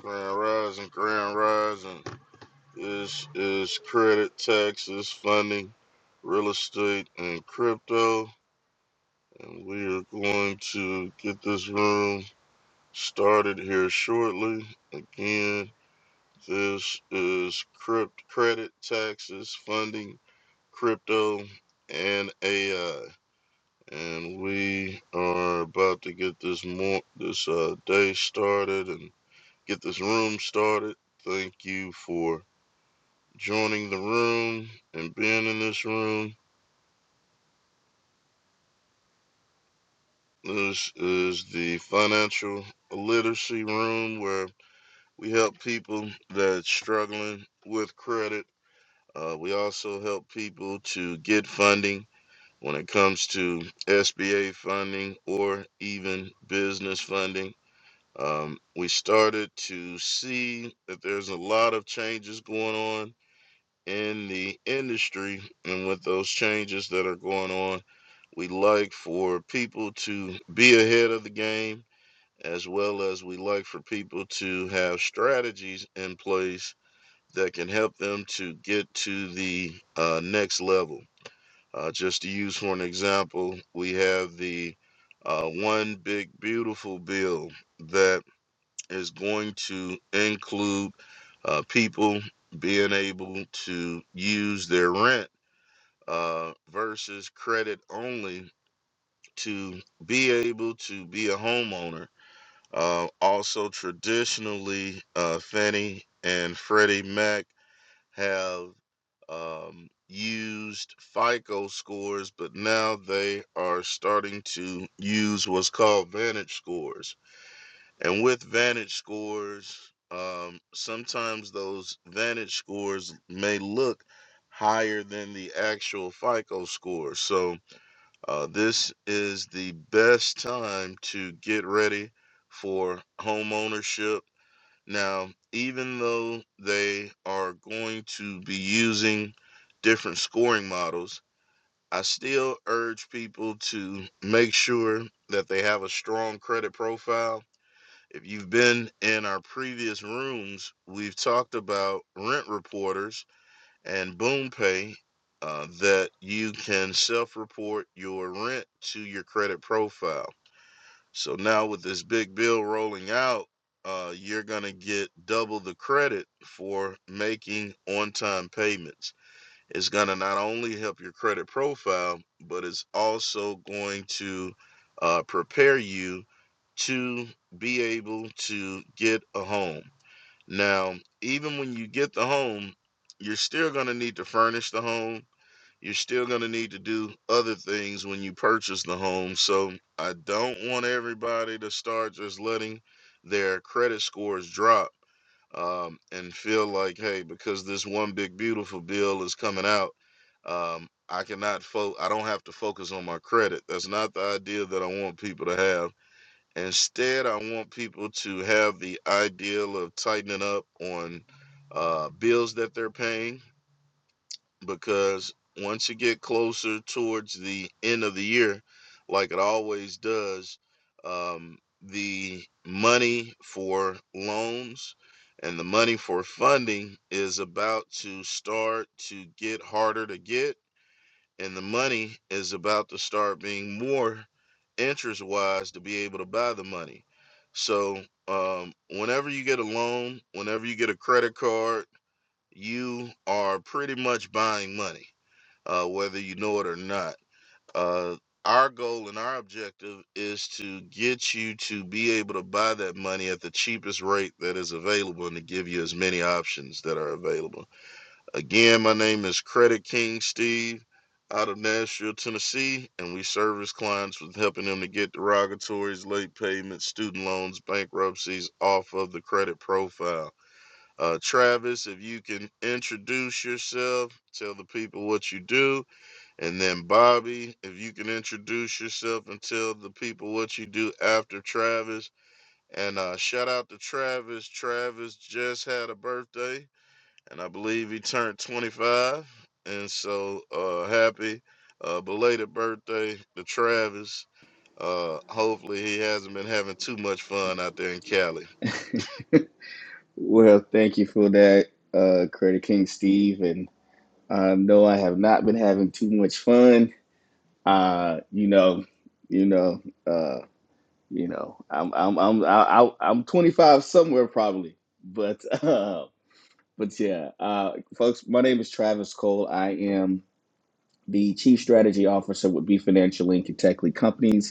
Grand Rising, Grand Rising is is credit, taxes, funding, real estate, and crypto. And we are going to get this room started here shortly. Again, this is crypt credit, taxes, funding, crypto, and AI. And we are about to get this more this uh, day started and get this room started. Thank you for joining the room and being in this room. This is the financial literacy room where we help people that's struggling with credit. Uh, we also help people to get funding when it comes to SBA funding or even business funding. Um, we started to see that there's a lot of changes going on in the industry, and with those changes that are going on, We like for people to be ahead of the game, as well as we like for people to have strategies in place that can help them to get to the uh, next level. Uh, just to use for an example, we have the uh, One Big Beautiful Bill that is going to include uh, people being able to use their rent uh, versus credit only to be able to be a homeowner. Uh, also, traditionally, uh, Fannie and Freddie Mac have um, used FICO scores, but now they are starting to use what's called Vantage scores. And with Vantage scores, um, sometimes those Vantage scores may look higher than the actual FICO score. So, uh, this is the best time to get ready for home ownership. Now, even though they are going to be using different scoring models, I still urge people to make sure that they have a strong credit profile. If you've been in our previous rooms, we've talked about rent reporters and BoomPay uh, that you can self-report your rent to your credit profile. So now with this big bill rolling out, uh, you're gonna get double the credit for making on-time payments. It's gonna not only help your credit profile, but it's also going to uh, prepare you to be able to get a home. Now, even when you get the home, you're still going to need to furnish the home. You're still going to need to do other things when you purchase the home. So, I don't want everybody to start just letting their credit scores drop um, and feel like, hey, because this one big beautiful bill is coming out, um, I cannot fo- I don't have to focus on my credit. That's not the idea that I want people to have Instead, I want people to have the ideal of tightening up on uh, bills that they're paying because once you get closer towards the end of the year, like it always does, um, the money for loans and the money for funding is about to start to get harder to get and the money is about to start being more interest wise to be able to buy the money. So, um, whenever you get a loan, whenever you get a credit card, you are pretty much buying money, uh, whether you know it or not. Uh, our goal and our objective is to get you to be able to buy that money at the cheapest rate that is available and to give you as many options that are available. Again, my name is Credit King Steve out of Nashville, Tennessee, and we service clients with helping them to get derogatories, late payments, student loans, bankruptcies off of the credit profile. Uh, Travis, if you can introduce yourself, tell the people what you do, and then Bobby, if you can introduce yourself and tell the people what you do after Travis. And uh, shout out to Travis. Travis just had a birthday and I believe he turned 25. And so uh, happy uh, belated birthday to Travis. Uh, hopefully he hasn't been having too much fun out there in Cali. Well, thank you for that, uh, Credit King Steve. And uh, no, I have not been having too much fun. Uh, you know, you know, uh, you know, I'm I'm I'm I, I- I'm 25 somewhere probably, but uh, but yeah, uh, folks. My name is Travis Cole. I am the Chief Strategy Officer with B Financial Inc. and Tech Lead Companies.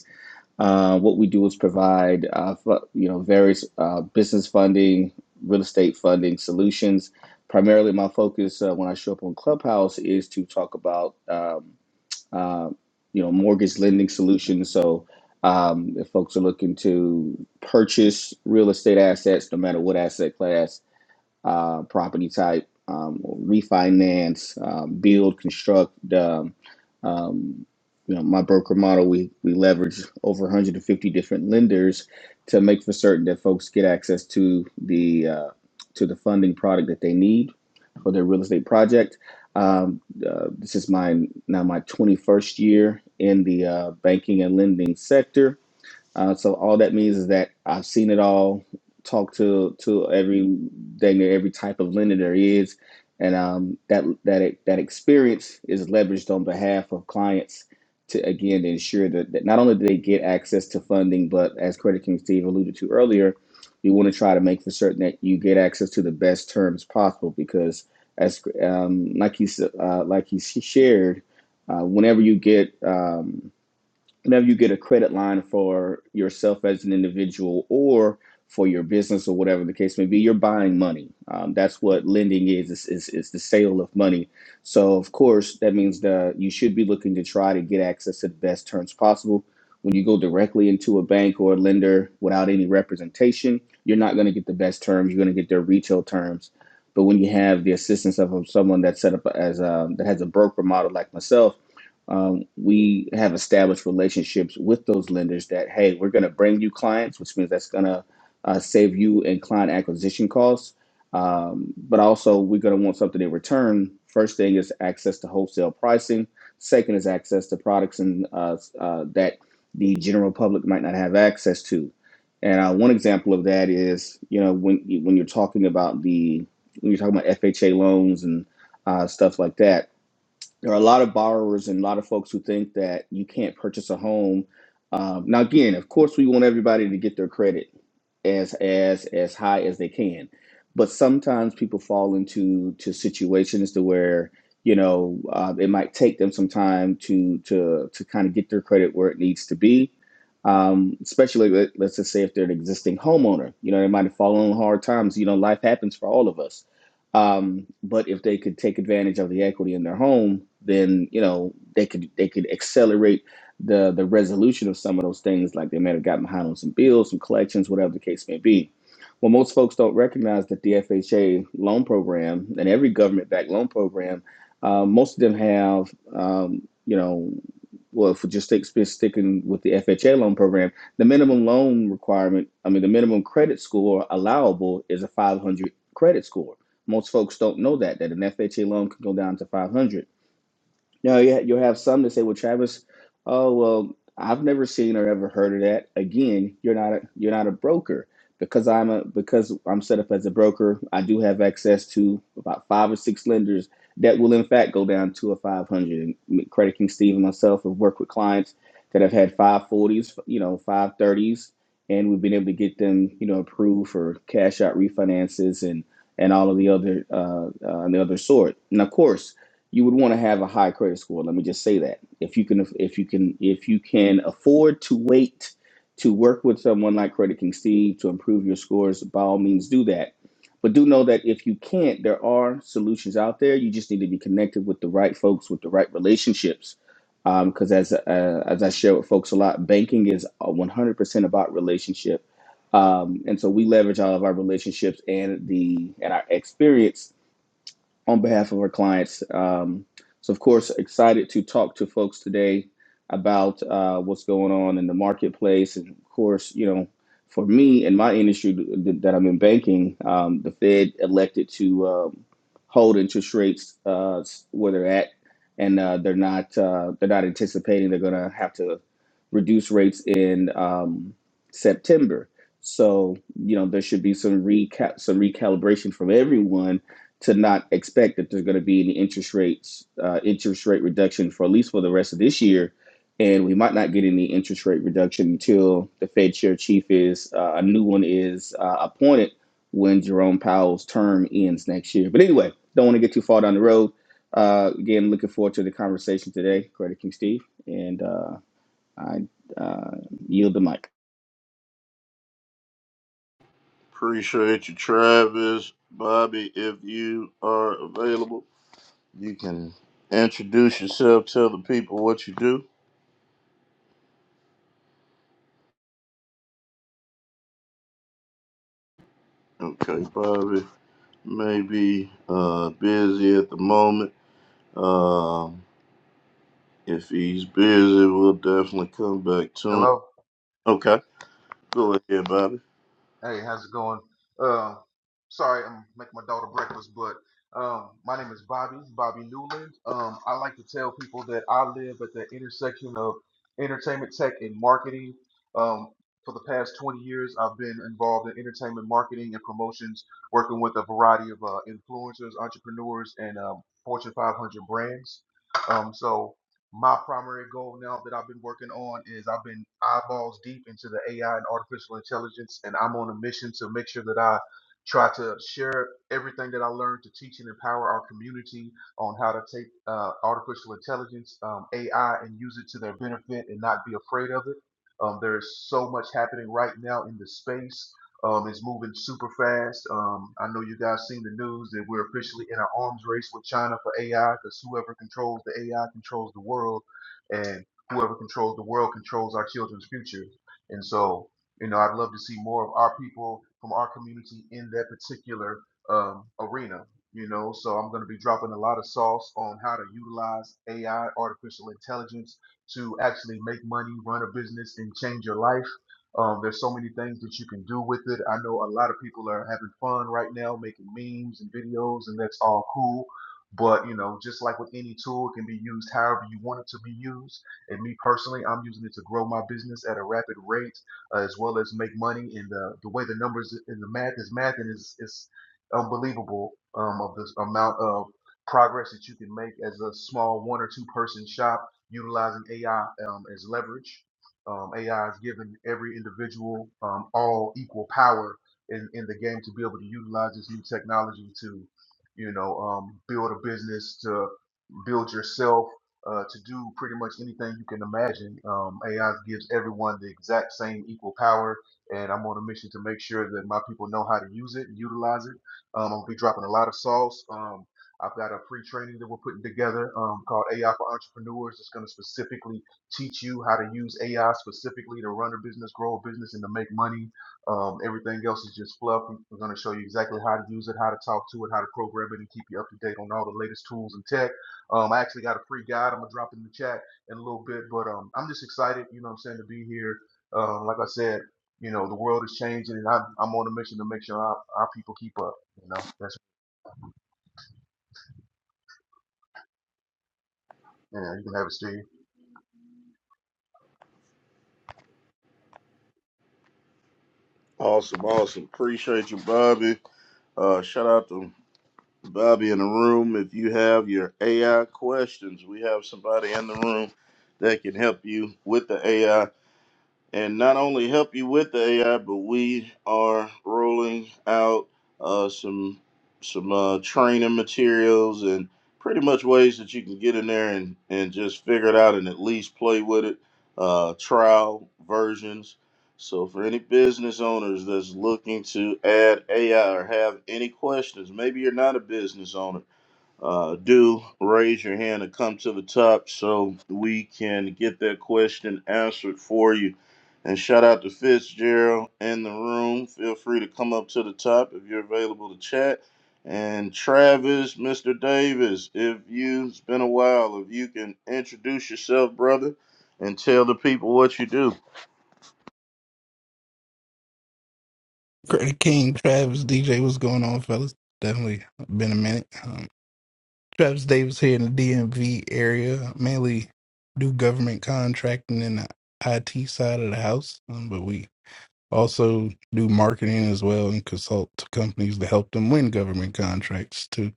Uh, what we do is provide, uh, you know, various uh, business funding, real estate funding solutions. Primarily, my focus uh, when I show up on Clubhouse is to talk about, um, uh, you know, mortgage lending solutions. So, um, if folks are looking to purchase real estate assets, no matter what asset class, uh, property type, um, refinance, um, build, construct. Um, um, you know, my broker model, we, we leverage over 150 different lenders to make for certain that folks get access to the uh, to the funding product that they need for their real estate project. Um, uh, this is my now my 21st year in the uh, banking and lending sector uh, so all that means is that I've seen it all, talked to to every dang near every type of lender there is, and um, that that that experience is leveraged on behalf of clients to again to ensure that, that not only do they get access to funding, but as Credit King Steve alluded to earlier, you want to try to make for certain that you get access to the best terms possible because as um, like he uh, like he shared, uh, whenever you get um, whenever you get a credit line for yourself as an individual or for your business or whatever the case may be, you're buying money. Um, that's what lending is, is, is, is the sale of money. So, of course, that means that you should be looking to try to get access to the best terms possible. When you go directly into a bank or a lender without any representation, you're not going to get the best terms. You're going to get their retail terms. But when you have the assistance of someone that's set up as a, that has a broker model like myself, um, we have established relationships with those lenders that hey we're going to bring you clients which means that's going to uh, save you in client acquisition costs um, but also we're going to want something in return first thing is access to wholesale pricing second is access to products and uh, uh, that the general public might not have access to and uh, one example of that is you know when, you- when you're talking about the when you're talking about fha loans and uh, stuff like that there are a lot of borrowers and a lot of folks who think that you can't purchase a home. Um, now, again, of course, we want everybody to get their credit as as as high as they can, but sometimes people fall into to situations to where you know uh, it might take them some time to to to kind of get their credit where it needs to be. Um, especially let, let's just say if they're an existing homeowner, you know, they might have fallen on hard times. You know, life happens for all of us um, but if they could take advantage of the equity in their home, then you know they could they could accelerate the the resolution of some of those things, like they may have gotten behind on some bills, some collections, whatever the case may be. Well, most folks don't recognize that the FHA loan program and every government-backed loan program, uh, most of them have um, you know well, if we just stick- sticking with the FHA loan program, the minimum loan requirement, I mean, the minimum credit score allowable is a 500 credit score. Most folks don't know that that an FHA loan can go down to 500. No, yeah, you'll have some that say, "Well, Travis, oh well, I've never seen or ever heard of that." Again, you're not a, you're not a broker because I'm a because I'm set up as a broker. I do have access to about five or six lenders that will, in fact, go down to a 500. And Credit King Steve and myself have worked with clients that have had 540s, you know, 530s, and we've been able to get them, you know, approved for cash out refinances and and all of the other uh, uh, and the other sort. And of course you would want to have a high credit score. Let me just say that if you can, if you can, if you can afford to wait to work with someone like Credit King Steve to improve your scores, by all means do that. But do know that if you can't, there are solutions out there. You just need to be connected with the right folks with the right relationships. Because um, as uh, as I share with folks a lot, banking is 100% about relationship, um, and so we leverage all of our relationships and the and our experience on behalf of our clients. Um, so, of course, excited to talk to folks today about uh, what's going on in the marketplace. And, of course, you know, for me and my industry th- th- that I'm in banking, um, the Fed elected to um, hold interest rates uh, s- where they're at, and uh, they're not uh, they're not anticipating they're going to have to reduce rates in um, September. So, you know, there should be some recap some recalibration from everyone to not expect that there's going to be any interest rates uh, interest rate reduction for at least for the rest of this year, and we might not get any interest rate reduction until the Fed chair chief is uh, a new one is uh, appointed when Jerome Powell's term ends next year. But anyway, don't want to get too far down the road. Uh, again, looking forward to the conversation today, Credit King Steve, and uh, I uh, yield the mic. Appreciate you, Travis. Bobby, if you are available, you can introduce yourself, tell the people what you do. Okay, Bobby may be uh, busy at the moment. Um, if he's busy, we'll definitely come back to him. Hello. Okay. Go ahead, Bobby. Hey, how's it going? Um, sorry, I'm making my daughter breakfast, but um, my name is Bobby, Bobby Newland. Um, I like to tell people that I live at the intersection of entertainment tech and marketing. Um, for the past 20 years, I've been involved in entertainment marketing and promotions, working with a variety of uh, influencers, entrepreneurs, and um, Fortune 500 brands. Um, so My primary goal now that I've been working on is I've been eyeballs deep into the AI and artificial intelligence, and I'm on a mission to make sure that I try to share everything that I learned to teach and empower our community on how to take uh, artificial intelligence, um, AI, and use it to their benefit and not be afraid of it. Um, there is so much happening right now in the space um, it's moving super fast. Um, I know you guys seen the news that we're officially in an arms race with China for AI because whoever controls the AI controls the world, and whoever controls the world controls our children's future. And so, you know, I'd love to see more of our people from our community in that particular um, arena. You know, so I'm going to be dropping a lot of sauce on how to utilize AI, artificial intelligence, to actually make money, run a business, and change your life um, there's so many things that you can do with it. I know a lot of people are having fun right now making memes and videos, and that's all cool. But you know, just like with any tool, it can be used however you want it to be used. And me personally, I'm using it to grow my business at a rapid rate, uh, as well as make money. And the the way the numbers and the math is math and is is unbelievable um, of the amount of progress that you can make as a small one or two person shop utilizing AI um, as leverage. Um, AI is giving every individual um, all equal power in, in the game to be able to utilize this new technology to, you know, um, build a business, to build yourself uh, to do pretty much anything you can imagine. Um, AI gives everyone the exact same equal power, and I'm on a mission to make sure that my people know how to use it and utilize it. Um, I'm gonna be dropping a lot of sauce. Um, I've got a free training that we're putting together um, called AI for Entrepreneurs. It's going to specifically teach you how to use AI specifically to run a business, grow a business, and to make money. Um, everything else is just fluff. We- We're going to show you exactly how to use it, how to talk to it, how to program it, and keep you up to date on all the latest tools and tech um, I actually got a free guide I'm gonna drop in the chat in a little bit, but um, I'm just excited, you know what I'm saying, to be here. Um, like I said, you know, the world is changing, and I'm, I'm on a mission to make sure our, our people keep up. You know, that's you know, you can have it, Steve. Awesome, awesome. Appreciate you, Bobby. Uh, shout out to Bobby in the room. If you have your AI questions, we have somebody in the room that can help you with the AI. and not only help you with the AI, but we are rolling out uh, some some uh, training materials and pretty much ways that you can get in there and, and just figure it out and at least play with it, uh, trial versions. So for any business owners that's looking to add AI or have any questions, maybe you're not a business owner uh, do raise your hand and come to the top so we can get that question answered for you. And shout out to Fitzgerald in the room. Feel free to come up to the top if you're available to chat. And Travis, Mr. Davis, if you, it's been a while, if you can introduce yourself, brother, and tell the people what you do. Credit King, Travis, DJ, what's going on, fellas? Definitely been a minute. Um, Travis Davis here in the DMV area. Mainly do government contracting in the IT side of the house, um, but we also do marketing as well and consult to companies to help them win government contracts too,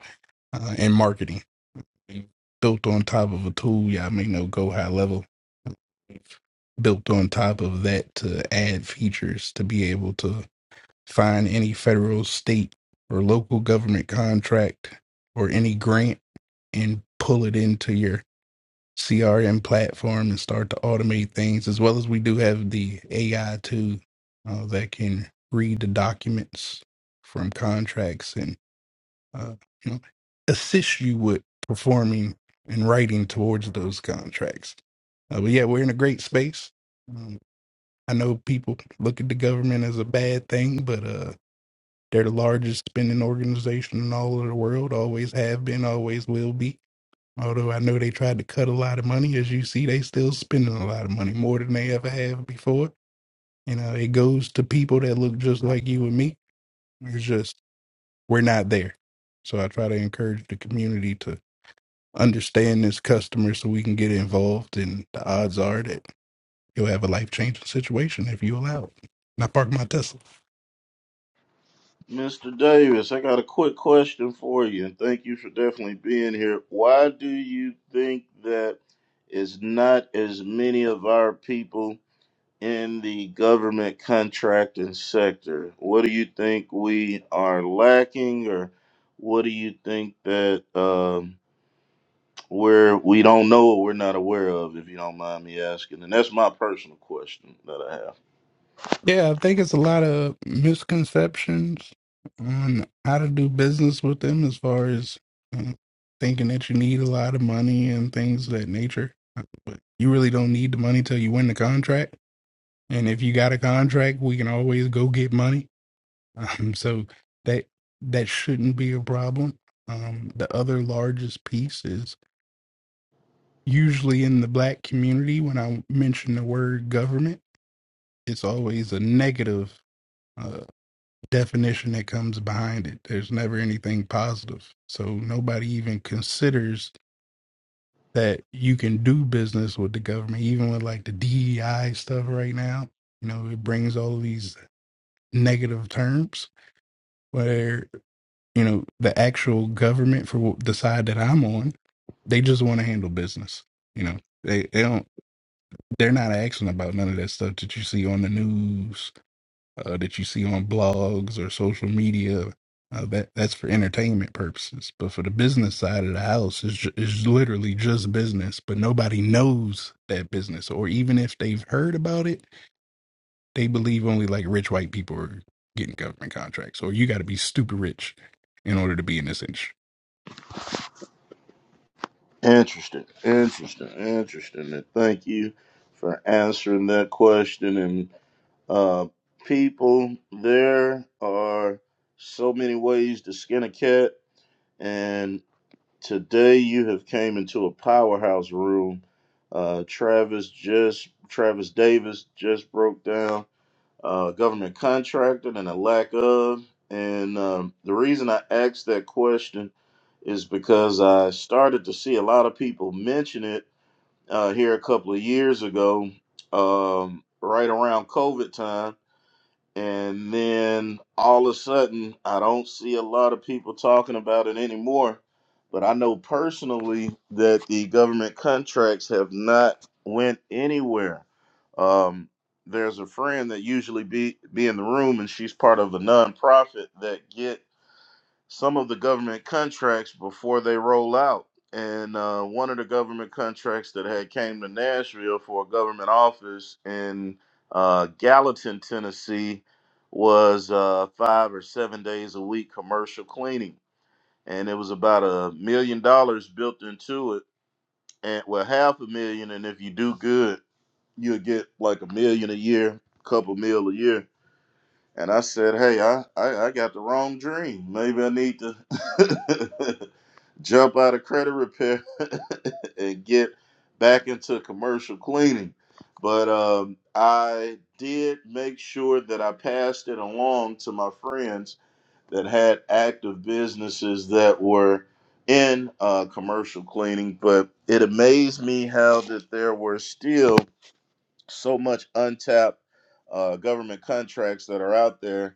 uh, and marketing. Built on top of a tool, y'all may know Go High Level. Built on top of that to add features to be able to find any federal, state, or local government contract or any grant and pull it into your CRM platform and start to automate things. As well as we do have the AI too uh, that can read the documents from contracts and uh, you know assist you with performing and writing towards those contracts. Uh, but yeah, we're in a great space. Um, I know people look at the government as a bad thing, but uh, they're the largest spending organization in all of the world, always have been, always will be. Although I know they tried to cut a lot of money, as you see, they still spending a lot of money, more than they ever have before. You know, it goes to people that look just like you and me. It's just we're not there. So I try to encourage the community to understand this customer so we can get involved and the odds are that you'll have a life changing situation if you allow it. And I park my Tesla. Mr. Davis, I got a quick question for you, and thank you for definitely being here. Why do you think that is not as many of our people in the government contracting sector? What do you think we are lacking, or what do you think that um, we're we don't know or we're not aware of? If you don't mind me asking, and that's my personal question that I have. Yeah, I think it's a lot of misconceptions on how to do business with them as far as uh, thinking that you need a lot of money and things of that nature. Uh, But you really don't need the money till you win the contract. And if you got a contract, we can always go get money. Um, so that that shouldn't be a problem. Um, the other largest piece is usually in the black community when I mention the word government, it's always a negative uh, definition that comes behind it. There's never anything positive. So nobody even considers that you can do business with the government, even with like the DEI stuff right now. You know, it brings all of these negative terms where, you know, the actual government for the side that I'm on, they just want to handle business. You know, they, they don't, they're not asking about none of that stuff that you see on the news uh, that you see on blogs or social media. Uh, that that's for entertainment purposes, but for the business side of the house, is ju- is literally just business. But nobody knows that business, or even if they've heard about it, they believe only like rich white people are getting government contracts, or you got to be stupid rich in order to be in this industry. Interesting, interesting, interesting. And thank you for answering that question. And uh, people, there are so many ways to skin a cat. And today you have came into a powerhouse room. Uh, Travis just Travis Davis just broke down uh, government contracted and a lack of. And um, the reason I asked that question is because I started to see a lot of people mention it uh, here a couple of years ago, um, right around COVID time and then all of a sudden, I don't see a lot of people talking about it anymore. But I know personally that the government contracts have not went anywhere. Um, there's a friend that usually be be in the room, and she's part of a nonprofit that get some of the government contracts before they roll out. And uh, one of the government contracts that had came to Nashville for a government office in uh, Gallatin, Tennessee, was uh, five or seven days a week commercial cleaning, and it was about a million dollars built into it, and well, half a million, and if you do good, you'll get like a million a year, couple mil a year. And I said, hey, I, I, I got the wrong dream. Maybe I need to jump out of credit repair and get back into commercial cleaning. But um, I did make sure that I passed it along to my friends that had active businesses that were in uh, commercial cleaning. But it amazed me how that there were still so much untapped uh, government contracts that are out there,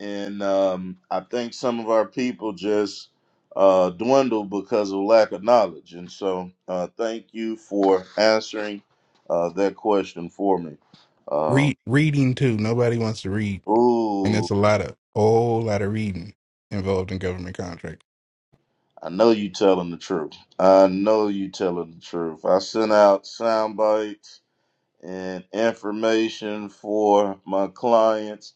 and um, I think some of our people just uh, dwindle because of lack of knowledge. And so, uh, thank you for answering uh, that question for me. Uh, Read reading too. Nobody wants to read, and ooh, there's a lot of whole lot of reading involved in government contracts. I know you telling the truth. I know you telling the truth. I sent out sound bites and information for my clients.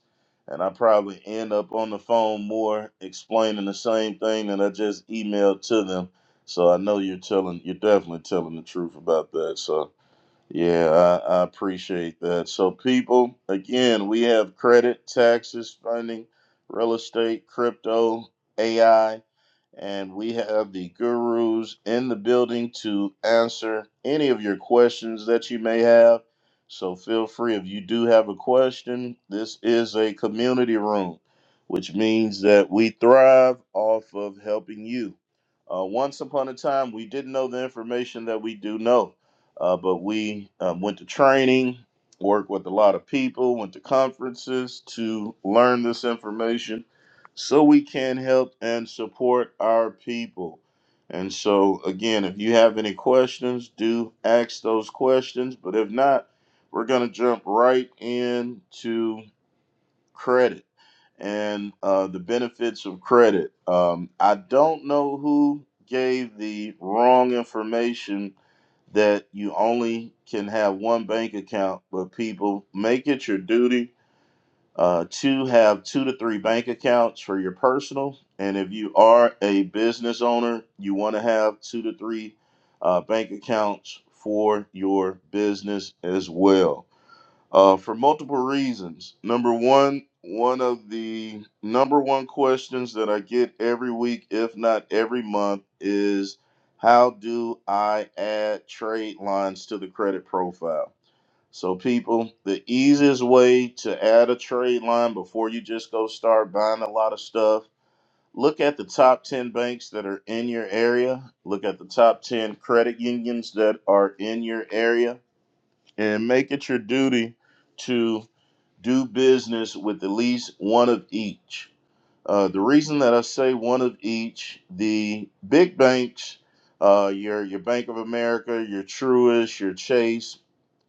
And I probably end up on the phone more explaining the same thing that I just emailed to them. So I know you're telling, you're definitely telling the truth about that. So yeah, I, I appreciate that. So people, again, we have credit, taxes, funding, real estate, crypto, AI and we have the gurus in the building to answer any of your questions that you may have. So feel free if you do have a question. This is a community room, which means that we thrive off of helping you. Uh, once upon a time, we didn't know the information that we do know, uh, but we um, went to training, worked with a lot of people, went to conferences to learn this information so we can help and support our people. And so, again, if you have any questions, do ask those questions. But if not, we're going to jump right into credit and uh, the benefits of credit. Um, I don't know who gave the wrong information that you only can have one bank account, but people make it your duty uh, two, have two to three bank accounts for your personal. And if you are a business owner, you want to have two to three uh, bank accounts for your business as well uh, for multiple reasons. Number one, one of the number one questions that I get every week, if not every month, is how do I add trade lines to the credit profile? So, people, the easiest way to add a trade line before you just go start buying a lot of stuff, look at the top 10 banks that are in your area, look at the top 10 credit unions that are in your area, and make it your duty to do business with at least one of each. Uh, the reason that I say one of each, the big banks, uh, your your Bank of America, your Truist, your Chase,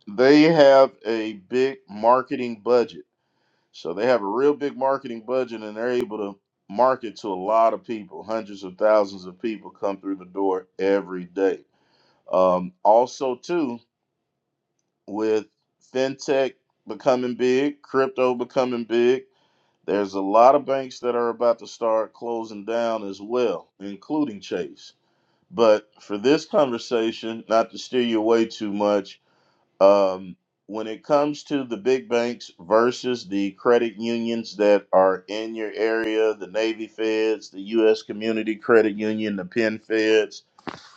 they have a big marketing budget. So they have a real big marketing budget and they're able to market to a lot of people. Hundreds of thousands of people come through the door every day. Um, also, too, with fintech becoming big, crypto becoming big, there's a lot of banks that are about to start closing down as well, including Chase. But for this conversation, not to steer you away too much, um, when it comes to the big banks versus the credit unions that are in your area, the Navy Feds, the U.S. Community Credit Union, the Penn Feds,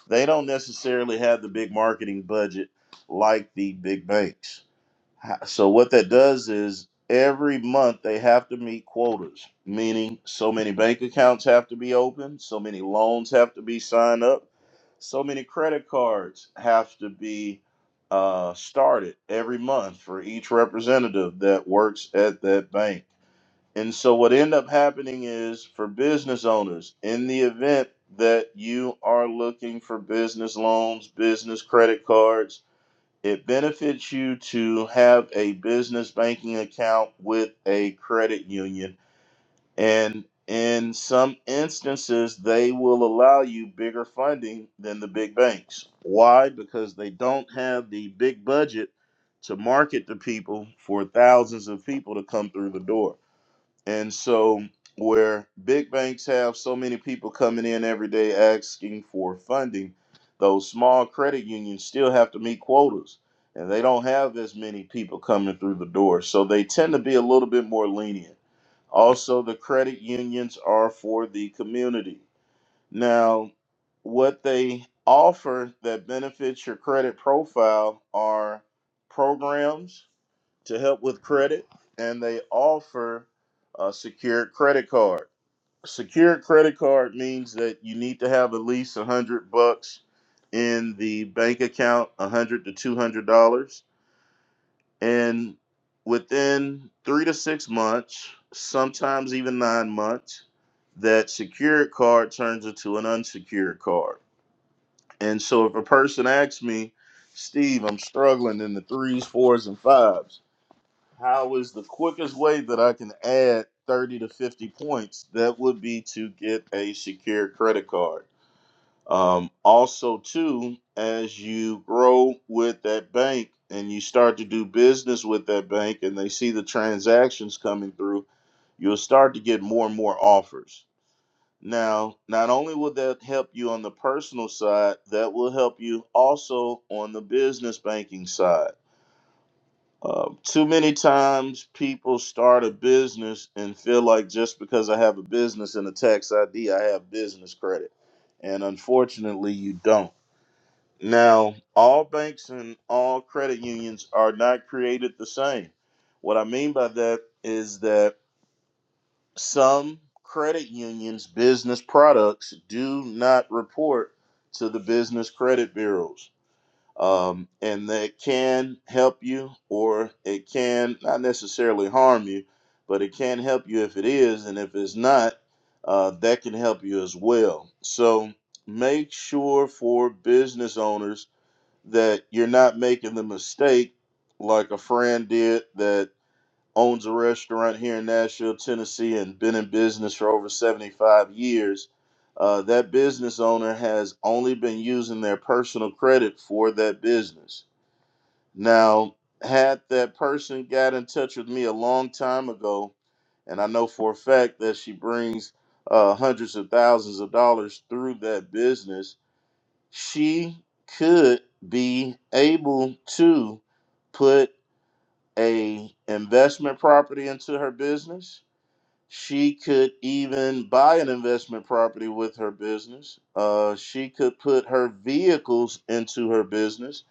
they don't necessarily have the big marketing budget like the big banks. Ha- So what that does is every month they have to meet quotas, meaning so many bank accounts have to be open, so many loans have to be signed up, so many credit cards have to be uh, started every month for each representative that works at that bank. And so what end up happening is for business owners, in the event that you are looking for business loans, business credit cards, it benefits you to have a business banking account with a credit union. And in some instances, they will allow you bigger funding than the big banks. Why? Because they don't have the big budget to market to people for thousands of people to come through the door. And so, where big banks have so many people coming in every day asking for funding, those small credit unions still have to meet quotas and they don't have as many people coming through the door. So, they tend to be a little bit more lenient. Also, the credit unions are for the community. Now, what they offer that benefits your credit profile are programs to help with credit, and they offer a secured credit card. Secured credit card means that you need to have at least a hundred bucks in the bank account, a hundred to two hundred dollars, and within three to six months, sometimes even nine months, that secured card turns into an unsecured card. And so, if a person asks me, Steve, I'm struggling in the threes, fours, and fives how is the quickest way that I can add 30 to 50 points? That would be to get a secure credit card. Um, also, too, as you grow with that bank and you start to do business with that bank and they see the transactions coming through, you'll start to get more and more offers. Now, not only will that help you on the personal side, that will help you also on the business banking side um, too many times people start a business and feel like just because I have a business and a tax ID, I have business credit. And unfortunately, you don't. Now, all banks and all credit unions are not created the same. What I mean by that is that some credit unions' business products do not report to the business credit bureaus um, and that can help you or it can not necessarily harm you, but it can help you if it is, and if it's not, uh, that can help you as well. So make sure for business owners that you're not making the mistake like a friend did that owns a restaurant here in Nashville, Tennessee, and been in business for over 75 years. Uh, that business owner has only been using their personal credit for that business. Now, had that person got in touch with me a long time ago, and I know for a fact that she brings uh, hundreds of thousands of dollars through that business, she could be able to put a investment property into her business she could even buy an investment property with her business. Uh, she could put her vehicles into her business,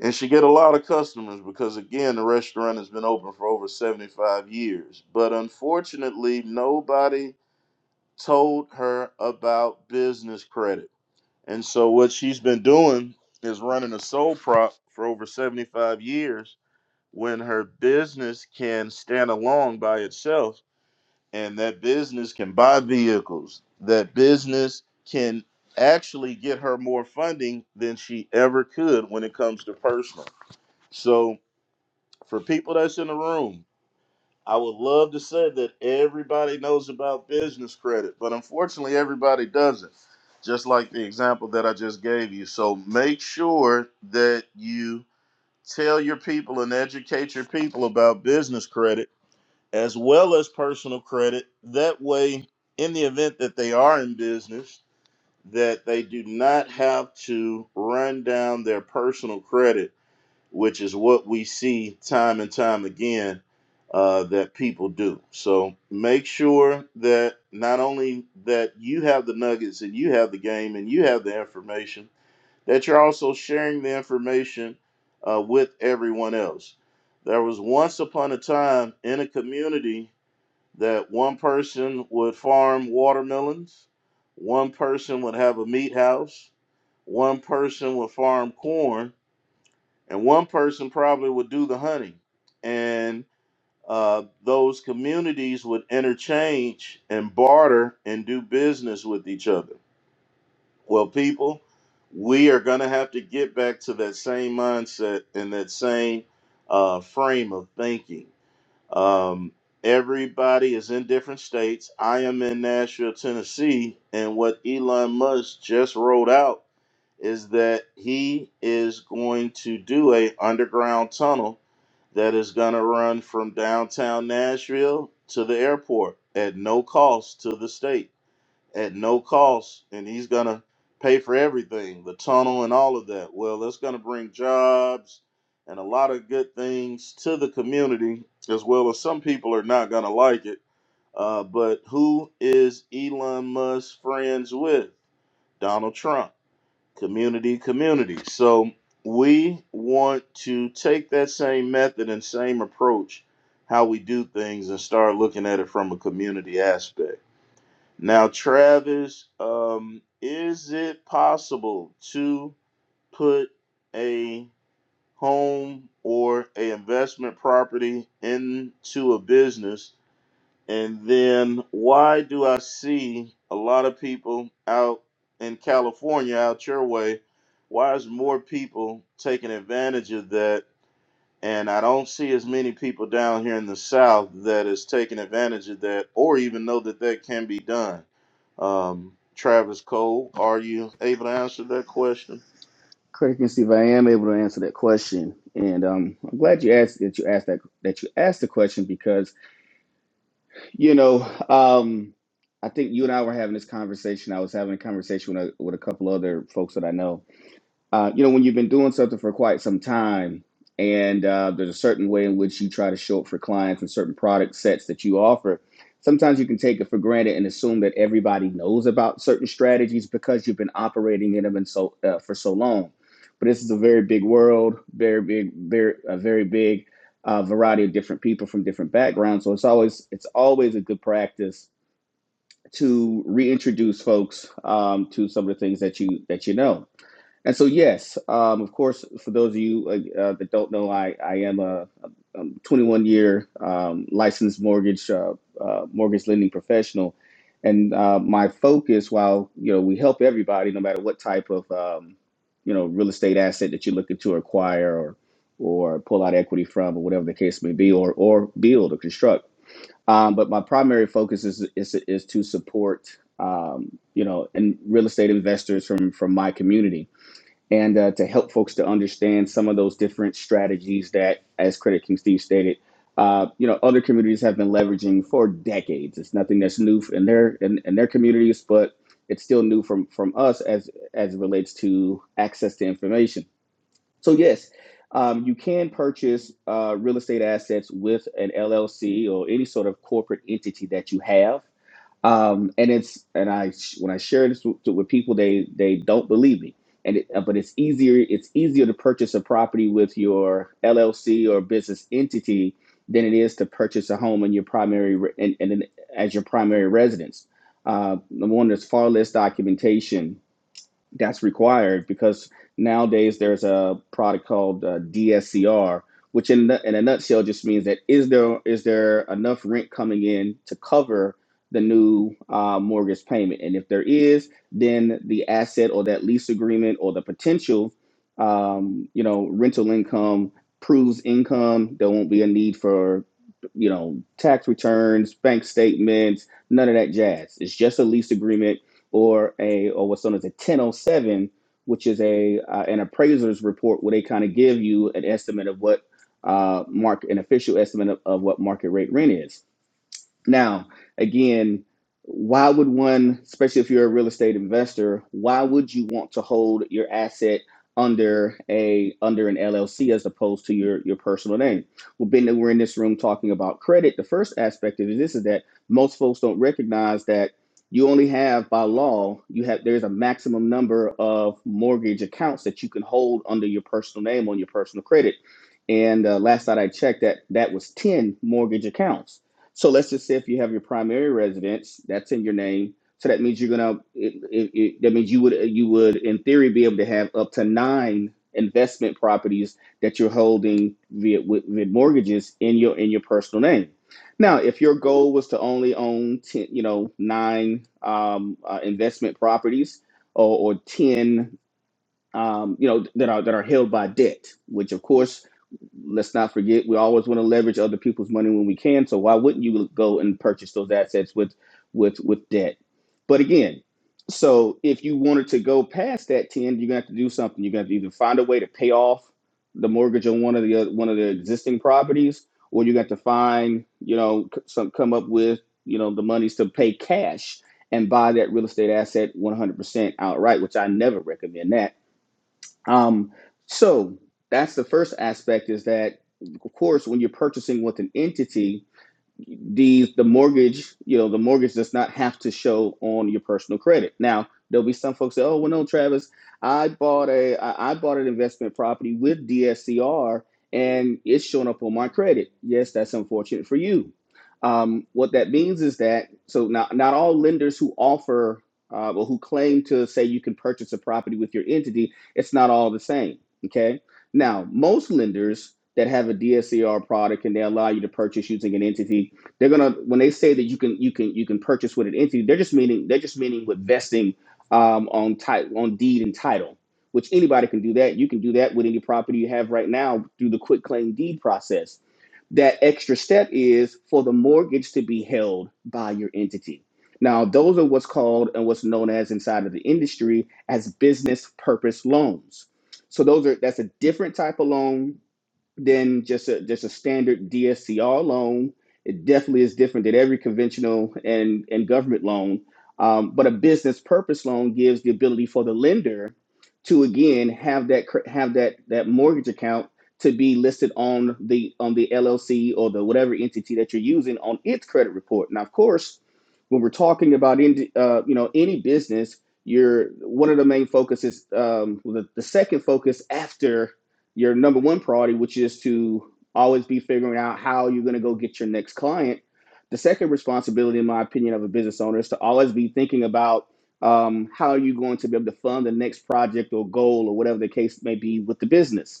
and she get a lot of customers because again, the restaurant has been open for over seventy-five years. But unfortunately, nobody told her about business credit, and so what she's been doing is running a sole prop for over seventy-five years when her business can stand alone by itself and that business can buy vehicles that business can actually get her more funding than she ever could when it comes to personal so for people that's in the room i would love to say that everybody knows about business credit but unfortunately everybody doesn't just like the example that i just gave you so make sure that you tell your people and educate your people about business credit as well as personal credit. That way, in the event that they are in business, that they do not have to run down their personal credit, which is what we see time and time again uh, that people do. So make sure that not only that you have the nuggets and you have the game and you have the information, that you're also sharing the information uh, with everyone else. There was once upon a time in a community that one person would farm watermelons, one person would have a meat house, one person would farm corn, and one person probably would do the hunting. And uh, those communities would interchange and barter and do business with each other. Well, people, we are going to have to get back to that same mindset and that same uh, frame of thinking um, everybody is in different states. I am in Nashville, Tennessee, and what Elon Musk just rolled out is that he is going to do a underground tunnel that is going to run from downtown Nashville to the airport at no cost to the state at no cost, and he's gonna pay for everything, the tunnel and all of that. Well, that's gonna bring jobs and a lot of good things to the community, as well as some people are not gonna like it. Uh, but who is Elon Musk friends with? Donald Trump. Community, community. So we want to take that same method and same approach, how we do things, and start looking at it from a community aspect. Now, Travis, um, is it possible to put a home or a investment property into a business? And then why do I see a lot of people out in California, out your way? Why is more people taking advantage of that? And I don't see as many people down here in the South that is taking advantage of that or even know that that can be done um, Travis Cole, are you able to answer that question? Credit King Steve, I am able to answer that question, and um, I'm glad you asked that you asked that that you asked the question because You know, um, I think you and I were having this conversation. I was having a conversation with a, with a couple other folks that I know, uh, you know, when you've been doing something for quite some time, and uh, there's a certain way in which you try to show up for clients and certain product sets that you offer, sometimes you can take it for granted and assume that everybody knows about certain strategies because you've been operating in them and so uh, for so long. But this is a very big world, very big, very a very big uh, variety of different people from different backgrounds. So it's always it's always a good practice to reintroduce folks um, to some of the things that you that you know. And so, yes, um, of course, for those of you uh, uh, that don't know, I, I am a, 21 year um, licensed mortgage uh, uh, mortgage lending professional, and uh, my focus, while you know we help everybody, no matter what type of um, you know real estate asset that you're looking to acquire or or pull out equity from, or whatever the case may be, or or build or construct. Um, but my primary focus is is, is to support um, you know and real estate investors from from my community and uh, to help folks to understand some of those different strategies that, as Credit King Steve stated, uh, you know, other communities have been leveraging for decades. It's nothing that's new in their in, in their communities, but it's still new from from us as as it relates to access to information. So yes, um, you can purchase uh, real estate assets with an LLC or any sort of corporate entity that you have um, and it's and I when I share this with, with people, they they don't believe me. And it, uh, but it's easier it's easier to purchase a property with your LLC or business entity than it is to purchase a home in your primary re- and, and then as your primary residence. Uh, number one, there's far less documentation that's required because nowadays there's a product called uh, DSCR, which in the, in a nutshell just means that is there is there enough rent coming in to cover the new uh, mortgage payment, and if there is, then the asset or that lease agreement or the potential, um, you know, rental income proves income. There won't be a need for you know tax returns, bank statements, none of that jazz. It's just a lease agreement or a or what's known as a 1007, which is a uh, an appraiser's report where they kind of give you an estimate of what uh, mark an official estimate of, of what market rate rent is. Now, again, why would one, especially if you're a real estate investor, why would you want to hold your asset under a under an LLC as opposed to your your personal name? Well, being that we're in this room talking about credit, the first aspect of this is that most folks don't recognize that you only have by law you have there's a maximum number of mortgage accounts that you can hold under your personal name on your personal credit and uh, last night i checked that that was 10 mortgage accounts so let's just say if you have your primary residence, that's in your name. So that means you're gonna. It, it, it, that means you would you would in theory be able to have up to nine investment properties that you're holding via with, with mortgages in your in your personal name. Now, if your goal was to only own ten, you know, nine um, uh, investment properties or, or ten um, you know, that are that are held by debt, which of course, let's not forget, we always want to leverage other people's money when we can. So why wouldn't you go and purchase those assets with with with debt? But again, so if you wanted to go past that ten, you're gonna have to do something. You're gonna have to either find a way to pay off the mortgage on one of the other, one of the existing properties, or you got to find, you know, c- some come up with, you know, the monies to pay cash and buy that real estate asset 100% outright, which I never recommend that um, so that's the first aspect is that, of course, when you're purchasing with an entity, these the mortgage, you know, the mortgage does not have to show on your personal credit. Now, there'll be some folks say, "Oh, well, no, Travis, I bought a I, I bought an investment property with DSCR, and it's showing up on my credit." Yes, that's unfortunate for you. Um, what that means is that so not not all lenders who offer uh, or who claim to say you can purchase a property with your entity, it's not all the same. Okay. Now, most lenders that have a DSCR product and they allow you to purchase using an entity they're gonna when they say that you can you can you can purchase with an entity, they're just meaning they're just meaning with vesting um, on title on deed and title, which anybody can do that. You can do that with any property you have right now through the quit claim deed process. That extra step is for the mortgage to be held by your entity. Now, those are what's called and what's known as inside of the industry as business purpose loans. So those are that's a different type of loan than just a just a standard DSCR loan. It definitely is different than every conventional and and government loan. Um, but a business purpose loan gives the ability for the lender to again have that cr- have that that mortgage account to be listed on the on the LLC or the whatever entity that you're using on its credit report. Now, of course, when we're talking about in, uh, you know any business, you're one of the main focuses. Um, well, the, the second focus after your number one priority, which is to always be figuring out how you're going to go get your next client. The second responsibility, in my opinion, of a business owner is to always be thinking about um, how are you going to be able to fund the next project or goal or whatever the case may be with the business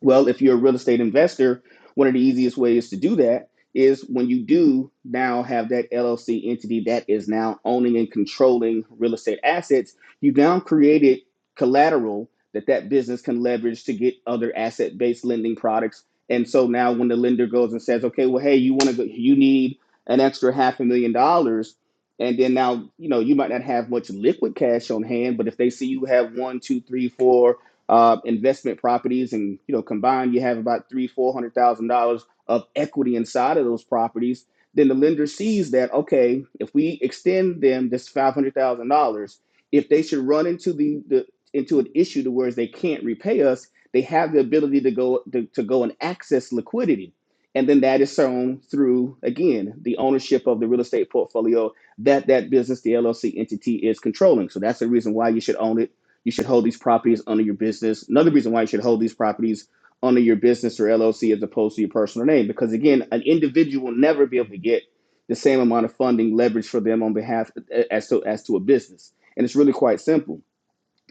well, if you're a real estate investor, one of the easiest ways to do that is when you do now have that LLC entity that is now owning and controlling real estate assets, you've now created collateral that that business can leverage to get other asset-based lending products. And so now when the lender goes and says, "Okay, well, hey, you want to go you need an extra half a million dollars," and then now, you know, you might not have much liquid cash on hand, but if they see you have one, two, three, four uh, investment properties, and you know, combined you have about three, four hundred thousand dollars of equity inside of those properties. Then the lender sees that okay, if we extend them this five hundred thousand dollars, if they should run into the, the into an issue to where they can't repay us, they have the ability to go to, to go and access liquidity. And then that is shown through again the ownership of the real estate portfolio that that business, the LLC entity, is controlling. So that's the reason why you should own it you should hold these properties under your business. Another reason why you should hold these properties under your business or LLC as opposed to your personal name, because again, an individual will never be able to get the same amount of funding leverage for them on behalf as to as to a business, and it's really quite simple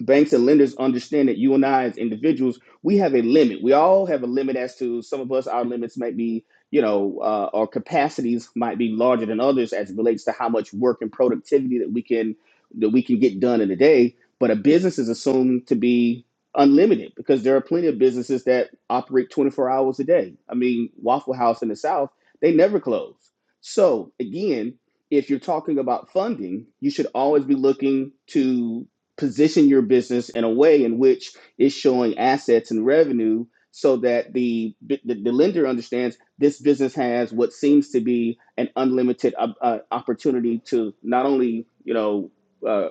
banks and lenders understand that you and I as individuals, we have a limit. We all have a limit as to some of us, our limits might be, you know, uh, our capacities might be larger than others as it relates to how much work and productivity that we can that we can get done in a day. But a business is assumed to be unlimited because there are plenty of businesses that operate 24 hours a day. I mean, Waffle House in the South, they never close. So again, if you're talking about funding, you should always be looking to position your business in a way in which it's showing assets and revenue so that the the, the lender understands this business has what seems to be an unlimited uh, uh, opportunity to not only you know uh,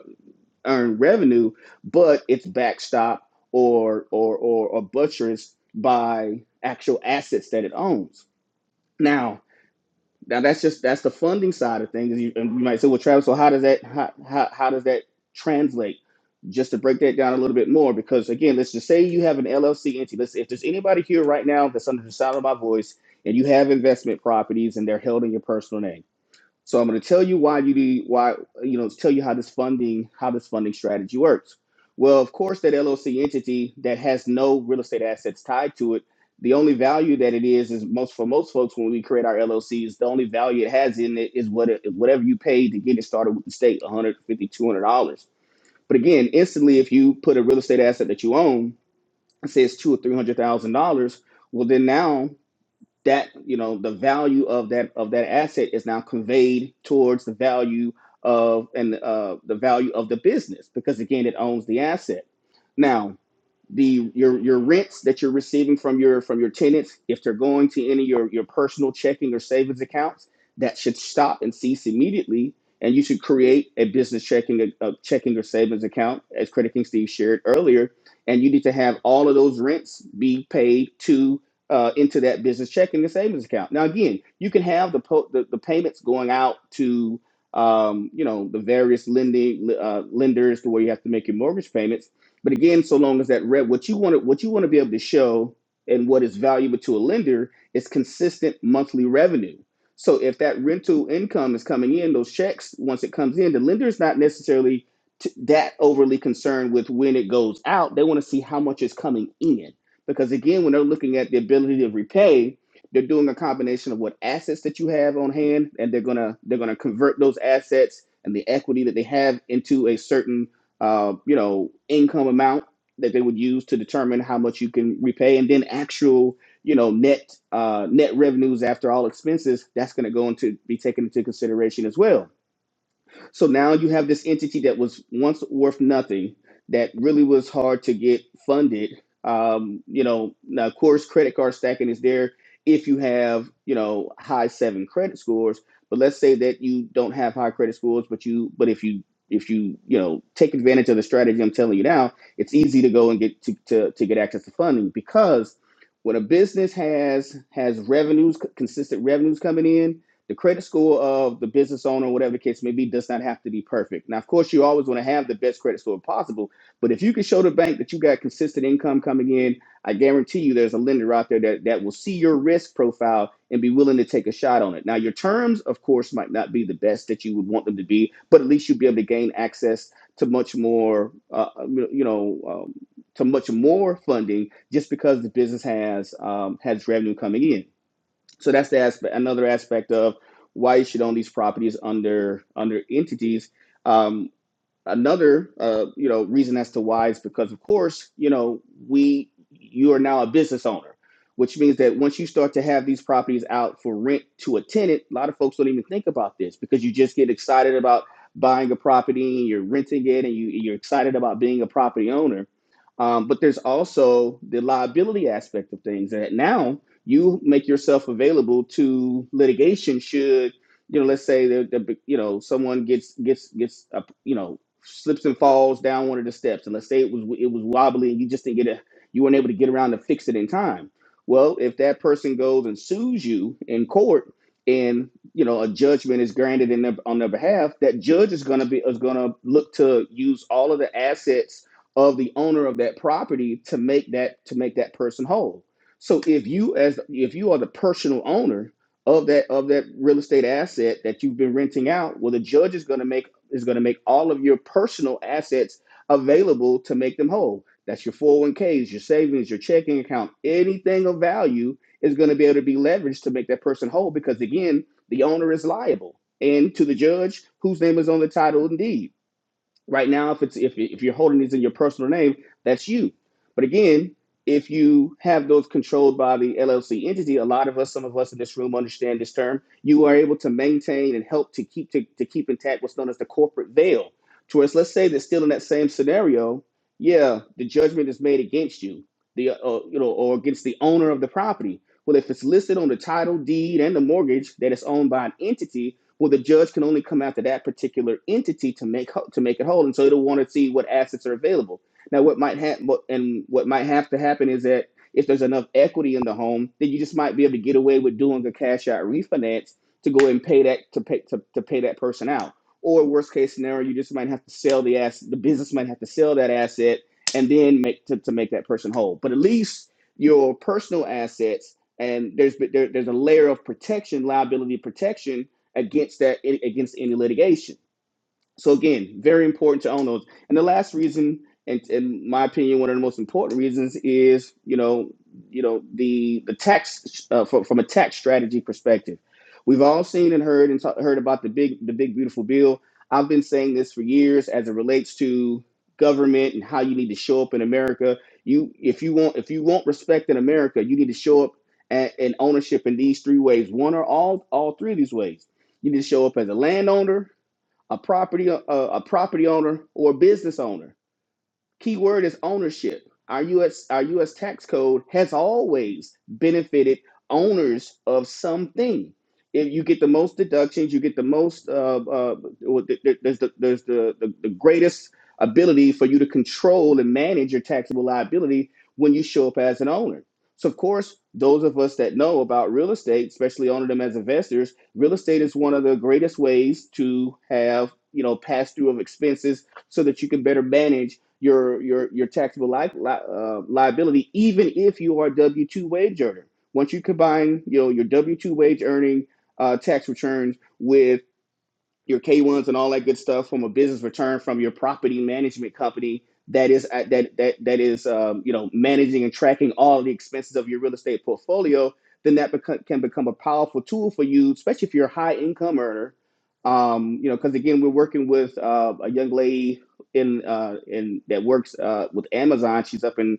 earn revenue but it's backstop or or or, or buttressed by actual assets that it owns now now that's just that's the funding side of things. You- And you might say, well, Travis, so how does that how, how, how does that translate? Just to break that down a little bit more, because again, let's just say you have an LLC entity. Let's if there's anybody here right now that's under the sound of my voice and you have investment properties and they're held in your personal name. So I'm going to tell you why you need why you know tell you how this funding how this funding strategy works. Well, of course, that LLC entity that has no real estate assets tied to it, the only value that it is is most for most folks when we create our LLCs, the only value it has in it is what it, whatever you paid to get it started with the state, 150 200 dollars. two hundred dollars. But again, instantly, if you put a real estate asset that you own, it says two or three hundred thousand dollars. Well, then now that you know the value of that of that asset is now conveyed towards the value of and uh, the value of the business because again it owns the asset now the your your rents that you're receiving from your from your tenants if they're going to any of your your personal checking or savings accounts that should stop and cease immediately and you should create a business checking a, a checking or savings account as credit king steve shared earlier and you need to have all of those rents be paid to uh, into that business checking and savings account now again you can have the po- the, the payments going out to um, you know the various lending uh, lenders to where you have to make your mortgage payments but again, so long as that red, what you want to what you want to be able to show and what is valuable to a lender is consistent monthly revenue. So if that rental income is coming in, those checks once it comes in, the lender is not necessarily t- that overly concerned with when it goes out. They want to see how much is coming in because again, when they're looking at the ability to repay, they're doing a combination of what assets that you have on hand, and they're gonna they're gonna convert those assets and the equity that they have into a certain uh, you know, income amount that they would use to determine how much you can repay, and then actual, you know, net uh, net revenues after all expenses. That's going to go into be taken into consideration as well. So now you have this entity that was once worth nothing, that really was hard to get funded. Um, you know, now of course, credit card stacking is there if you have you know high seven credit scores. But let's say that you don't have high credit scores, but you but if you if you you know take advantage of the strategy I'm telling you now, it's easy to go and get to to, to get access to funding because when a business has has revenues consistent revenues coming in the credit score of the business owner, whatever the case may be, does not have to be perfect. Now, of course, you always want to have the best credit score possible, but if you can show the bank that you got consistent income coming in, I guarantee you there's a lender out there that, that will see your risk profile and be willing to take a shot on it. Now, your terms, of course, might not be the best that you would want them to be, but at least you'll be able to gain access to much more, uh, you know, um, to much more funding just because the business has um, has revenue coming in. So that's the aspect, another aspect of why you should own these properties under under entities. Um, another uh, you know reason as to why is because of course you know we you are now a business owner which means that once you start to have these properties out for rent to a tenant a lot of folks don't even think about this because you just get excited about buying a property and you're renting it and you, you're excited about being a property owner um, but there's also the liability aspect of things that now you make yourself available to litigation should you know, let's say that that, you know someone gets gets gets up, you know, slips and falls down one of the steps, and let's say it was it was wobbly and you just didn't get a you weren't able to get around to fix it in time. Well, if that person goes and sues you in court, and you know a judgment is granted in their, on their behalf, that judge is going to be is going to look to use all of the assets of the owner of that property to make that to make that person whole. So if you as if you are the personal owner of that of that real estate asset that you've been renting out well the judge is going to make is going to make all of your personal assets available to make them whole that's your 401ks your savings your checking account anything of value is going to be able to be leveraged to make that person whole because again the owner is liable and to the judge whose name is on the title and deed right now if it's if, if you're holding these in your personal name that's you but again if you have those controlled by the llc entity a lot of us some of us in this room understand this term you are able to maintain and help to keep to, to keep intact what's known as the corporate veil to where it's- let's say that still in that same scenario yeah the judgment is made against you the uh, you know or against the owner of the property well if it's listed on the title deed and the mortgage that it's owned by an entity well the judge can only come after that particular entity to make to make it whole and so it'll want to see what assets are available now what might happen and what might have to happen is that if there's enough equity in the home then you just might be able to get away with doing a cash out refinance to go and pay that to pay to, to pay that person out or worst case scenario you just might have to sell the ass the business might have to sell that asset and then make to, to make that person whole but at least your personal assets and there's there, there's a layer of protection liability protection against that against any litigation. So again, very important to own those. And the last reason, and in my opinion, one of the most important reasons is you know you know the the tax uh, from, from a tax strategy perspective. We've all seen and heard and ta- heard about the big the big beautiful bill. I've been saying this for years as it relates to government and how you need to show up in America. You if you want if you want respect in America, you need to show up a- in ownership in these three ways, one or all all three of these ways. You need to show up as a landowner, a property a, a property owner or a business owner Key word is ownership. Our U.S. our U.S. tax code has always benefited owners of something. If you get the most deductions, you get the most. Uh, uh, well, th- th- there's the there's the, the the greatest ability for you to control and manage your taxable liability when you show up as an owner. So of course, those of us that know about real estate, especially owning them as investors, real estate is one of the greatest ways to have you know pass through of expenses so that you can better manage your your your taxable li- li- uh, liability, even if you are a W two wage earner. Once you combine, you know, your W two wage earning uh, tax returns with your K1s and all that good stuff from a business return from your property management company that is at, that that that is um, you know managing and tracking all the expenses of your real estate portfolio, then that beco- can become a powerful tool for you, especially if you're a high income earner. Um, you know, because again, we're working with uh, a young lady in uh, in that works uh, with Amazon. She's up in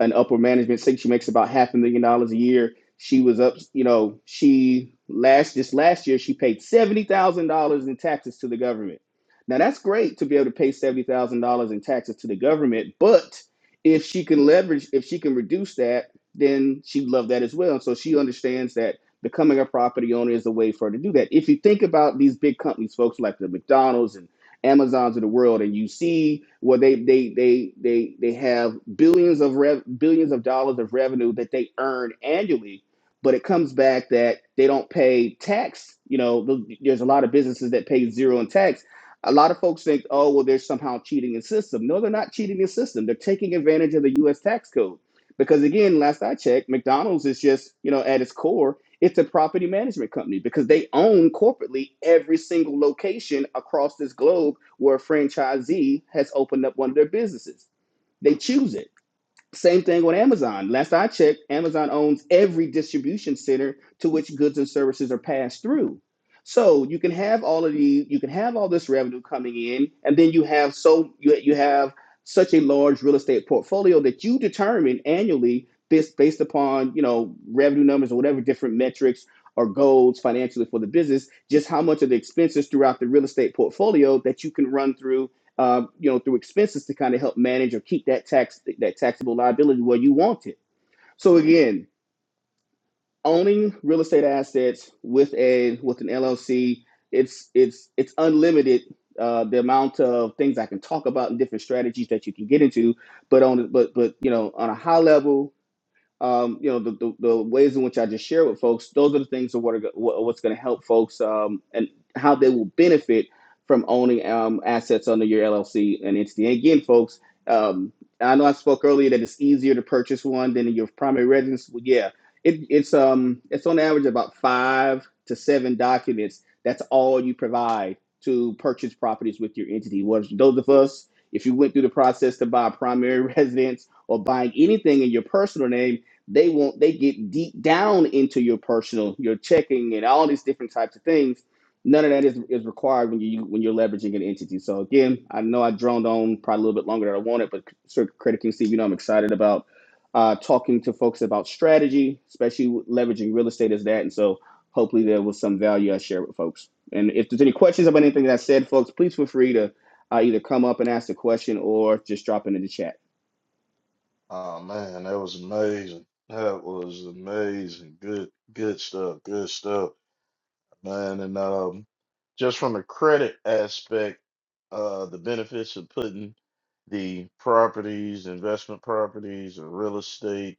an upper management. I think she makes about half a million dollars a year she was up, you know, she last this last year she paid $70,000 in taxes to the government. Now that's great to be able to pay $70,000 in taxes to the government, but if she can leverage if she can reduce that, then she'd love that as well. So she understands that becoming a property owner is a way for her to do that. If you think about these big companies, folks like the McDonald's and Amazons of the world, and you see where they they they they they have billions of rev- billions of dollars of revenue that they earn annually but it comes back that they don't pay tax. You know, there's a lot of businesses that pay zero in tax. A lot of folks think, oh, well, they're somehow cheating in system. No, they're not cheating in system. They're taking advantage of the U.S. tax code because, again, last I checked, McDonald's is just, you know, at its core, it's a property management company because they own corporately every single location across this globe where a franchisee has opened up one of their businesses. They choose it same thing with Amazon. Last I checked, Amazon owns every distribution center to which goods and services are passed through. So you can have all of the you can have all this revenue coming in, and then you have so you, you have such a large real estate portfolio that you determine annually this based upon you know revenue numbers or whatever different metrics or goals financially for the business, just how much of the expenses throughout the real estate portfolio that you can run through um, you know, through expenses to kind of help manage or keep that tax that taxable liability where you want it. So again, owning real estate assets with a with an LLC, it's it's it's unlimited uh, the amount of things I can talk about and different strategies that you can get into. But on but but you know, on a high level um, you know the, the, the ways in which I just share with folks. Those are the things of what are what's going to help folks um, and how they will benefit from owning um, assets under your LLC and entity. And again, folks, um, I know I spoke earlier that it's easier to purchase one than your primary residence. Well, yeah, it, it's um it's on average about five to seven documents. That's all you provide to purchase properties with your entity. What those of us, if you went through the process to buy a primary residence or buying anything in your personal name they want they get deep down into your personal, your checking, and all these different types of things. None of that is, is required when you when you're leveraging an entity. So again, I know I droned on probably a little bit longer than I wanted, but sort of Credit King Steve, you know, I'm excited about uh, talking to folks about strategy, especially leveraging real estate as that. And so hopefully there was some value I shared with folks. And if there's any questions about anything that I said, folks, please feel free to uh, either come up and ask the question or just drop it in the chat. Oh man, that was amazing. That was amazing. Good, good stuff. Good stuff, man. And um, just from a credit aspect, uh, the benefits of putting the properties, investment properties, or real estate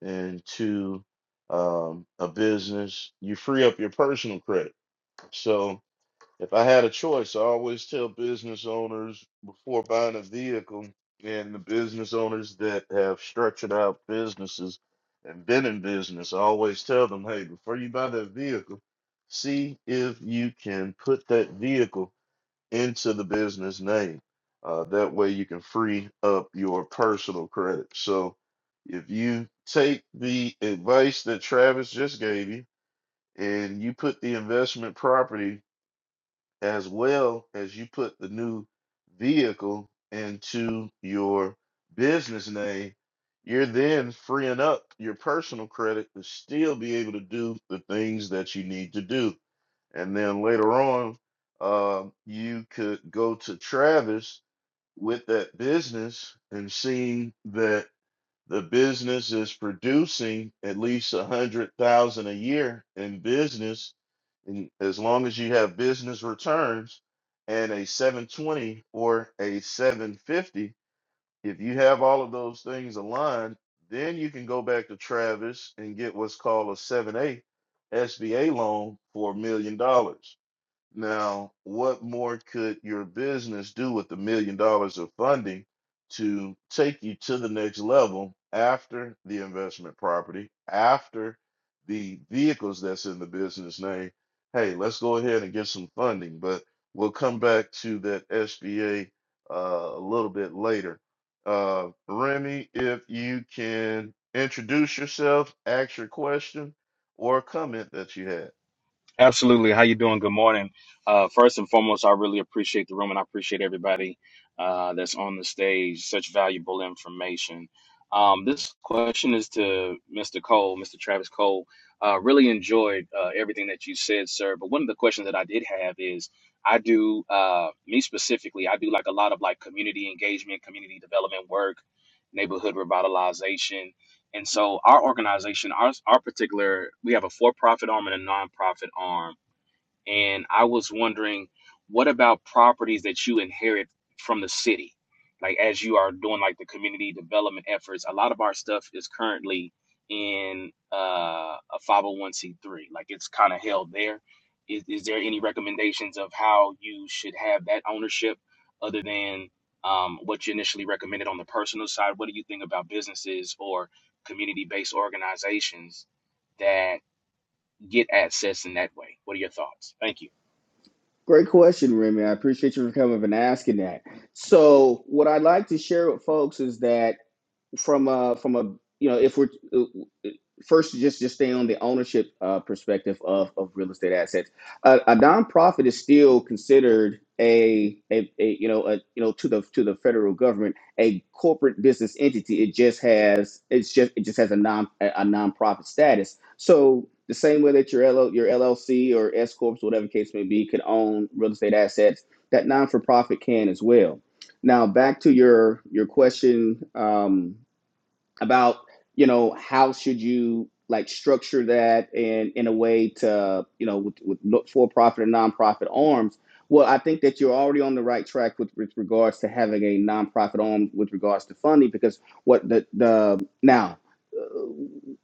into um, a business, you free up your personal credit. So If I had a choice, I always tell business owners before buying a vehicle and the business owners that have structured out businesses and been in business, I always tell them, hey, before you buy that vehicle, see if you can put that vehicle into the business name. Uh, that way you can free up your personal credit. So if you take the advice that Travis just gave you, and you put the investment property as well as you put the new vehicle into your business name, you're then freeing up your personal credit to still be able to do the things that you need to do. And then later on, um, you could go to Travis with that business and seeing that the business is producing at least a hundred thousand a year in business and as long as you have business returns and a 720 or a 750, if you have all of those things aligned, then you can go back to Travis and get what's called a 7A SBA loan for a million dollars. Now, what more could your business do with a million dollars of funding to take you to the next level after the investment property, after the vehicles that's in the business name? Hey, let's go ahead and get some funding, but we'll come back to that SBA uh, a little bit later. Uh, Remy, if you can introduce yourself, ask your question, or comment that you had. Absolutely. How you doing? Good morning. Uh, first and foremost, I really appreciate the room and I appreciate everybody uh, that's on the stage. Such valuable information. Um, this question is to Mr. Cole, Mr. Travis Cole. Uh, really enjoyed uh, everything that you said, sir. But one of the questions that I did have is, I do uh, me specifically. I do like a lot of like community engagement, community development work, neighborhood revitalization. And so our organization, our our particular, we have a for-profit arm and a nonprofit arm and I was wondering what about properties that you inherit from the city? Like as you are doing like the community development efforts, a lot of our stuff is currently in uh, a 501c3. Like it's kind of held there. Is, is there any recommendations of how you should have that ownership other than um, what you initially recommended on the personal side? What do you think about businesses or community based organizations that get access in that way? What are your thoughts? Thank you. Great question, Remy. I appreciate you for coming up and asking that. So, what I'd like to share with folks is that from a from a you know if we're first just just stay on the ownership uh, perspective of, of real estate assets. A, a nonprofit is still considered a, a a you know a you know to the to the federal government a corporate business entity. It just has it's just it just has a non a, a nonprofit status. So the same way that your l L, your LLC or S corps whatever case may be could own real estate assets, that non for profit can as well. Now back to your your question. Um, about you know how should you like structure that and in a way to you know with, with look for profit and nonprofit arms well i think that you're already on the right track with, with regards to having a nonprofit arm with regards to funding because what the the now uh,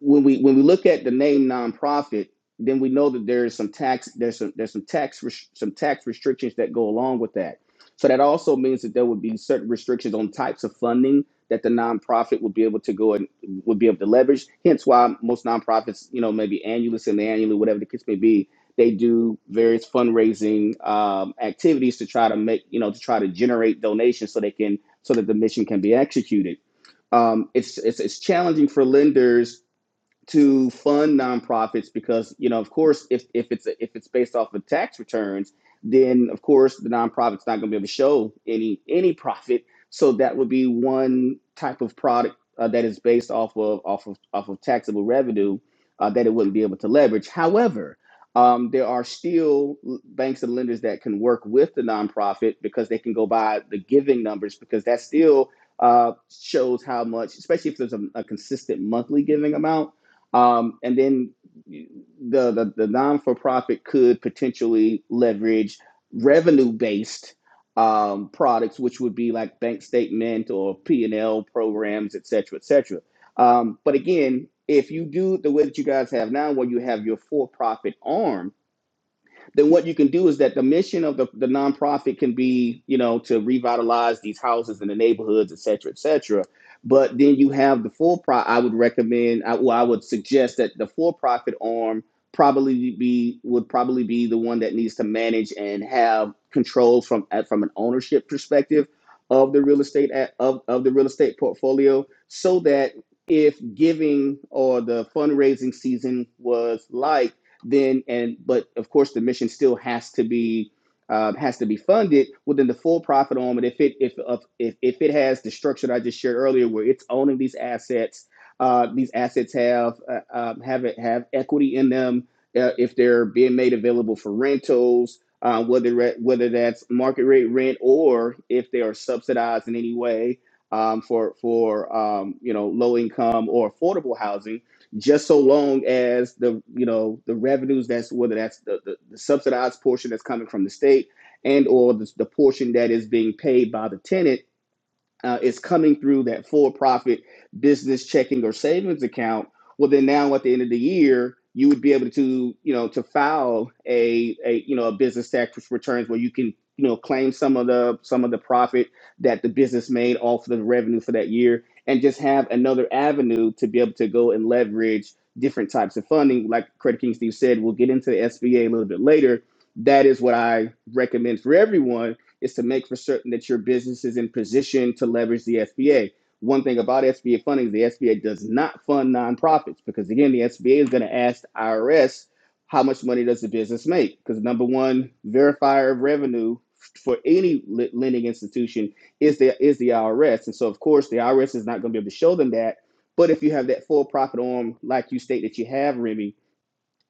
when we when we look at the name nonprofit then we know that there's some tax there's some there's some tax res- some tax restrictions that go along with that so that also means that there would be certain restrictions on types of funding that the nonprofit would be able to go and would be able to leverage. Hence why most nonprofits, you know, maybe annually, semi-annually, whatever the case may be, they do various fundraising um, activities to try to make, you know, to try to generate donations so they can so that the mission can be executed. Um, it's, it's it's challenging for lenders to fund nonprofits because you know of course if, if it's a, if it's based off of tax returns then of course the nonprofit's not going to be able to show any any profit so that would be one type of product uh, that is based off of off of off of taxable revenue uh, that it wouldn't be able to leverage however um, there are still l- banks and lenders that can work with the nonprofit because they can go by the giving numbers because that still uh, shows how much especially if there's a, a consistent monthly giving amount um, and then the, the the non-for-profit could potentially leverage revenue-based um, products which would be like bank statement or p&l programs et cetera et cetera um, but again if you do the way that you guys have now where you have your for-profit arm then what you can do is that the mission of the, the nonprofit can be, you know, to revitalize these houses in the neighborhoods, et cetera, et cetera. But then you have the for profit. I would recommend, I, well, I would suggest that the for profit arm probably be would probably be the one that needs to manage and have control from uh, from an ownership perspective of the real estate of, of the real estate portfolio so that if giving or the fundraising season was light then and but of course the mission still has to be um, has to be funded within the full profit arm and if it if if if it has the structure that I just shared earlier where it's owning these assets uh, these assets have uh, um, have it have equity in them uh, if they're being made available for rentals uh, whether whether that's market rate rent or if they are subsidized in any way um, for for um, you know low income or affordable housing just so long as the you know the revenues that's whether that's the, the, the subsidized portion that's coming from the state and or the, the portion that is being paid by the tenant uh, is coming through that for-profit business checking or savings account, well, then now at the end of the year, you would be able to, you know, to file a, a you know a business tax returns where you can, you know, claim some of the some of the profit that the business made off the revenue for that year, and just have another avenue to be able to go and leverage different types of funding. Like Credit King Steve said, we'll get into the SBA a a little bit later. That is what I recommend for everyone is to make for certain that your business is in position to leverage the SBA. One thing about SBA funding is the SBA does not fund nonprofits because, again, the SBA is going to ask the IRS how much money does the business make? Because the number one verifier of revenue for any lending institution is the is the IRS, and so of course the IRS is not going to be able to show them that. But if you have that for profit arm, like you state that you have, Remy,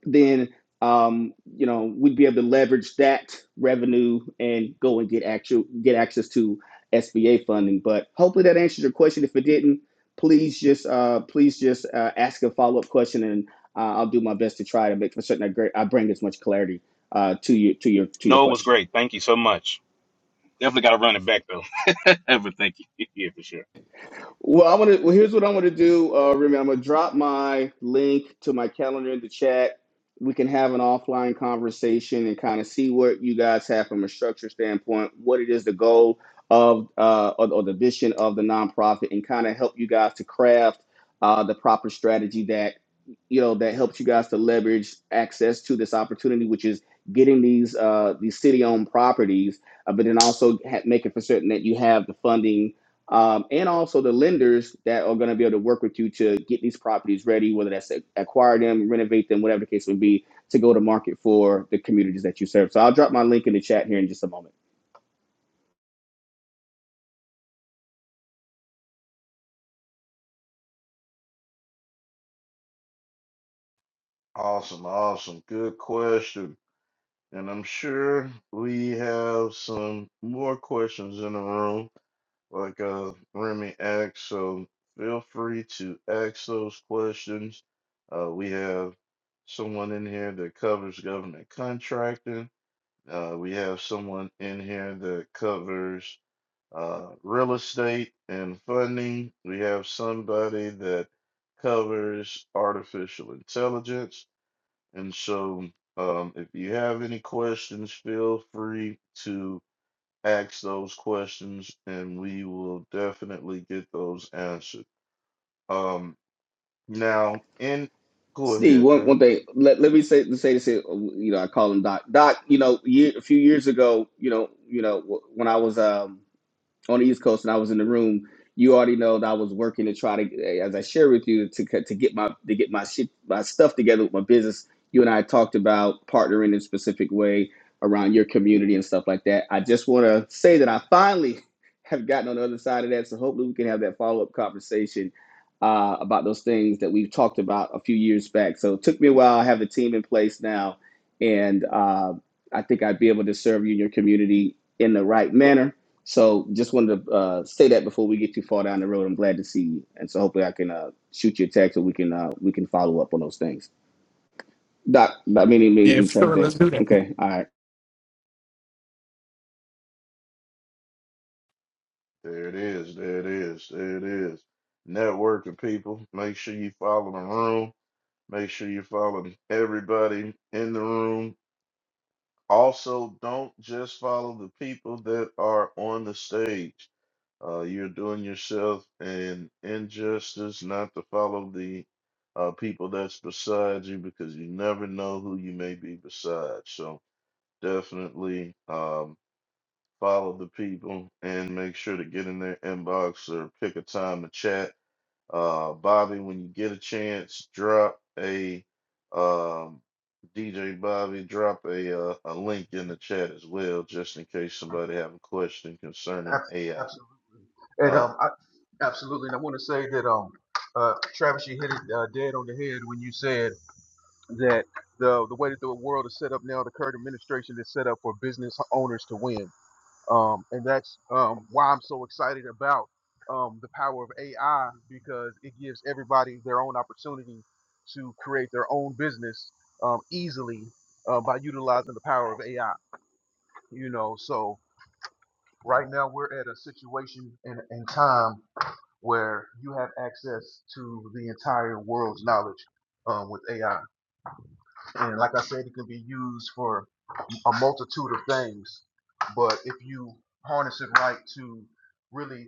then um, you know we'd be able to leverage that revenue and go and get actual get access to SBA funding. But hopefully that answers your question. If it didn't, please just uh, please just uh, ask a follow up question, and uh, I'll do my best to try to make for certain I, I bring as much clarity uh, to you to your to your No, it was question. great. Thank you so much. Definitely got to run it back though. but thank you. yeah, for sure. Well, I want to. Well, here's what I want to do, uh, Remy. I'm gonna drop my link to my calendar in the chat. We can have an offline conversation and kind of see what you guys have from a structure standpoint, what it is the goal of uh, or, or the vision of the nonprofit, and kind of help you guys to craft uh, the proper strategy that you know that helps you guys to leverage access to this opportunity, which is getting these uh, these city-owned properties, uh, but then also ha- making for certain that you have the funding um, and also the lenders that are going to be able to work with you to get these properties ready, whether that's a- acquire them, renovate them, whatever the case would be, to go to market for the communities that you serve. So I'll drop my link in the chat here in just a moment. Awesome, awesome. Good question. And I'm sure we have some more questions in the room, like uh, Remy asked. So feel free to ask those questions. Uh, we have someone in here that covers government contracting. Uh, we have someone in here that covers uh, real estate and funding. We have somebody that covers artificial intelligence. And so, um, if you have any questions, feel free to ask those questions and we will definitely get those answered. Um, now, in go Steve, ahead, one, Trevor. one thing, let, let me say, say this here, you know, I call him Doc. Doc, you know, year, a few years ago, you know, you know, when I was, um, on the East Coast and I was in the room, you already know that I was working to try to, as I shared with you, to to get my to get my shit my stuff together with my business. You and I talked about partnering in a specific way around your community and stuff like that. I just want to say that I finally have gotten on the other side of that, so hopefully we can have that follow up conversation uh, about those things that we've talked about a few years back. So it took me a while. I have a team in place now, and uh, I think I'd be able to serve you and your community in the right manner so just wanted to uh, say that before we get too far down the road. I'm glad to see you, and so hopefully I can uh, shoot you a text or we can uh, we can follow up on those things. Doc, Doc, meaning me, me, Travis Okay, all right. There it is. There it is. There it is. Networking people. Make sure you follow the room. Make sure you follow everybody in the room. Also, don't just follow the people that are on the stage Uh, you're doing yourself an injustice not to follow the uh, people that's beside you because you never know who you may be beside. So definitely um, follow the people and make sure to get in their inbox or pick a time to chat. Uh, Bobby, when you get a chance, drop a um, DJ Bobby, drop a uh, a link in the chat as well, just in case somebody have a question concerning Abs- AI. Absolutely, and um, I, absolutely, and I want to say that um, uh, Travis, you hit it uh, dead on the head when you said that the the way that the world is set up now, the current administration is set up for business owners to win. um, and that's um, why I'm so excited about um, the power of AI because it gives everybody their own opportunity to create their own business um, easily uh, by utilizing the power of AI. You know, so right now we're at a situation and, and time where you have access to the entire world's knowledge um, with AI, and like I said, it can be used for a multitude of things. But if you harness it right to really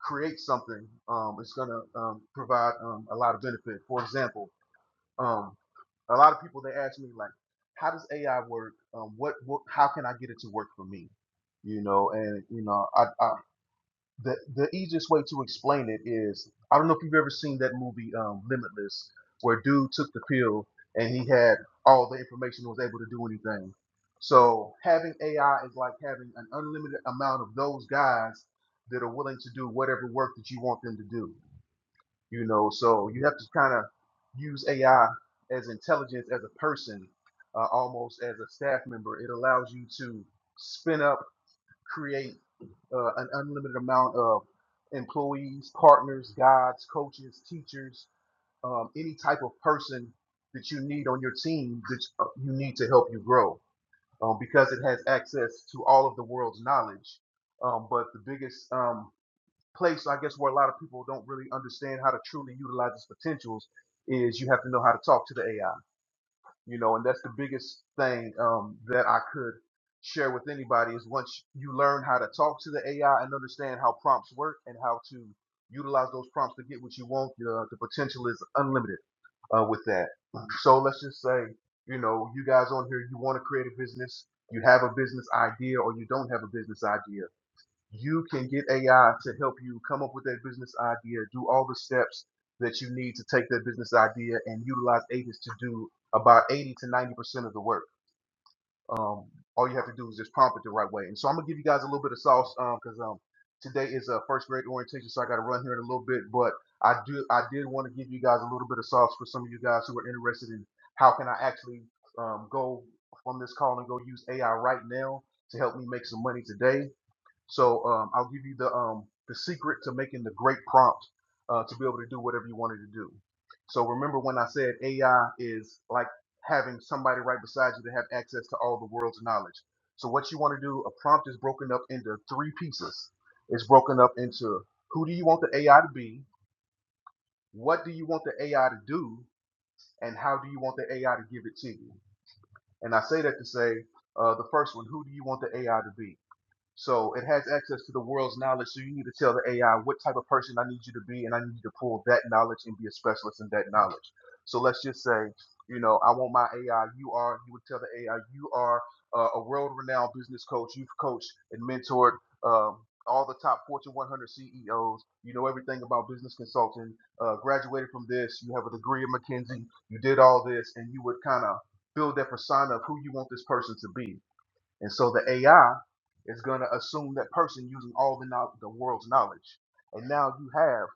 create something, um, it's going to um, provide um, a lot of benefit. For example, um, a lot of people they ask me like, "How does AI work? Um, what, what? How can I get it to work for me?" You know, and you know, I, I the the easiest way to explain it is I don't know if you've ever seen that movie um, Limitless, where dude took the pill and he had all the information and was able to do anything. So having AI is like having an unlimited amount of those guys that are willing to do whatever work that you want them to do. You know, so you have to kind of use AI as intelligence as a person, uh, almost as a staff member. It allows you to spin up create uh, an unlimited amount of employees, partners, guides, coaches, teachers, um, any type of person that you need on your team that you uh, need to help you grow um, because it has access to all of the world's knowledge. Um, but the biggest um, place, I guess, where a lot of people don't really understand how to truly utilize its potentials is you have to know how to talk to the AI you know and that's the biggest thing um, that i could share with anybody is once you learn how to talk to the ai and understand how prompts work and how to utilize those prompts to get what you want uh, the potential is unlimited uh, with that so let's just say you know you guys on here you want to create a business you have a business idea or you don't have a business idea you can get AI to help you come up with that business idea, do all the steps that you need to take that business idea and utilize agents to do about 80 to 90% of the work. Um, all you have to do is just prompt it the right way. And so I'm gonna give you guys a little bit of sauce because um, today is a first grade orientation, so I got to run here in a little bit. But I do I did want to give you guys a little bit of sauce for some of you guys who are interested in how can I actually um, go from this call and go use AI right now to help me make some money today so um, I'll give you the um, the secret to making the great prompt uh, to be able to do whatever you wanted to do. So remember when I said AI is like having somebody right beside you to have access to all the world's knowledge. So what you want to do, a prompt is broken up into three pieces. It's broken up into who do you want the AI to be, what do you want the AI to do, and how do you want the AI to give it to you. And I say that to say uh, the first one, who do you want the AI to be? So it has access to the world's knowledge. So you need to tell the AI what type of person I need you to be, and I need you to pull that knowledge and be a specialist in that knowledge. So let's just say, you know, I want my AI. You are. You would tell the AI you are uh, a world-renowned business coach. You've coached and mentored um, all the top Fortune 100 CEOs. You know everything about business consulting. Uh, graduated from this. You have a degree at McKinsey. You did all this, and you would kind of build that persona of who you want this person to be and so the AI is going to assume that person using all the, knowl- the world's knowledge. And now you have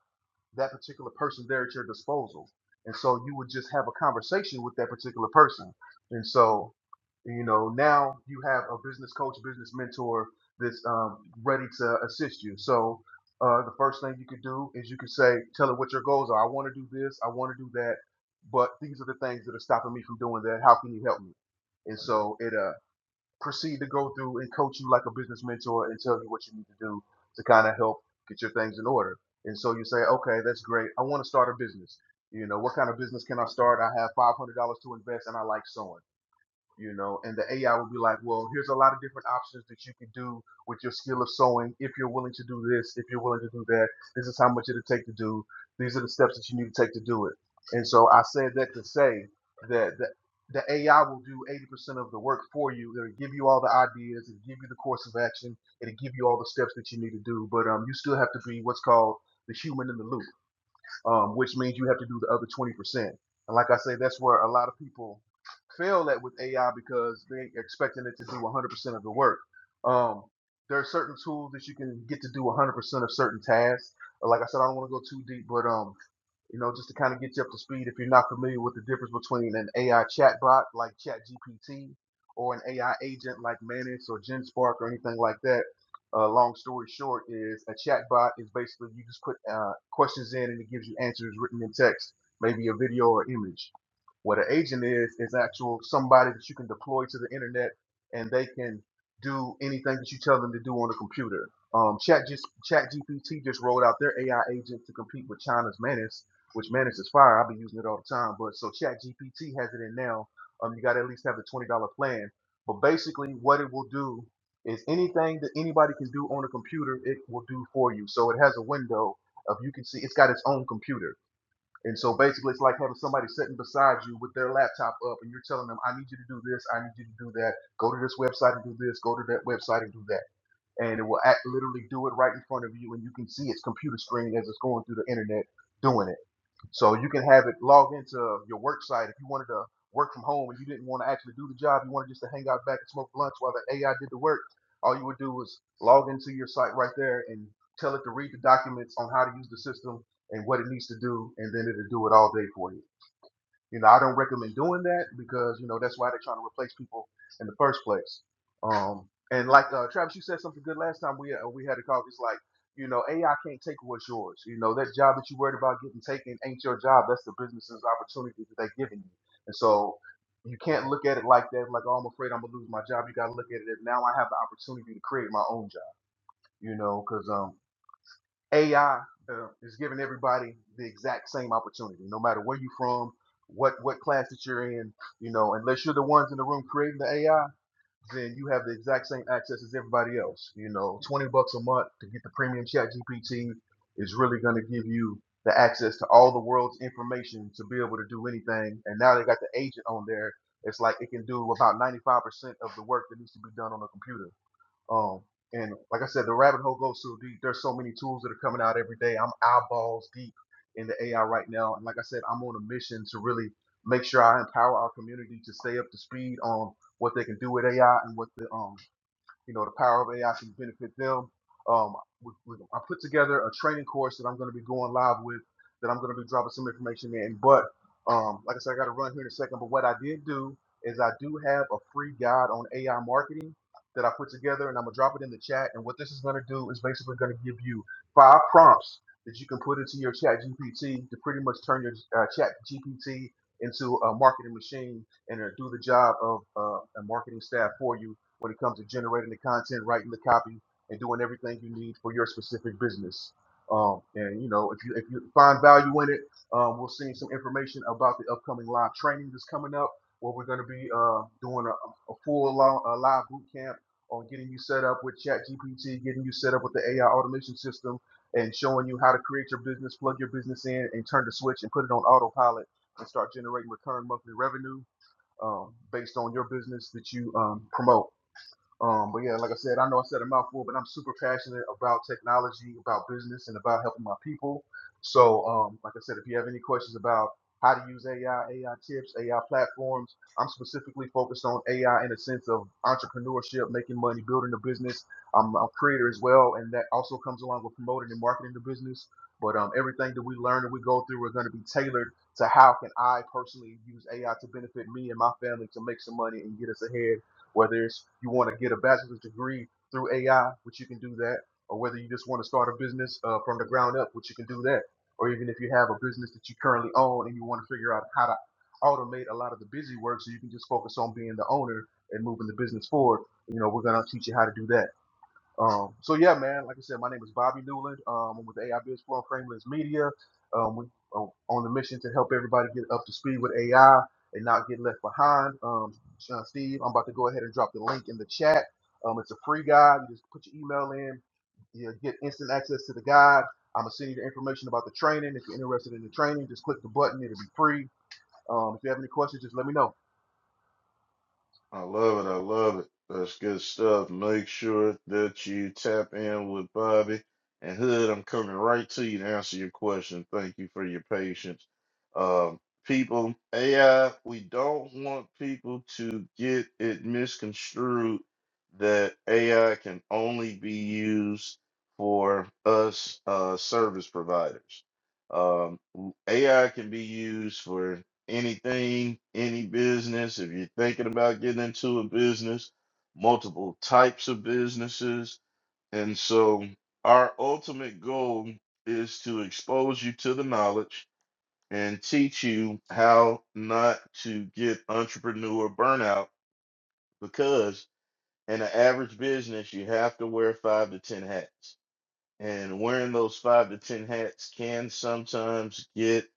that particular person there at your disposal. And so you would just have a conversation with that particular person. And so, you know, now you have a business coach, business mentor that's um, ready to assist you. So uh, the first thing you could do is you could say, tell it what your goals are. I want to do this, I want to do that, but these are the things that are stopping me from doing that. How can you help me? And so it uh proceed to go through and coach you like a business mentor and tell you what you need to do to kind of help get your things in order. And so you say, okay, that's great. I want to start a business. You know, what kind of business can I start? I have $500 to invest and I like sewing you know, and the AI will be like, well, here's a lot of different options that you can do with your skill of sewing. If you're willing to do this, if you're willing to do that, this is how much it'll take to do. These are the steps that you need to take to do it. And so I said that to say that the, the AI will do 80% of the work for you. It'll give you all the ideas, it'll give you the course of action, it'll give you all the steps that you need to do. But um, you still have to be what's called the human in the loop um, which means you have to do the other 20%. And like I say, that's where a lot of people fail at with AI because they expecting it to do 100% of the work. Um, there are certain tools that you can get to do 100% of certain tasks. Like I said, I don't want to go too deep, but um, you know, just to kind of get you up to speed if you're not familiar with the difference between an AI chatbot like ChatGPT or an AI agent like Manus or GenSpark or anything like that. Uh, long story short is a chatbot is basically you just put uh, questions in and it gives you answers written in text, maybe a video or image. What an agent is is actual somebody that you can deploy to the internet and they can do anything that you tell them to do on the computer. Um, Chat just ChatGPT just rolled out their AI agent to compete with China's Manus which manages fire. I've been using it all the time. But so ChatGPT has it in now. Um, you got to at least have the twenty dollar plan. But basically, what it will do is anything that anybody can do on a computer, it will do for you. So it has a window of you can see. It's got its own computer, and so basically, it's like having somebody sitting beside you with their laptop up, and you're telling them, "I need you to do this. I need you to do that. Go to this website and do this. Go to that website and do that." And it will act, literally do it right in front of you, and you can see its computer screen as it's going through the internet doing it. So you can have it log into your work site if you wanted to work from home and you didn't want to actually do the job. You wanted just to hang out back and smoke blunts while the AI did the work. All you would do was log into your site right there and tell it to read the documents on how to use the system and what it needs to do, and then it'll do it all day for you. You know, I don't recommend doing that because you know that's why they're trying to replace people in the first place. Um, and like uh, Travis, you said something good last time we uh, we had a call. It's like you know AI can't take what's yours. You know that job that you worried about getting taken ain't your job. That's the business's opportunity that they're giving you. And so you can't look at it like that. Like oh, I'm afraid I'm gonna lose my job. You gotta look at it as now I have the opportunity to create my own job. You know, know, 'cause um, AI uh, is giving everybody the exact same opportunity, no matter where you're from, what what class that you're in. You know, unless you're the ones in the room creating the AI, then you have the exact same access as everybody else. You know, 20 bucks a month to get the premium chat GPT is really going to give you the access to all the world's information to be able to do anything. And now they got the agent on there. It's like it can do about 95% of the work that needs to be done on a computer um, and like I said, the rabbit hole goes so deep. There's so many tools that are coming out every day. I'm eyeballs deep in the AI right now. And like I said, I'm on a mission to really make sure I empower our community to stay up to speed on what they can do with AI and what the um you know the power of AI can benefit them. Um, we, we, I put together a training course that I'm going to be going live with that I'm going to be dropping some information in. But um, like I said, I got to run here in a second. But what I did do is I do have a free guide on AI marketing that I put together, and I'm gonna drop it in the chat. And what this is going to do is basically going to give you five prompts that you can put into your chat GPT to pretty much turn your uh, chat GPT into a marketing machine and uh, do the job of uh, a marketing staff for you when it comes to generating the content, writing the copy, and doing everything you need for your specific business. Um, and you know, if you if you find value in it, um, we'll send you some information about the upcoming live training that's coming up, where we're going to be uh, doing a, a full lo- a live boot camp on getting you set up with ChatGPT, getting you set up with the AI automation system, and showing you how to create your business, plug your business in, and turn the switch and put it on autopilot and start generating recurring monthly revenue um, based on your business that you um, promote. Um, but yeah, like I said, I know I said a mouthful, but I'm super passionate about technology, about business, and about helping my people. So, um, like I said, if you have any questions about how to use AI, AI tips, AI platforms, I'm specifically focused on AI in the sense of entrepreneurship, making money, building a business. I'm a creator as well, and that also comes along with promoting and marketing the business. But um, everything that we learn and we go through are going to be tailored to how can I personally use AI to benefit me and my family to make some money and get us ahead whether it's you want to get a bachelor's degree through AI, which you can do that, or whether you just want to start a business uh, from the ground up, which you can do that, or even if you have a business that you currently own and you want to figure out how to automate a lot of the busy work so you can just focus on being the owner and moving the business forward, you know, we're going to teach you how to do that. Um, so yeah, man. Like I said, my name is Bobby Newland. Um, I'm with AI Biz Flow and Frameless Media. Um, we on on the mission to help everybody get up to speed with AI and not get left behind. Um, uh, Steve, I'm about to go ahead and drop the link in the chat. Um, it's a free guide. You just put your email in. You get instant access to the guide. I'm gonna send you the information about the training. If you're interested in the training, just click the button. It'll be free. Um, if you have any questions, just let me know. I love it. I love it. That's good stuff. Make sure that you tap in with Bobby and Hood. I'm coming right to you to answer your question. Thank you for your patience. Um, people, AI, we don't want people to get it misconstrued that AI can only be used for us uh, service providers. Um, AI can be used for anything, any business, if you're thinking about getting into a business, multiple types of businesses. And so, our ultimate goal is to expose you to the knowledge and teach you how not to get entrepreneur burnout because in an average business, you have to wear five to 10 hats. And wearing those five to 10 hats can sometimes get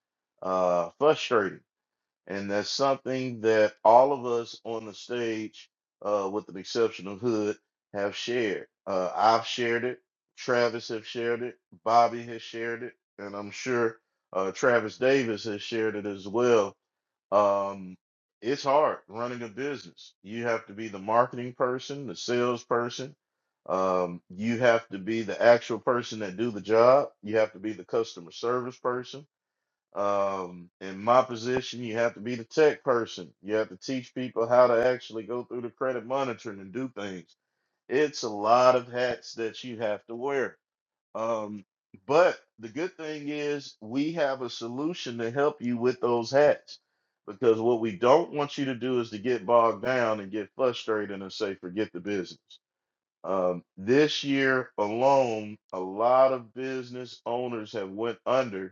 uh, frustrating and that's something that all of us on the stage, uh, with the exception of Hood, have shared. Uh, I've shared it. Travis has shared it. Bobby has shared it. And I'm sure uh, Travis Davis has shared it as well. Um, it's hard running a business. You have to be the marketing person, the salesperson. Um, you have to be the actual person that do the job. You have to be the customer service person um, in my position, you have to be the tech person. You have to teach people how to actually go through the credit monitoring and do things. It's a lot of hats that you have to wear. Um, but the good thing is we have a solution to help you with those hats. Because what we don't want you to do is to get bogged down and get frustrated and say, forget the business. Um, this year alone, a lot of business owners have went under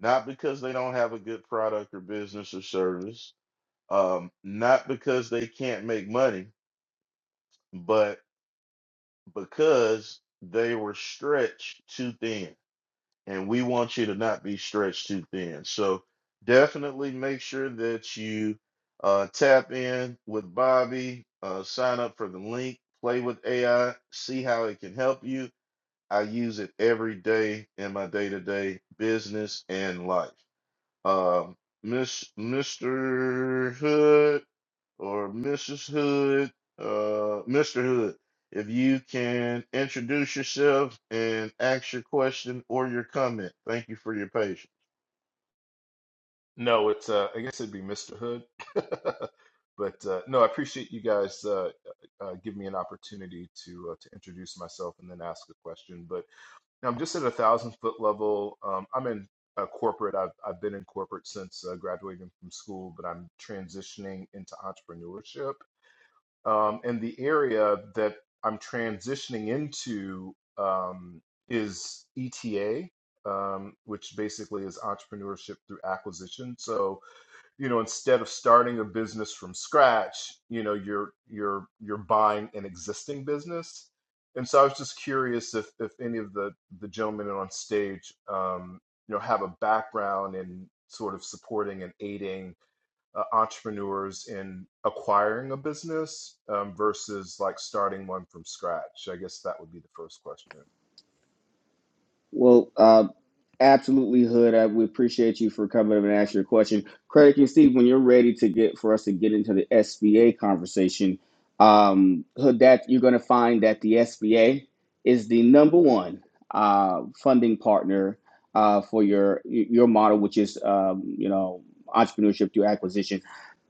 not because they don't have a good product or business or service, um, not because they can't make money, but because they were stretched too thin. And we want you to not be stretched too thin. So definitely make sure that you uh, tap in with Bobby, uh, sign up for the link, play with AI, see how it can help you. I use it every day in my day to day business and life. Um, Miss Mr. Hood or Mrs. Hood, uh, Mr. Hood, if you can introduce yourself and ask your question or your comment. Thank you for your patience. No, it's uh, I guess it'd be Mr. Hood, but uh, no, I appreciate you guys uh, uh, give me an opportunity to uh, to introduce myself and then ask a question. But now I'm just at a thousand foot level. Um, I'm in uh, corporate. I've I've been in corporate since uh, graduating from school, but I'm transitioning into entrepreneurship. Um, and the area that I'm transitioning into um, is ETA, um, which basically is entrepreneurship through acquisition. So you know instead of starting a business from scratch you know you're you're you're buying an existing business and so i was just curious if if any of the the gentlemen on stage um you know have a background in sort of supporting and aiding uh, entrepreneurs in acquiring a business um, versus like starting one from scratch i guess that would be the first question Well, uh, absolutely, Hood. I, we appreciate you for coming up and asking your question. Craig and Steve, when you're ready to get for us to get into the SBA conversation, um, Hood, that you're going to find that the SBA is the number one uh, funding partner uh, for your your model, which is um, you know entrepreneurship through acquisition.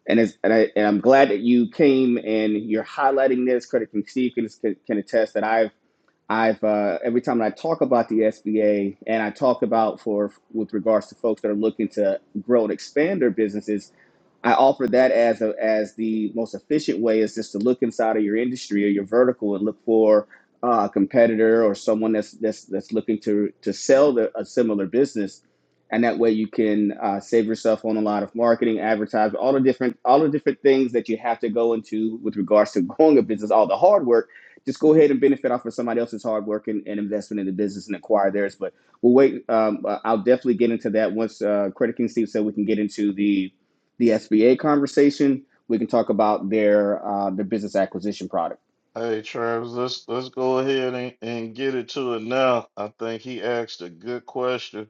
And it's, and, I, and I'm glad that you came and you're highlighting this. Credit King Steve can, can attest that I've I've uh, every time I talk about the SBA and I talk about for with regards to folks that are looking to grow and expand their businesses, I offer that as a, as the most efficient way is just to look inside of your industry or your vertical and look for uh, a competitor or someone that's that's that's looking to to sell the, a similar business, and that way you can uh, save yourself on a lot of marketing, advertising, all the different all the different things that you have to go into with regards to growing a business, all the hard work. Just go ahead and benefit off of somebody else's hard work and, and investment in the business and acquire theirs. But we'll wait. Um, uh, I'll definitely get into that once uh, Credit King Steve said we can get into the the SBA conversation. We can talk about their uh, their business acquisition product. Hey Travis, let's let's go ahead and, and get it to it now. I think he asked a good question.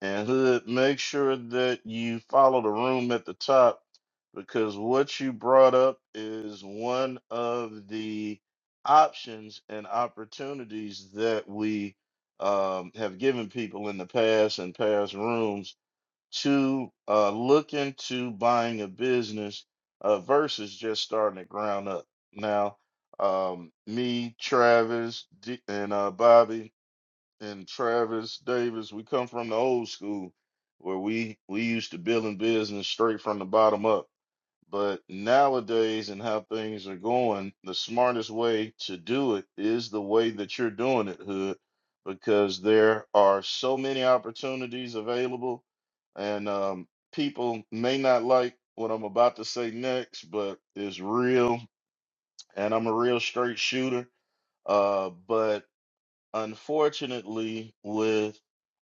And Hood, make sure that you follow the room at the top because what you brought up is one of the options and opportunities that we um, have given people in the past and past rooms to uh, look into buying a business uh, versus just starting at ground up. Now, um, me, Travis, D- and uh, Bobby, and Travis Davis, we come from the old school where we we used to building business straight from the bottom up. But nowadays and how things are going, the smartest way to do it is the way that you're doing it, Hood, because there are so many opportunities available and um people may not like what I'm about to say next, but it's real and I'm a real straight shooter. Uh, but unfortunately, with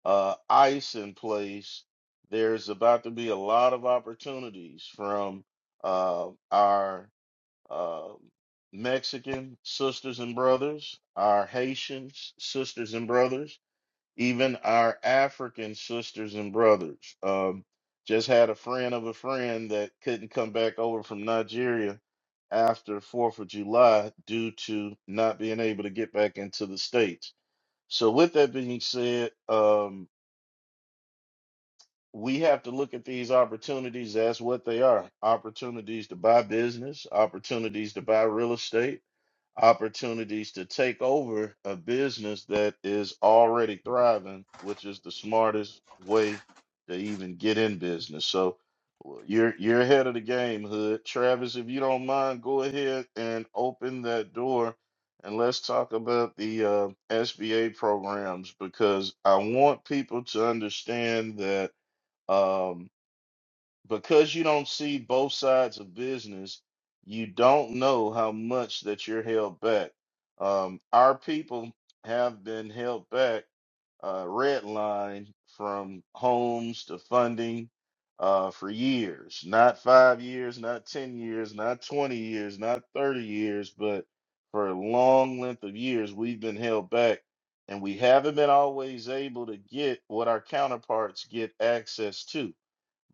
uh, ICE in place, there's about to be a lot of opportunities from uh, our uh, Mexican sisters and brothers, our Haitian s- sisters and brothers, even our African sisters and brothers. Um, just had a friend of a friend that couldn't come back over from Nigeria after 4th of July due to not being able to get back into the States. So, with that being said, um, we have to look at these opportunities as what they are opportunities to buy business, opportunities to buy real estate, opportunities to take over a business that is already thriving, which is the smartest way to even get in business. So w- you're you're ahead of the game, Hood. Travis, if you don't mind, go ahead and open that door and let's talk about the uh, SBA programs because I want people to understand that Um, because you don't see both sides of business, you don't know how much that you're held back. Um, our people have been held back, uh, red from homes to funding uh, for years, not five years, not 10 years, not 20 years, not 30 years, but for a long length of years, we've been held back. And we haven't been always able to get what our counterparts get access to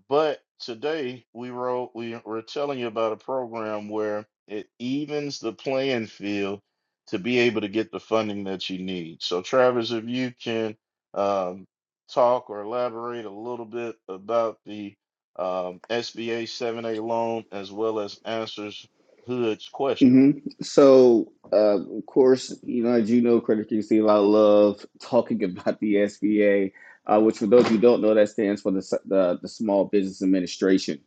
but today we wrote we were telling you about a program where it evens the playing field to be able to get the funding that you need. So Travis, if you can um, talk or elaborate a little bit about the um, SBA 7A loan as well as answers Hood's question. hmm So, uh, of course, you know, as you know, Credit King Steve, I love talking about the SBA, uh, which for those who don't know, that stands for the, S- the, the Small Business Administration.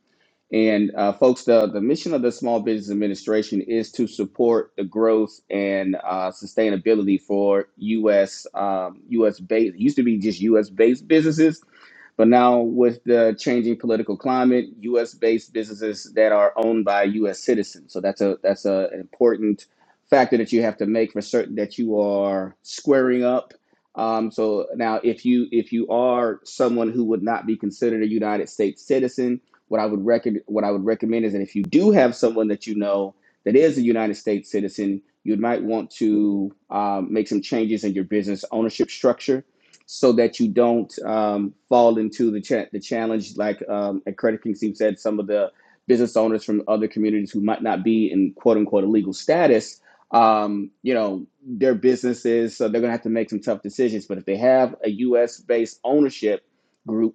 And uh, folks, the, the mission of the Small Business Administration is to support the growth and uh, sustainability for U.S. Um, U.S. based It used to be just U.S. based businesses, but now with the changing political climate, U.S. based businesses that are owned by U.S. citizens. So that's a that's a, an important factor that you have to make for certain that you are squaring up. Um, so now, if you if you are someone who would not be considered a United States citizen, what I would recommend what I would recommend is that if you do have someone that you know that is a United States citizen, you might want to um, make some changes in your business ownership structure so that you don't um, fall into the cha- the challenge like um, and Credit King Steve said some of the business owners from other communities who might not be in quote unquote illegal status um, you know, their businesses, so they're gonna have to make some tough decisions. But if they have a U.S. based ownership group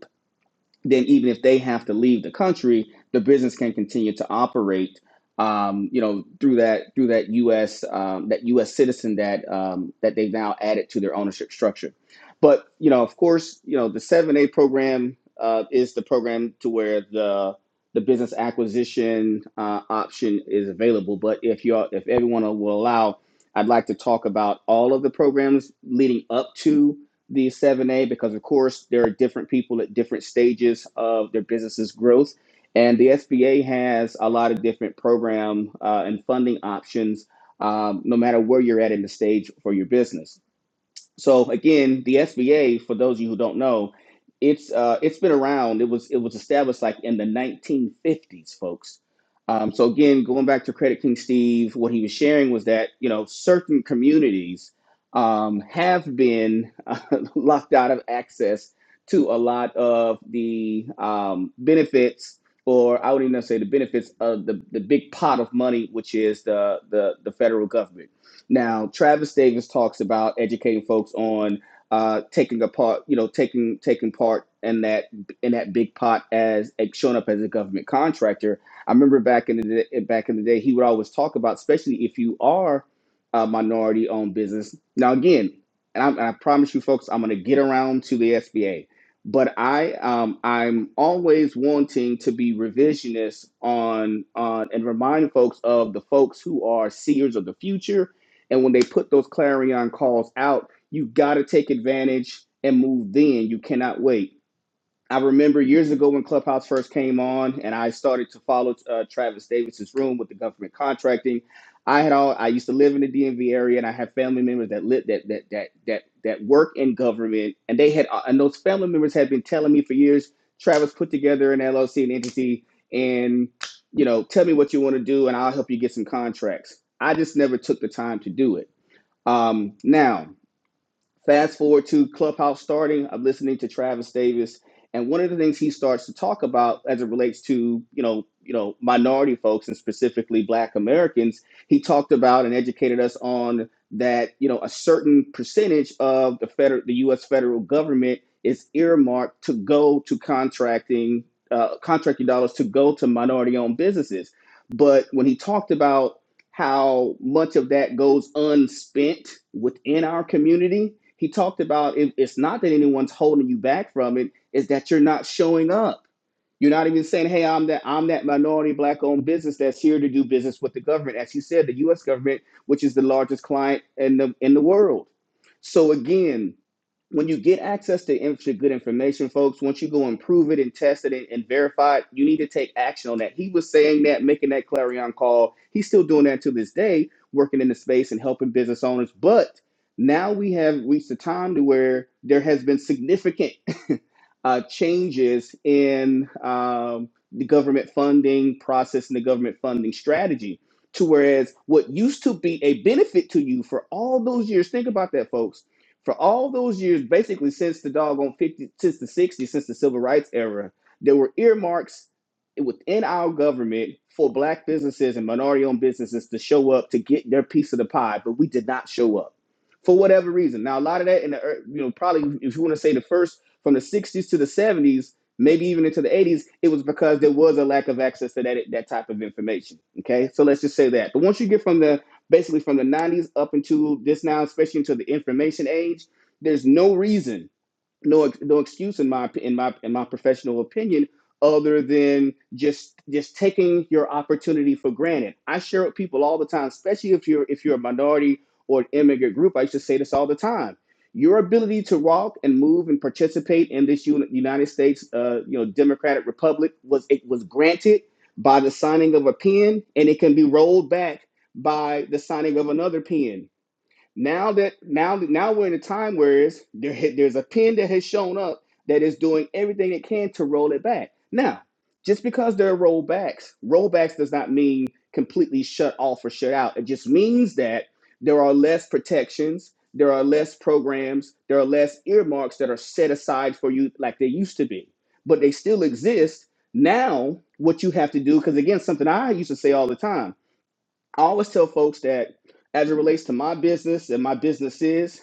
then even if they have to leave the country, the business can continue to operate. Um, you know, through that through that U.S. Um, that U.S. citizen that um, that they've now added to their ownership structure. But you know, of course, you know the seven A program uh, is the program to where the the business acquisition uh, option is available. But if you if everyone will allow, I'd like to talk about all of the programs leading up to the 7A because, of course, there are different people at different stages of their business's growth. And the SBA has a lot of different program uh, and funding options, um, no matter where you're at in the stage for your business. So again, the SBA, for those of you who don't know, it's uh, it's been around. It was it was established like in the 1950s, folks. Um, so again, going back to Credit King Steve, what he was sharing was that you know certain communities um, have been uh, locked out of access to a lot of the um, benefits, or I wouldn't even say the benefits of the, the big pot of money, which is the the, the federal government. Now, Travis Davis talks about educating folks on uh, taking a part, you know, taking taking part in that in that big pot as like, showing up as a government contractor. I remember back in the day, eh, back in the day, he would always talk about, especially if you are a minority-owned business. Now, again, and I'm, I promise you, folks, I'm going to get around to the SBA, but I um, I'm always wanting to be revisionist on on and remind folks of the folks who are seers of the future and when they put those clarion calls out, you got to take advantage and move then. You cannot wait. I remember years ago when Clubhouse first came on, and I started to follow uh, Travis Davis's room with the government contracting. I had all I used to live in the DMV area, and I had family members that lived that that that that that work in government, and they had uh, and those family members had been telling me for years. Travis put together an LLC, an entity, and you know, tell me what you want to do, and I'll help you get some contracts. I just never took the time to do it um, now, Fast forward to Clubhouse starting, I'm listening to Travis Davis, and one of the things he starts to talk about as it relates to you know you know minority folks and specifically Black Americans, he talked about and educated us on that you know a certain percentage of the federal the U.S. federal government is earmarked to go to contracting uh, contracting dollars to go to minority owned businesses, but when he talked about how much of that goes unspent within our community he talked about it, it's not that anyone's holding you back from it, it's that you're not showing up. You're not even saying, "Hey, I'm that I'm that minority black-owned business that's here to do business with the government." As you said, the U.S. government, which is the largest client in the in the world. So again, when you get access to inf- to good information, folks, once you go and prove it and test it and, and verify it, you need to take action on that. He was saying that, making that clarion call. He's still doing that to this day, working in the space and helping business owners. But now we have reached a time to where there has been significant. uh, changes in um, the government funding process and the government funding strategy. To whereas what used to be a benefit to you for all those years, think about that, folks. For all those years, basically since the doggone 50, since the 60s, since the civil rights era, there were earmarks within our government for black businesses and minority owned businesses to show up to get their piece of the pie, but we did not show up for whatever reason. Now, a lot of that in the, ear- you know, probably if you want to say the first from the 60s to the 70s, maybe even into the 80s, it was because there was a lack of access to that that type of information. Okay, so let's just say that. But once you get from the basically from the 90s up into this now, especially into the information age, there's no reason no no excuse in my in my in my professional opinion other than just just taking your opportunity for granted. I share with people all the time, especially if you're if you're a minority or an immigrant group. I used to say this all the time. Your ability to walk and move and participate in this uni- United States, uh, you know, Democratic Republic was it was granted by the signing of a pen, and it can be rolled back by the signing of another pen now that now now we're in a time where it's, there ha- there's a pin that has shown up that is doing everything it can to roll it back. Now, just because there are rollbacks, rollbacks does not mean completely shut off or shut out. It just means that there are less protections, there are less programs, there are less earmarks that are set aside for you like they used to be. But they still exist. Now, what you have to do, because again, something I used to say all the time I always tell folks that as it relates to my business and my business is,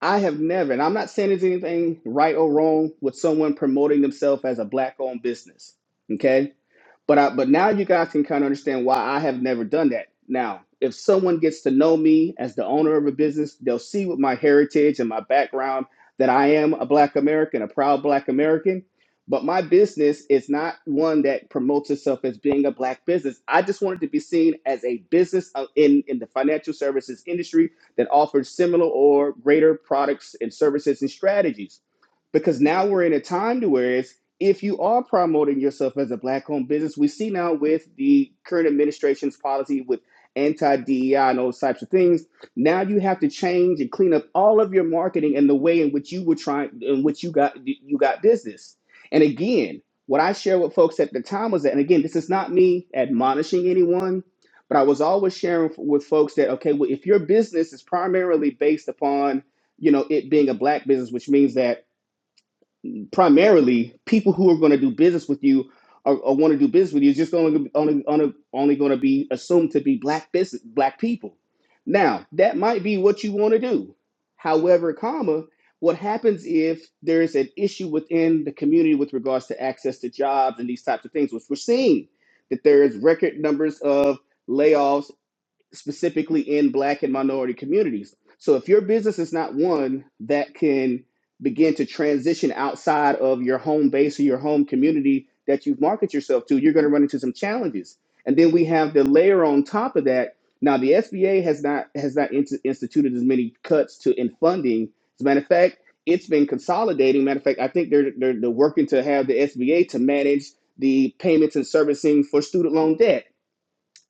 I have never, and I'm not saying there's anything right or wrong with someone promoting themselves as a black owned business. Okay. But I, but now you guys can kind of understand why I have never done that. Now, if someone gets to know me as the owner of a business, they'll see with my heritage and my background that I am a Black American, a proud Black American. But my business is not one that promotes itself as being a Black business. I just wanted to be seen as a business of- in, in the financial services industry that offers similar or greater products and services and strategies because now we're in a time to where it's if you are promoting yourself as a black owned business, we see now with the current administration's policy with anti DEI and those types of things, now you have to change and clean up all of your marketing and the way in which you were trying, in which you got you got business. And again, what I shared with folks at the time was that, and again, this is not me admonishing anyone, but I was always sharing with folks that okay, well, if your business is primarily based upon you know it being a black business, which means that primarily people who are going to do business with you or, or want to do business with you is just only only only, only going to be assumed to be black business black people. Now that might be what you want to do. However, comma, what happens if there is an issue within the community with regards to access to jobs and these types of things, which we're seeing that there is record numbers of layoffs specifically in black and minority communities. So if your business is not one that can begin to transition outside of your home base or your home community that you market yourself to, you're going to run into some challenges. And then we have the layer on top of that. Now the SBA has not has not int- instituted as many cuts to in funding. As a matter of fact, it's been consolidating. Matter of fact, I think they're they're, they're working to have the SBA to manage the payments and servicing for student loan debt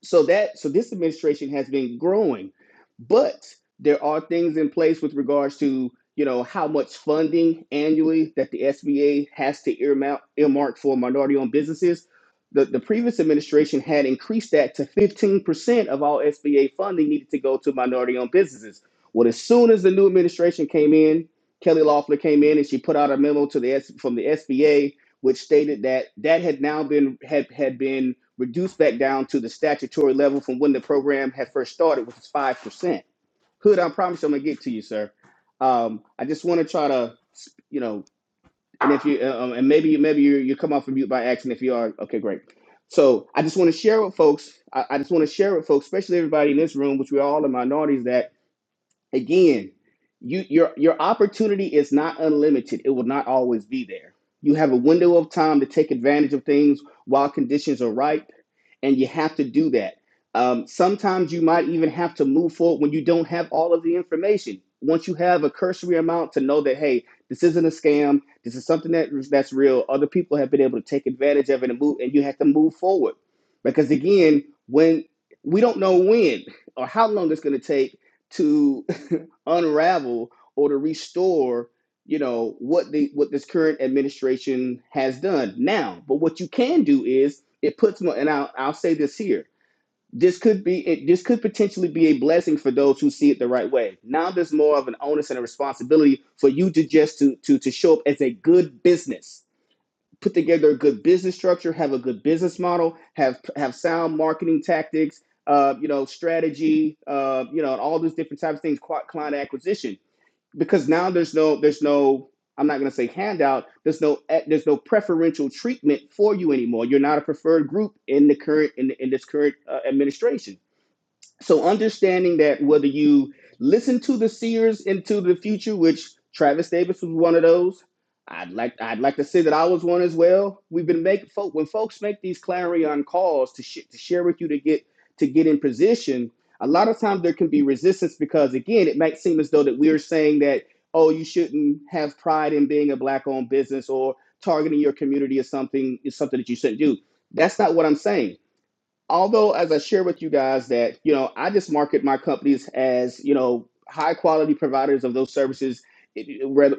so that so this administration has been growing but there are things in place with regards to you know how much funding annually that the sba has to earmark, earmark for minority owned businesses the, the previous administration had increased that to 15% of all sba funding needed to go to minority owned businesses well as soon as the new administration came in kelly loeffler came in and she put out a memo to the S, from the sba which stated that that had now been had had been reduced back down to the statutory level from when the program had first started, which is 5%. Hood, I promise you I'm going to get to you, sir. Um, I just want to try to, you know, and if you, uh, um, and maybe, maybe you, you come off of mute by accident. If you are, okay, great. So I just want to share with folks, I, I just want to share with folks, especially everybody in this room, which we're all in minorities, that again you your your opportunity is not unlimited it will not always be there you have a window of time to take advantage of things while conditions are ripe and you have to do that um, sometimes you might even have to move forward when you don't have all of the information once you have a cursory amount to know that hey this isn't a scam this is something that that's real other people have been able to take advantage of it and move and you have to move forward because again when we don't know when or how long it's going to take to unravel or to restore you know what the what this current administration has done now but what you can do is it puts more and I'll, I'll say this here this could be it, this could potentially be a blessing for those who see it the right way now there's more of an onus and a responsibility for you to just to to to show up as a good business put together a good business structure, have a good business model, have have sound marketing tactics, uh, you know, strategy, uh, you know, and all those different types of things, client acquisition. Because now there's no there's no I'm not going to say handout. There's no eh, there's no preferential treatment for you anymore. You're not a preferred group in the current in, in this current uh, administration. So understanding that whether you listen to the seers into the future, which Travis Davis was one of those, I'd like I'd like to say that I was one as well. We've been making folk when folks make these clarion calls to sh- to share with you to get to get in position. A lot of times there can be resistance because again, it might seem as though that we're saying that oh you shouldn't have pride in being a black owned business or targeting your community or something is something that you shouldn't do. That's not what I'm saying although as I share with you guys that you know I just market my companies as you know high quality providers of those services,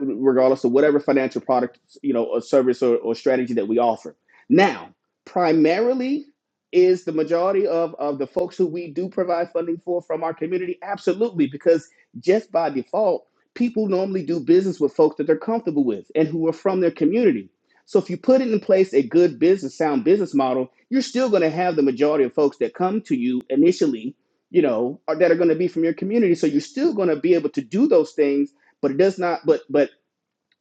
regardless of whatever financial product you know or service or, or strategy that we offer. Now, primarily is the majority of of the folks who we do provide funding for from our community absolutely because just by default people normally do business with folks that they're comfortable with and who are from their community so if you put in place a good business, sound business model, you're still going to have the majority of folks that come to you initially, you know, or that are going to be from your community. So you're still going to be able to do those things, but it does not. But but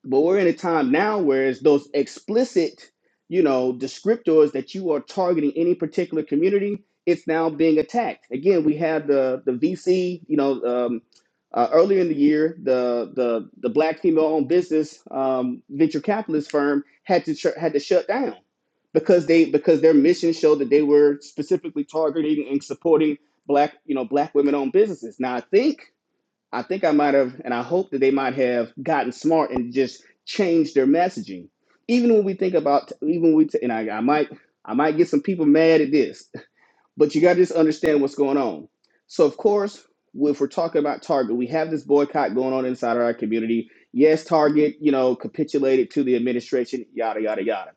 but we're in a time now where it's those explicit, you know, descriptors that you are targeting any particular community, it's now being attacked. Again, we had the the VC, you know, um, uh, earlier in the year, the the the black female-owned business um, venture capitalist firm had to shut had to shut down because they because their mission showed that they were specifically targeting and supporting black you know black women-owned businesses. Now I think I think I might have, and I hope that they might have gotten smart and just changed their messaging. Even when we think about, even when we, and I, I might, I might get some people mad at this, but you got to just understand what's going on. So, of course, if we're talking about Target, we have this boycott going on inside our community. Yes, Target, you know, capitulated to the administration, yada yada yada.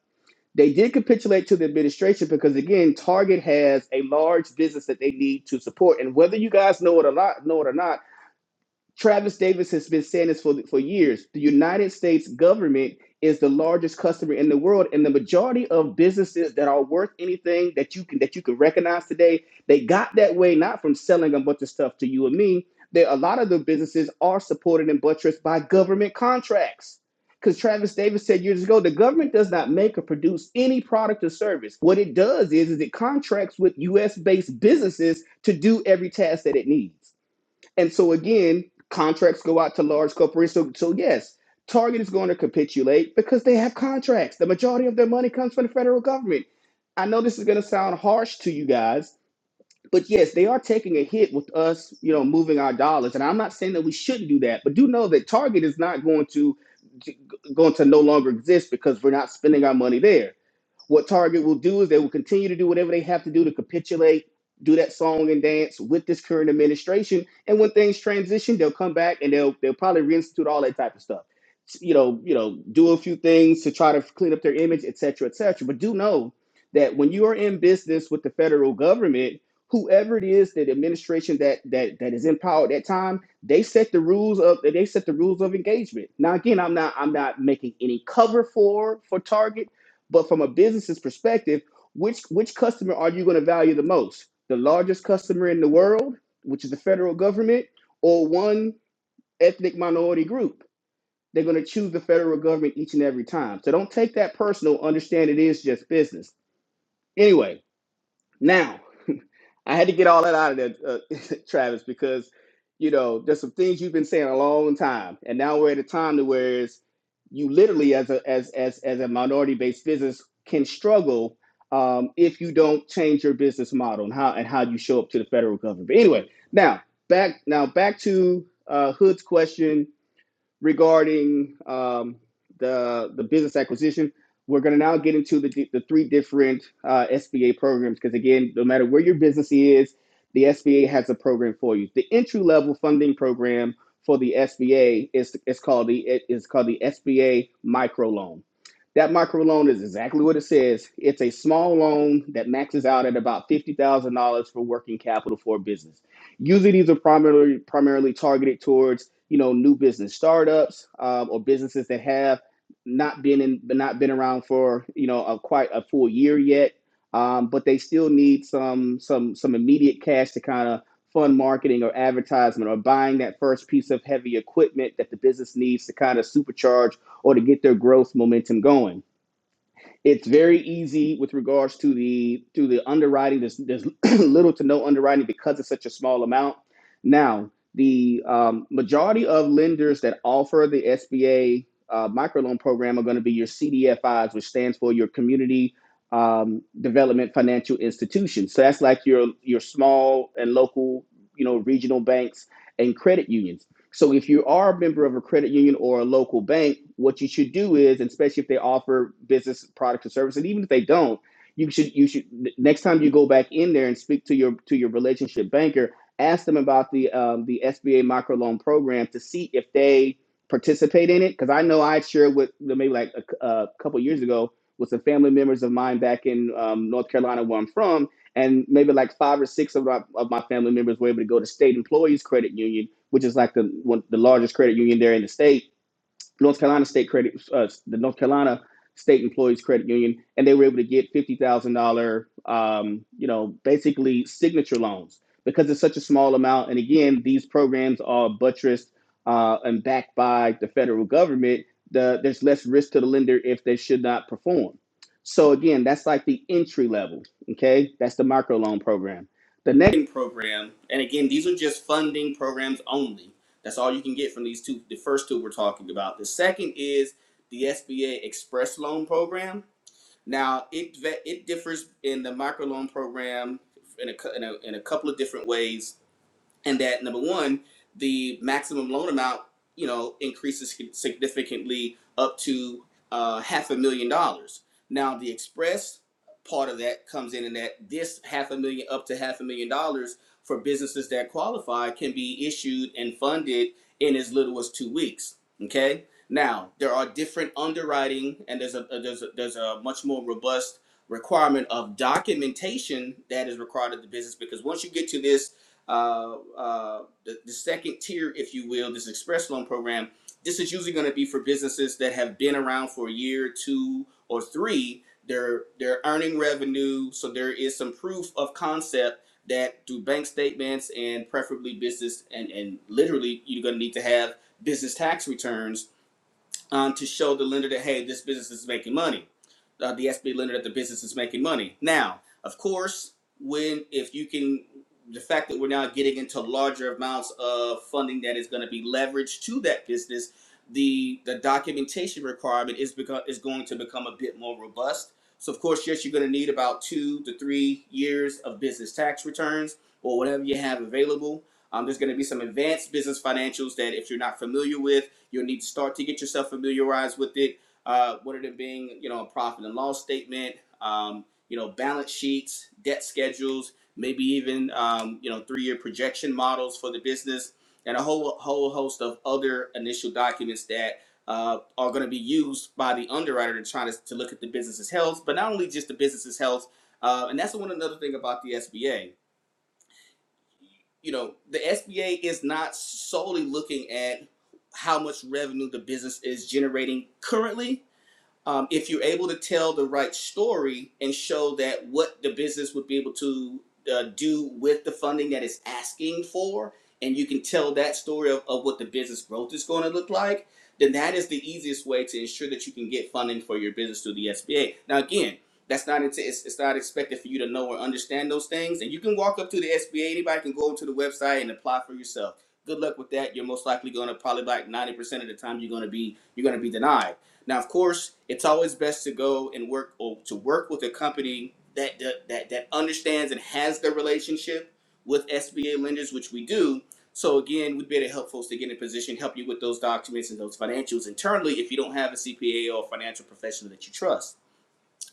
They did capitulate to the administration because, again, Target has a large business that they need to support, and whether you guys know it or not, know it or not Travis Davis has been saying this for, for years. The United States government is the largest customer in the world, and the majority of businesses that are worth anything that you can that you can recognize today, they got that way not from selling a bunch of stuff to you and me. They, a lot of the businesses are supported and buttressed by government contracts. Because Travis Davis said years ago, the government does not make or produce any product or service. What it does is, is it contracts with U.S. based businesses to do every task that it needs. And so again, contracts go out to large corporations. So, so yes, Target is going to capitulate because they have contracts. The majority of their money comes from the federal government. I know this is going to sound harsh to you guys, but yes, they are taking a hit with us, you know, moving our dollars. And I'm not saying that we shouldn't do that, but do know that Target is not going to going to no longer exist because we're not spending our money there what Target will do is they will continue to do whatever they have to do to capitulate, do that song and dance with this current administration. And when things transition, they'll come back and they'll they'll probably reinstitute all that type of stuff. You know, you know, do a few things to try to clean up their image, et cetera, et cetera. But do know that when you are in business with the federal government, whoever it is that administration that that that is in power at that time, they set the rules of they set the rules of engagement. Now again, I'm not I'm not making any cover for for Target but from a business's perspective, which which customer are you going to value the most? The largest customer in the world, which is the federal government, or one ethnic minority group? They're going to choose the federal government each and every time. So don't take that personal. Understand it is just business. Anyway, now, I had to get all that out of there, uh, Travis, because you know there's some things you've been saying a long time, and now we're at a time to where it's, you literally, as a as as as a minority-based business, can struggle um, if you don't change your business model and how and how you show up to the federal government. But anyway, now back now back to uh, Hood's question regarding um, the the business acquisition. We're going to now get into the the three different uh, SBA programs because again, no matter where your business is, the SBA has a program for you. The entry level funding program for the SBA is it's called the it is called the SBA micro loan. That micro loan is exactly what it says. It's a small loan that maxes out at about fifty thousand dollars for working capital for a business. Usually, these are primarily primarily targeted towards you know new business startups um, or businesses that have not been in but not been around for you know a, quite a full year yet um, but they still need some some some immediate cash to kind of fund marketing or advertisement or buying that first piece of heavy equipment that the business needs to kind of supercharge or to get their growth momentum going it's very easy with regards to the to the underwriting. There's, there's little to no underwriting because it's such a small amount. Now, the um, majority of lenders that offer the SBA uh, microloan program are going to be your CDFIs, which stands for your community um, development financial institutions. So that's like your your small and local, you know, regional banks and credit unions. So if you are a member of a credit union or a local bank, what you should do is, and especially if they offer business products or services, and even if they don't, you should you should next time you go back in there and speak to your to your relationship banker, ask them about the um, the SBA microloan program to see if they participate in it. Because I know I shared with maybe like a a couple years ago with some family members of mine back in um, North Carolina where I'm from, and maybe like five or six of my, of my family members were able to go to state employees credit union which is like the one the largest credit union there in the state, North Carolina State Credit, uh, the North Carolina State Employees Credit Union, and they were able to get fifty thousand dollar, um, you know, basically signature loans because it's such a small amount. And again, these programs are buttressed uh, and backed by the federal government. The, there's less risk to the lender if they should not perform. So again, that's like the entry level. Okay, that's the microloan program. The next program, and again, these are just funding programs only that's all you can get from these two. The first two we're talking about. The second is the SBA Express Loan Program. Now it it differs in the microloan program in a, in a in a couple of different ways and that number one, the maximum loan amount, you know, increases significantly up to uh, half a million dollars. Now, the express part of that comes in, and that this half a million up to half a million dollars for businesses that qualify can be issued and funded in as little as two weeks. Okay. Now, there are different underwriting, and there's a a there's a, there's a much more robust requirement of documentation that is required of the business because once you get to this uh, uh, the, the second tier, if you will, this express loan program. This is usually going to be for businesses that have been around for a year, two, or three. They're they're earning revenue, so there is some proof of concept that through bank statements and preferably business and and literally you're going to need to have business tax returns um, to show the lender that hey, this business is making money. Uh, the SB lender that the business is making money. Now, of course, when if you can, the fact that we're now getting into larger amounts of funding that is going to be leveraged to that business, the the documentation requirement is become is going to become a bit more robust. So, of course, yes, you're going to need about two to three years of business tax returns or whatever you have available. Um, there's going to be some advanced business financials that if you're not familiar with You'll need to start to get yourself familiarized with it. Uh, one of them being, you know, a profit and loss statement, um, you know, balance sheets, debt schedules, maybe even, um, you know, three-year projection models for the business, and a whole whole host of other initial documents that uh, are going to be used by the underwriter to try to, to look at the business's health, but not only just the business's health. Uh, and that's one another thing about the SBA you know, the SBA is not solely looking at how much revenue the business is generating currently um, if you're able to tell the right story and show that what the business would be able to uh, do with the funding that it's asking for, and you can tell that story of, of what the business growth is going to look like, then that is the easiest way to ensure that you can get funding for your business through the SBA. Now, again, that's not into, it's, it's not expected for you to know or understand those things, and you can walk up to the SBA. Anybody can go to the website and apply for yourself. Good luck with that. You're most likely going to probably like 90% of the time you're going to be you're going to be denied now, of course, it's always best to go and work or to work with a company that that that, that understands and has the relationship with SBA lenders, which we do. So again, we'd be able to help folks to get in position, help you with those documents and those financials internally if you don't have a CPA or financial professional that you trust.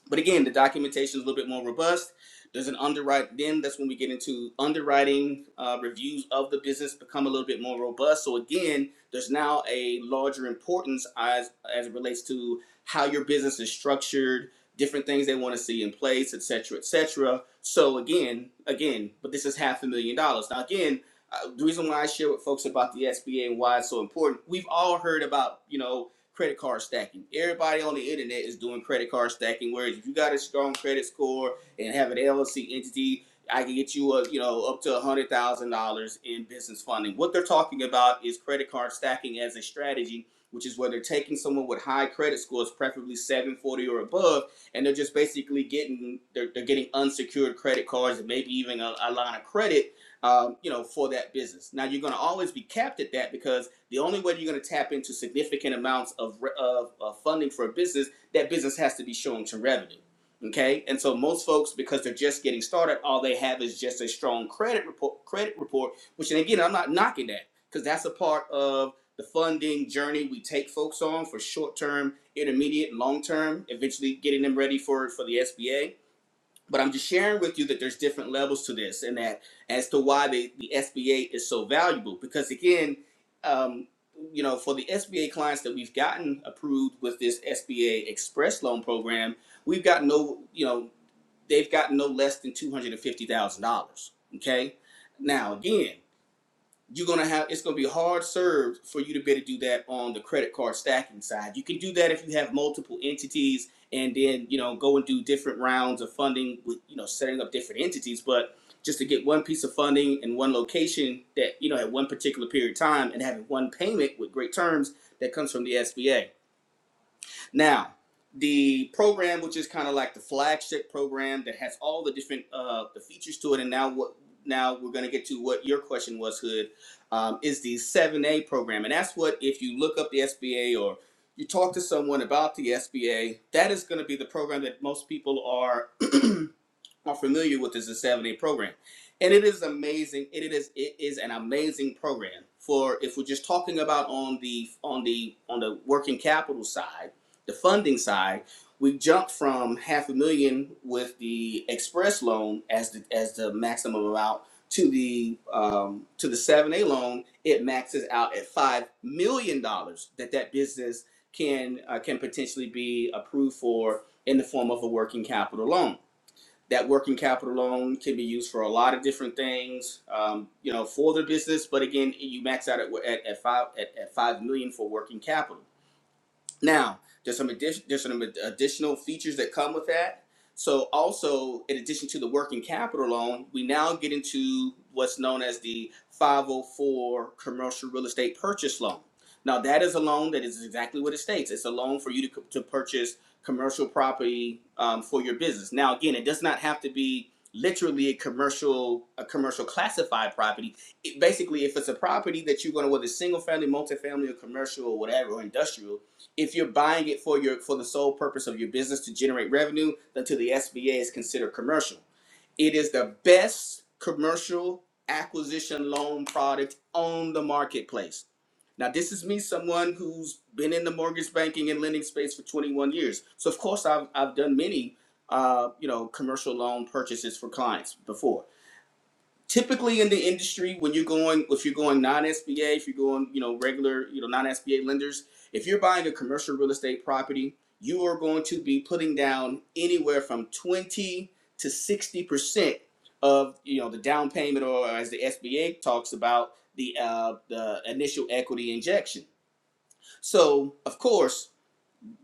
But again, the documentation is a little bit more robust. There's an underwrite. Then that's when we get into underwriting uh, reviews of the business become a little bit more robust. So again, there's now a larger importance as as it relates to how your business is structured, different things they want to see in place, et cetera, et cetera. So again, again, but this is half a million dollars. Now again, uh, the reason why I share with folks about the SBA and why it's so important, we've all heard about you know credit card stacking. Everybody on the internet is doing credit card stacking. Whereas if you got a strong credit score and have an LLC entity, I can get you a you know up to one hundred thousand dollars in business funding. What they're talking about is credit card stacking as a strategy, which is where they're taking someone with high credit scores, preferably 740 or above, and they're just basically getting they're, they're getting unsecured credit cards and maybe even a, a line of credit um, you know, for that business. Now you're going to always be capped at that because the only way you're going to tap into significant amounts of, of, of funding for a business, that business has to be showing some revenue. Okay, and so most folks, because they're just getting started, all they have is just a strong credit report. Credit report, which, and again, I'm not knocking that because that's a part of the funding journey we take folks on for short term, intermediate, and long term. Eventually, getting them ready for for the SBA but I'm just sharing with you that there's different levels to this, and that as to why the, the SBA is so valuable. Because again, um, you know, for the SBA clients that we've gotten approved with this SBA Express Loan Program, we've got no, you know, they've got no less than two hundred and fifty thousand dollars. Okay. Now again you're gonna have it's gonna be hard served for you to be able to do that on the credit card stacking side. You can do that if you have multiple entities and then you know go and do different rounds of funding with you know setting up different entities, but just to get one piece of funding in one location that you know at one particular period of time and having one payment with great terms that comes from the SBA. Now, the program, which is kind of like the flagship program that has all the different uh, the features to it, and now what? Now we're going to get to what your question was, Hood, um, is the 7A program, and that's what if you look up the SBA or you talk to someone about the SBA, that is going to be the program that most people are are familiar with is the 7A program. And it is amazing. It is it is an amazing program for if we're just talking about on the on the on the working capital side the funding side, we jumped from half a million with the express loan as the as the maximum amount to the um, to the seven A loan. It maxes out at five million dollars that that business can uh, can potentially be approved for in the form of a working capital loan. That working capital loan can be used for a lot of different things, um, you know, for the business. But again, you max out at, at, at five at, at five million for working capital now, there's some addition, there's some additional features that come with that. So also, in addition to the working capital loan, we now get into what's known as the 504 commercial real estate purchase loan. Now, that is a loan that is exactly what it states. It's a loan for you to, co- to purchase commercial property um, for your business. Now, again, it does not have to be literally a commercial a commercial classified property. It, basically, if it's a property that you're going to whether it's single family, multifamily, or commercial, or whatever, or industrial, if you're buying it for your for the sole purpose of your business to generate revenue, then to the SBA is considered commercial. It is the best commercial acquisition loan product on the marketplace. Now, this is me, someone who's been in the mortgage banking and lending space for 21 years. So, of course, I've, I've done many, uh, you know, commercial loan purchases for clients before typically in the industry when you're going if you're going non-SBA, if you're going, you know, regular, you know, non-SBA lenders, if you're buying a commercial real estate property, you are going to be putting down anywhere from 20 to 60% of, you know, the down payment or as the SBA talks about the uh the initial equity injection. So, of course,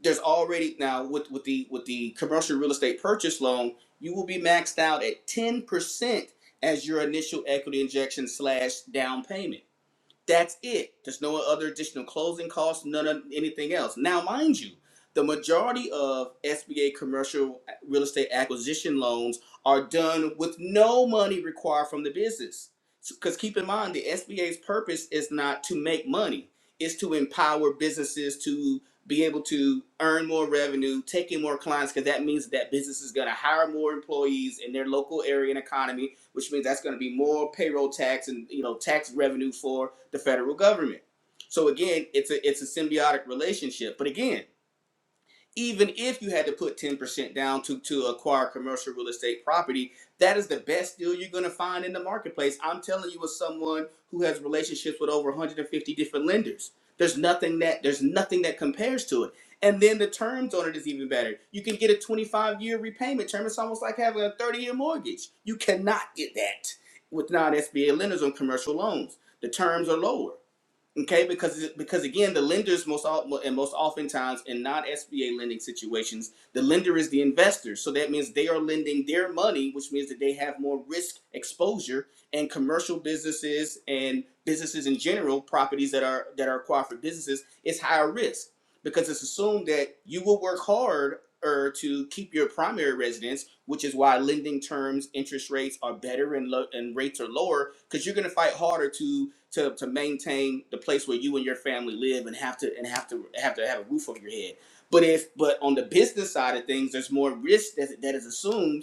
there's already now with with the with the commercial real estate purchase loan, you will be maxed out at ten percent as your initial equity injection slash down payment. That's it. There's no other additional closing costs, none of anything else. Now, mind you, the majority of SBA commercial real estate acquisition loans are done with no money required from the business. Because keep in mind, the SBA's purpose is not to make money, it's to empower businesses to be able to earn more revenue, take in more clients, because that means that business is going to hire more employees in their local area and economy which means that's going to be more payroll tax and you know tax revenue for the federal government. So again, it's a it's a symbiotic relationship. But again, even if you had to put 10% down to, to acquire commercial real estate property, that is the best deal you're going to find in the marketplace. I'm telling you, as someone who has relationships with over 150 different lenders, there's nothing that there's nothing that compares to it. And then the terms on it is even better. You can get a 25 year repayment term. It's almost like having a 30 year mortgage. You cannot get that with non SBA lenders on commercial loans. The terms are lower Okay, because because again, the lenders most al- and most oftentimes in non-SBA lending situations, the lender is the investor. So that means they are lending their money, which means that they have more risk exposure. And commercial businesses and businesses in general, properties that are that are cooperative businesses, is higher risk because it's assumed that you will work hard or to keep your primary residence, which is why lending terms, interest rates are better and, lo- and rates are lower because you're going to fight harder to to, to maintain the place where you and your family live and have to and have to have to have a roof over your head. But if but on the business side of things, there's more risk that, that is assumed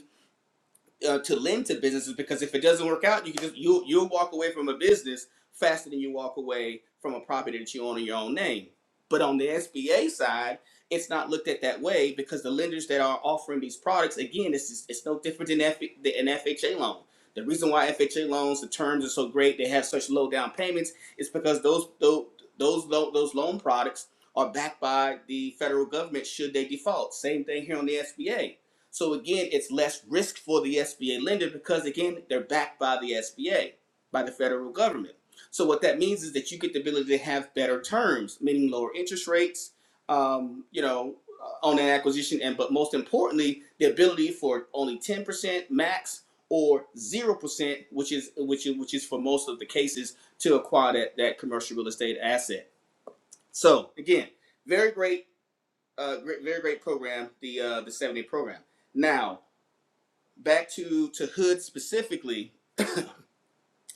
uh, to lend to businesses because if it doesn't work out, you can just you you'll you'll walk away from a business faster than you walk away from a property that you own in your own name. But on the SBA side, it's not looked at that way because the lenders that are offering these products, again, it's just, it's no different than F, than an FHA loan. The reason why FHA loans the terms are so great, they have such low down payments, is because those those those lo- those loan products are backed by the federal government should they default. Same thing here on the SBA so again, it's less risk for the SBA lender because again, they're backed by the SBA, by the federal government. So what that means is that you get the ability to have better terms, meaning lower interest rates, um, you know, uh, on an acquisition, and but most importantly, the ability for only 10% max or 0%, which is which is which is for most of the cases to acquire that that commercial real estate asset. So again, very great, uh, great, very great program, the uh, the seven day program. Now, back to to hood specifically.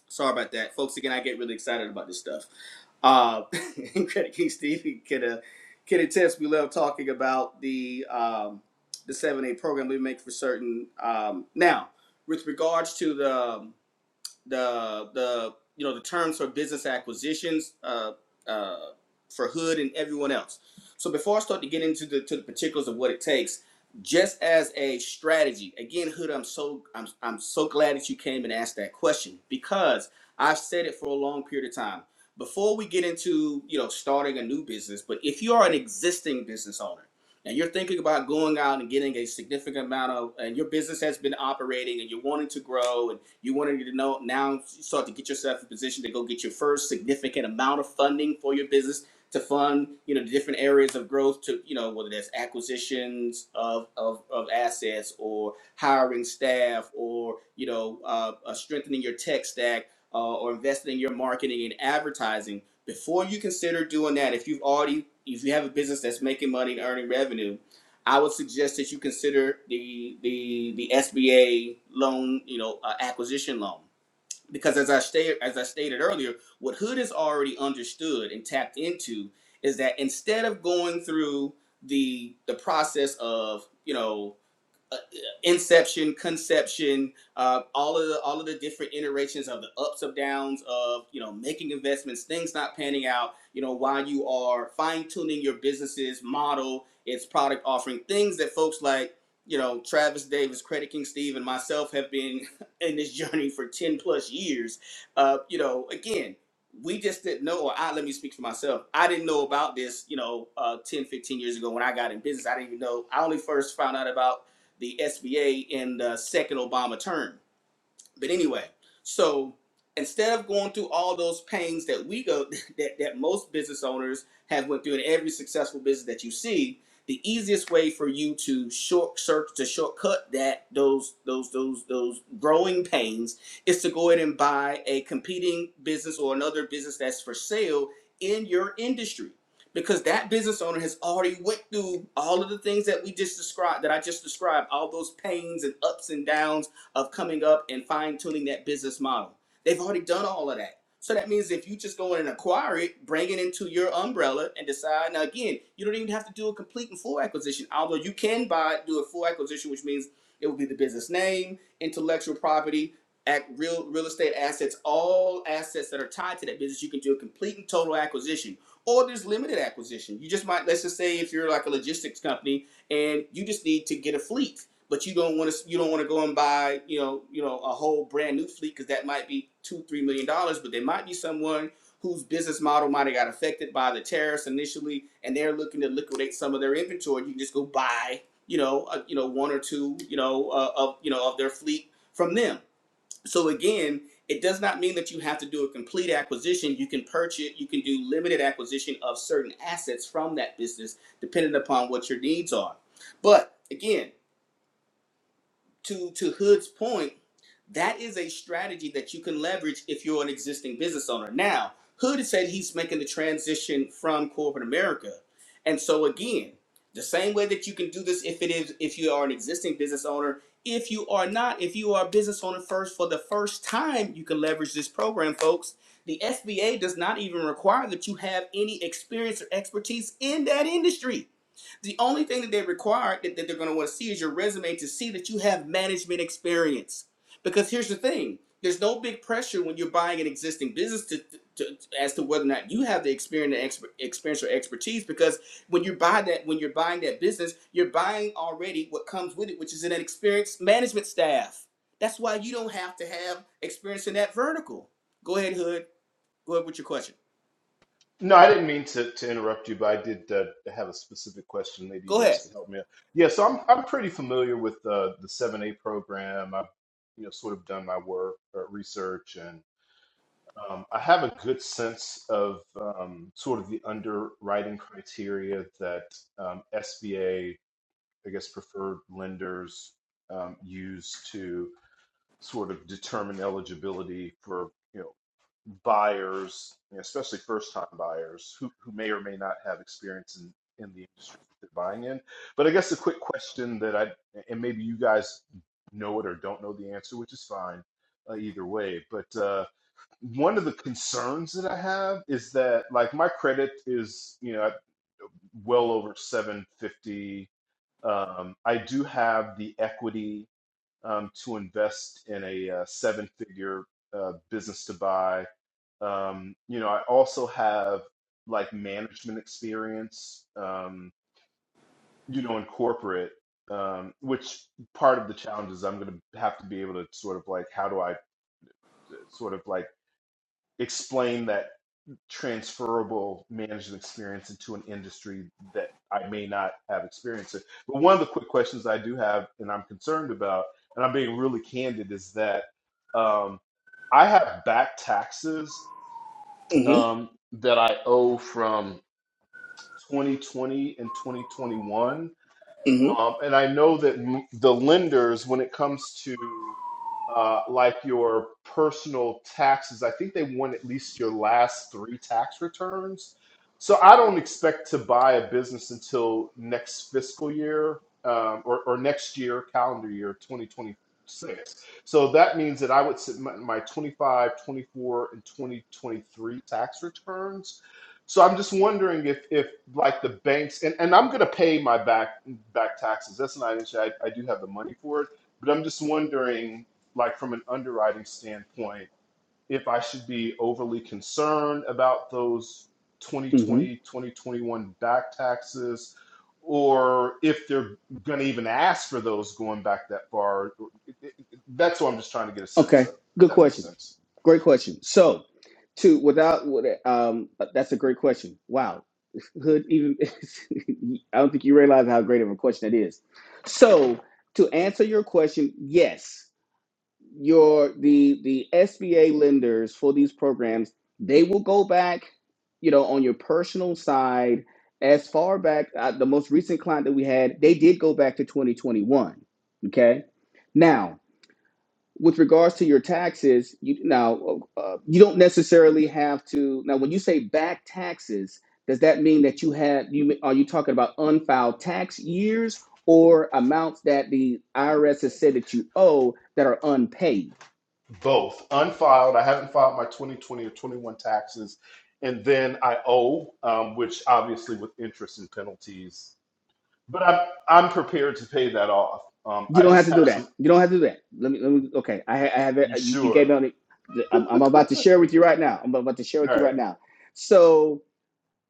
Sorry about that, folks. Again, I get really excited about this stuff. Uh, Credit King Steve could uh, could attest. We love talking about the um, the seven A program we make for certain. Um, now, with regards to the um, the the you know the terms for business acquisitions uh, uh, for Hood and everyone else. So before I start to get into the to the particulars of what it takes, just as a strategy, again, Hood, I'm so I'm I'm so glad that you came and asked that question because I've said it for a long period of time. Before we get into you know starting a new business, but if you are an existing business owner and you're thinking about going out and getting a significant amount of, and your business has been operating and you're wanting to grow and you wanted to know now start to get yourself in position to go get your first significant amount of funding for your business to fund, you know, the different areas of growth to, you know, whether that's acquisitions of, of, of assets or hiring staff or, you know, uh, uh, strengthening your tech stack uh, or investing in your marketing and advertising before you consider doing that, if you've already if you have a business that's making money and earning revenue, I would suggest that you consider the the the SBA loan, you know, uh, acquisition loan. Because as I stated as I stated earlier, what Hood has already understood and tapped into is that instead of going through the the process of you know uh, inception, conception, uh, all of the all of the different iterations of the ups and downs of you know making investments, things not panning out. You know while you are fine tuning your business's model, its product offering, things that folks like you know Travis Davis, Credit King Steve, and myself have been in this journey for ten plus years. Uh, you know again. We just didn't know, or I let me speak for myself. I didn't know about this, you know, uh, 10, fifteen years ago when I got in business. I didn't even know. I only first found out about the SBA in the second Obama term. But anyway, so instead of going through all those pains that we go that, that most business owners have went through in every successful business that you see, the easiest way for you to short search to shortcut that those those those those growing pains is to go ahead and buy a competing business or another business that's for sale in your industry. Because that business owner has already went through all of the things that we just described, that I just described, all those pains and ups and downs of coming up and fine tuning that business model. They've already done all of that. So that means if you just go in and acquire it, bring it into your umbrella and decide. Now, again, you don't even have to do a complete and full acquisition, although you can buy, do a full acquisition, which means it will be the business name, intellectual property, act, real real estate assets, all assets that are tied to that business. You can do a complete and total acquisition, or there's limited acquisition. You just might, let's just say, if you're like a logistics company and you just need to get a fleet but you don't want to you don't want to go and buy you know you know a whole brand new fleet because that might be two three million dollars but there might be someone whose business model might have got affected by the tariffs initially and they're looking to liquidate some of their inventory you can just go buy you know a, you know one or two you know uh, of you know of their fleet from them so again it does not mean that you have to do a complete acquisition you can purchase you can do limited acquisition of certain assets from that business depending upon what your needs are but again to to Hood's point, that is a strategy that you can leverage if you're an existing business owner. Now, Hood said he's making the transition from corporate America. And so again, the same way that you can do this if it is if you are an existing business owner, if you are not, if you are a business owner first for the first time, you can leverage this program, folks. The SBA does not even require that you have any experience or expertise in that industry. The only thing that they require that, that they're going to want to see is your resume to see that you have management experience. Because here's the thing there's no big pressure when you're buying an existing business to, to, as to whether or not you have the experience, and experience or expertise. Because when you buy that, when you're buying that business, you're buying already what comes with it, which is an experienced management staff. That's why you don't have to have experience in that vertical. Go ahead, Hood. Go ahead with your question. No, I didn't mean to, to interrupt you, but I did uh, have a specific question. Maybe you Go guys ahead. could help me out. Yeah, so I'm I'm pretty familiar with uh, the 7A program. I've you know sort of done my work uh, research, and um, I have a good sense of um, sort of the underwriting criteria that um, SBA, I guess, preferred lenders um, use to sort of determine eligibility for you know buyers, you know, especially first-time buyers who, who may or may not have experience in, in the industry that they're buying in. But I guess the quick question that I and maybe you guys know it or don't know the answer, which is fine uh, either way. But uh, one of the concerns that I have is that like my credit is you know well over 750. Um, I do have the equity um, to invest in a uh, seven-figure uh, business to buy. Um, you know, I also have like management experience, um, you know, in corporate, um, which part of the challenge is I'm going to have to be able to sort of like, how do I uh, sort of like explain that transferable management experience into an industry that I may not have experience in. But one of the quick questions I do have, and I'm concerned about, and I'm being really candid, is that um, I have back taxes Mm-hmm. um, that I owe from 2020 and 2021 Mm-hmm. um, and I know that m- the lenders, when it comes to uh, like your personal taxes, I think they want at least your last three tax returns. So I don't expect to buy a business until next fiscal year um, or, or next year, calendar year 2026. So that means that I would submit my 25, 24, and 2023 tax returns so I'm just wondering if, if like the banks, and, and I'm going to pay my back back taxes. That's not an issue. I, I do have the money for it, but I'm just wondering, like from an underwriting standpoint, if I should be overly concerned about those Mm-hmm. 2020, 2021 back taxes, or if they're going to even ask for those going back that far. That's what I'm just trying to get a sense Okay, of, if good that makes question. sense. Great question. So, to without with- um, that's a great question. Wow, Hood. Even I don't think you realize how great of a question that is. So, to answer your question, yes, your the the SBA lenders for these programs they will go back, you know, on your personal side as far back. Uh, the most recent client that we had, they did go back to 2021. Okay, now with regards to your taxes, you now uh, you don't necessarily have to. Now, when you say back taxes, does that mean that you have you are you talking about unfiled tax years or amounts that the IRS has said that you owe that are unpaid? both unfiled i haven't filed my 2020 or 21 taxes and then i owe um, which obviously with interest and penalties but i'm i'm prepared to pay that off um, You i don't have just to do have that. some You don't have to do that. Let me. Let me okay, I, ha- I have it. you You, you sure gave me. on it. I'm, I'm all about to share with you right now. I'm about to share with you right right now. So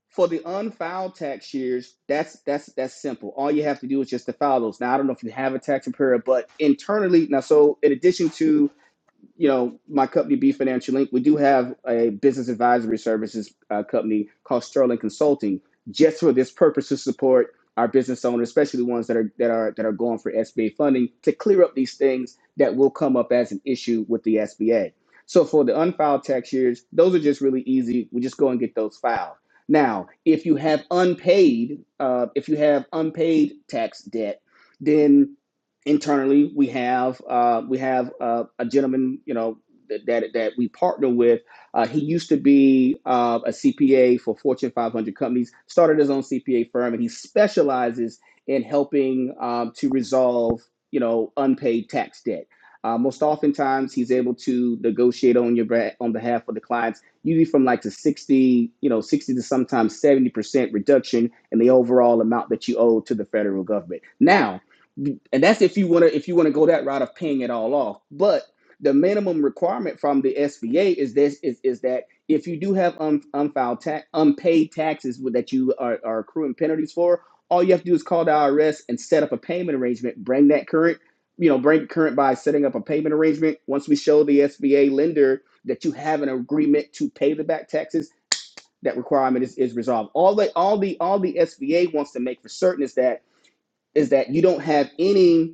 For the unfiled tax years, that's that's that's simple. All you have to do is just to file those. Now I don't know if you have a tax preparer, but internally now. So in addition to you know, my company, B Financial Inc., we do have a business advisory services uh, company called Sterling Consulting, just for this purpose to support our business owners, especially ones that are that are that are going for SBA funding, to clear up these things that will come up as an issue with the SBA. So for the unfiled tax years, those are just really easy. We just go and get those filed. Now, if you have unpaid, uh, if you have unpaid tax debt, then internally we have uh, we have uh, a gentleman you know that that, we partner with uh, he used to be uh, a cpa for fortune 500 companies started his own cpa firm and he specializes in helping um, to resolve you know unpaid tax debt uh, most oftentimes he's able to negotiate on your on behalf of the clients usually from like to 60 you know 60 to sometimes 70 percent reduction in the overall amount that you owe to the federal government now and that's if you want to if you want to go that route of paying it all off but the minimum requirement from the SBA is this is, is that if you do have un, unfiled tax unpaid taxes that you are, are accruing penalties for all you have to do is call the IRS and set up a payment arrangement bring that current you know bring current by setting up a payment arrangement once we show the SBA lender that you have an agreement to pay the back taxes that requirement is, is resolved all the all the all the SBA wants to make for certain is that is that you don't have any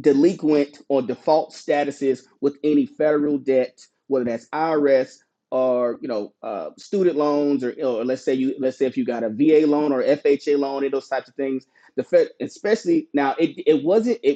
delinquent or default statuses with any federal debt, whether that's IRS or you know uh, student loans, or, or let's say you let's say if you got a VA loan or FHA loan and those types of things. The Fed, especially now, it it wasn't it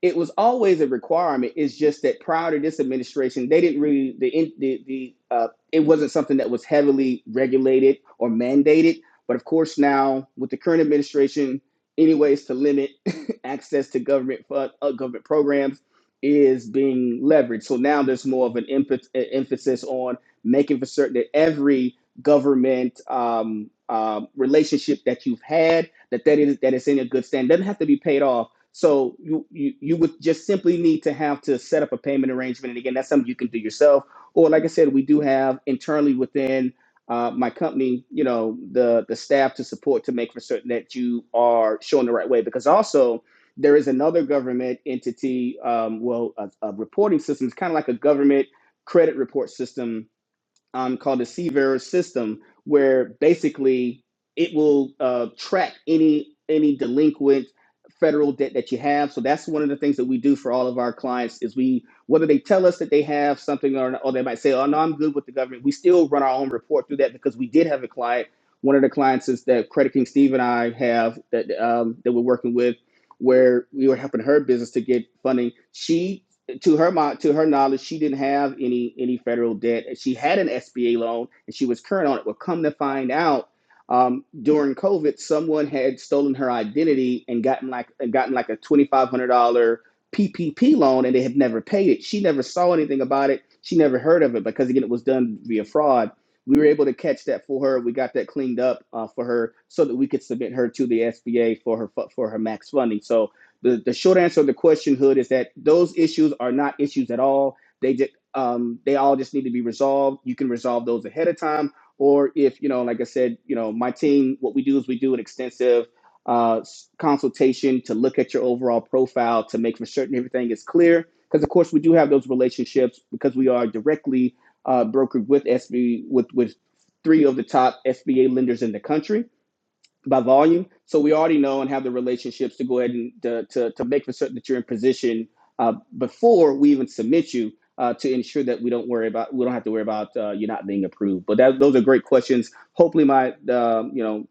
it was always a requirement. It's just that prior to this administration, they didn't really the the, the uh, it wasn't something that was heavily regulated or mandated. But of course, now with the current administration, any ways to limit access to government fund, uh, government programs is being leveraged. So now there's more of an emph- uh, emphasis on making for certain that every government um, um, relationship that you've had that that is that is in a good stand. It Doesn't have to be paid off. So you, you you would just simply need to have to set up a payment arrangement, and again, that's something you can do yourself. Or like I said, we do have internally within uh, my company, you know, the the staff to support to make for certain that you are showing the right way. Because also there is another government entity, um, well, a, a reporting system. It's kind of like a government credit report system um, called the Seaver system, where basically it will uh, track any any delinquent federal debt that you have. So that's one of the things that we do for all of our clients is we whether they tell us that they have something or, or they might say, oh no, I'm good with the government. We still run our own report through that because we did have a client. One of the clients is that Credit King Steve and I have that um, that we're working with, where we were helping her business to get funding. She to her mo- to her knowledge, she didn't have any any federal debt. She had an SBA loan and she was current on it. Well, come to find out, um, during COVID, someone had stolen her identity and gotten like and gotten like a twenty five hundred dollar PPP loan, and they had never paid it. She never saw anything about it. She never heard of it because again, it was done via fraud. We were able to catch that for her. We got that cleaned up uh, for her so that we could submit her to the SBA for her for her max funding. So the, the short answer of the question, Hood, is that those issues are not issues at all. They just, um, they all just need to be resolved. You can resolve those ahead of time, or if you know, like I said, you know, my team, what we do is we do an extensive uh, s- consultation to look at your overall profile to make for certain everything is clear. Because of course, we do have those relationships because we are directly uh, brokered with SB with with three of the top SBA lenders in the country by volume. So we already know and have the relationships to go ahead and to, to, to make for certain that you're in position uh, before we even submit you uh, to ensure that we don't worry about we don't have to worry about uh, you not being approved. But that, those are great questions. Hopefully, my um, you know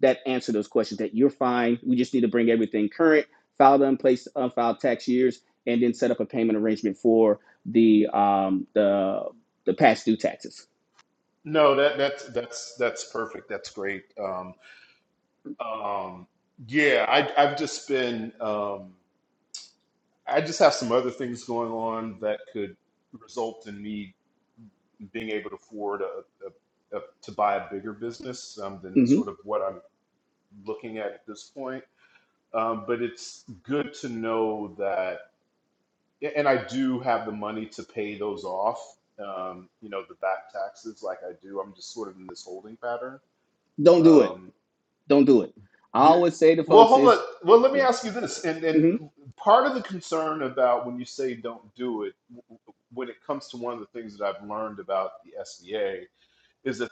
that answer those questions. That you're fine. We just need to bring everything current, file the unplaced unfiled tax years, and then set up a payment arrangement for the um, the the past due taxes. no that that's that's that's perfect that's great um, um, yeah I, i've just been um, i just have some other things going on that could result in me being able to afford a, a, a, to buy a bigger business um, than hmm sort of what I'm looking at at this point. Um, but it's good to know that, and I do have the money to pay those off. Um, you know, the back taxes, like I do. I'm just sort of in this holding pattern. Don't do it. Um, Don't do it. I you, always say to well, folks hold on. is Well, let me yeah. ask you this, and mhm. and part of the concern about when you say don't do it, w- w- when it comes to one of the things that I've learned about the SBA is that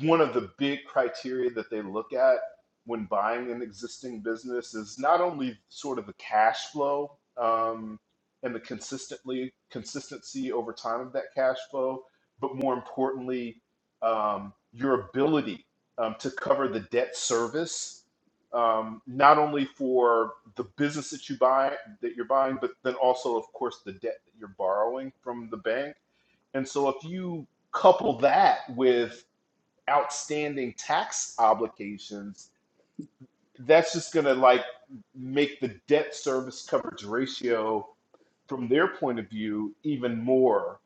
one of the big criteria that they look at when buying an existing business is not only sort of the cash flow um, and the consistently consistency over time of that cash flow, but more importantly, um, your ability um, to cover the debt service, um, not only for the business that you buy that you're buying, but then also, of course, the debt that you're borrowing from the bank and so if you couple that with outstanding tax obligations, that's just going to like make the debt service coverage ratio from their point of view even more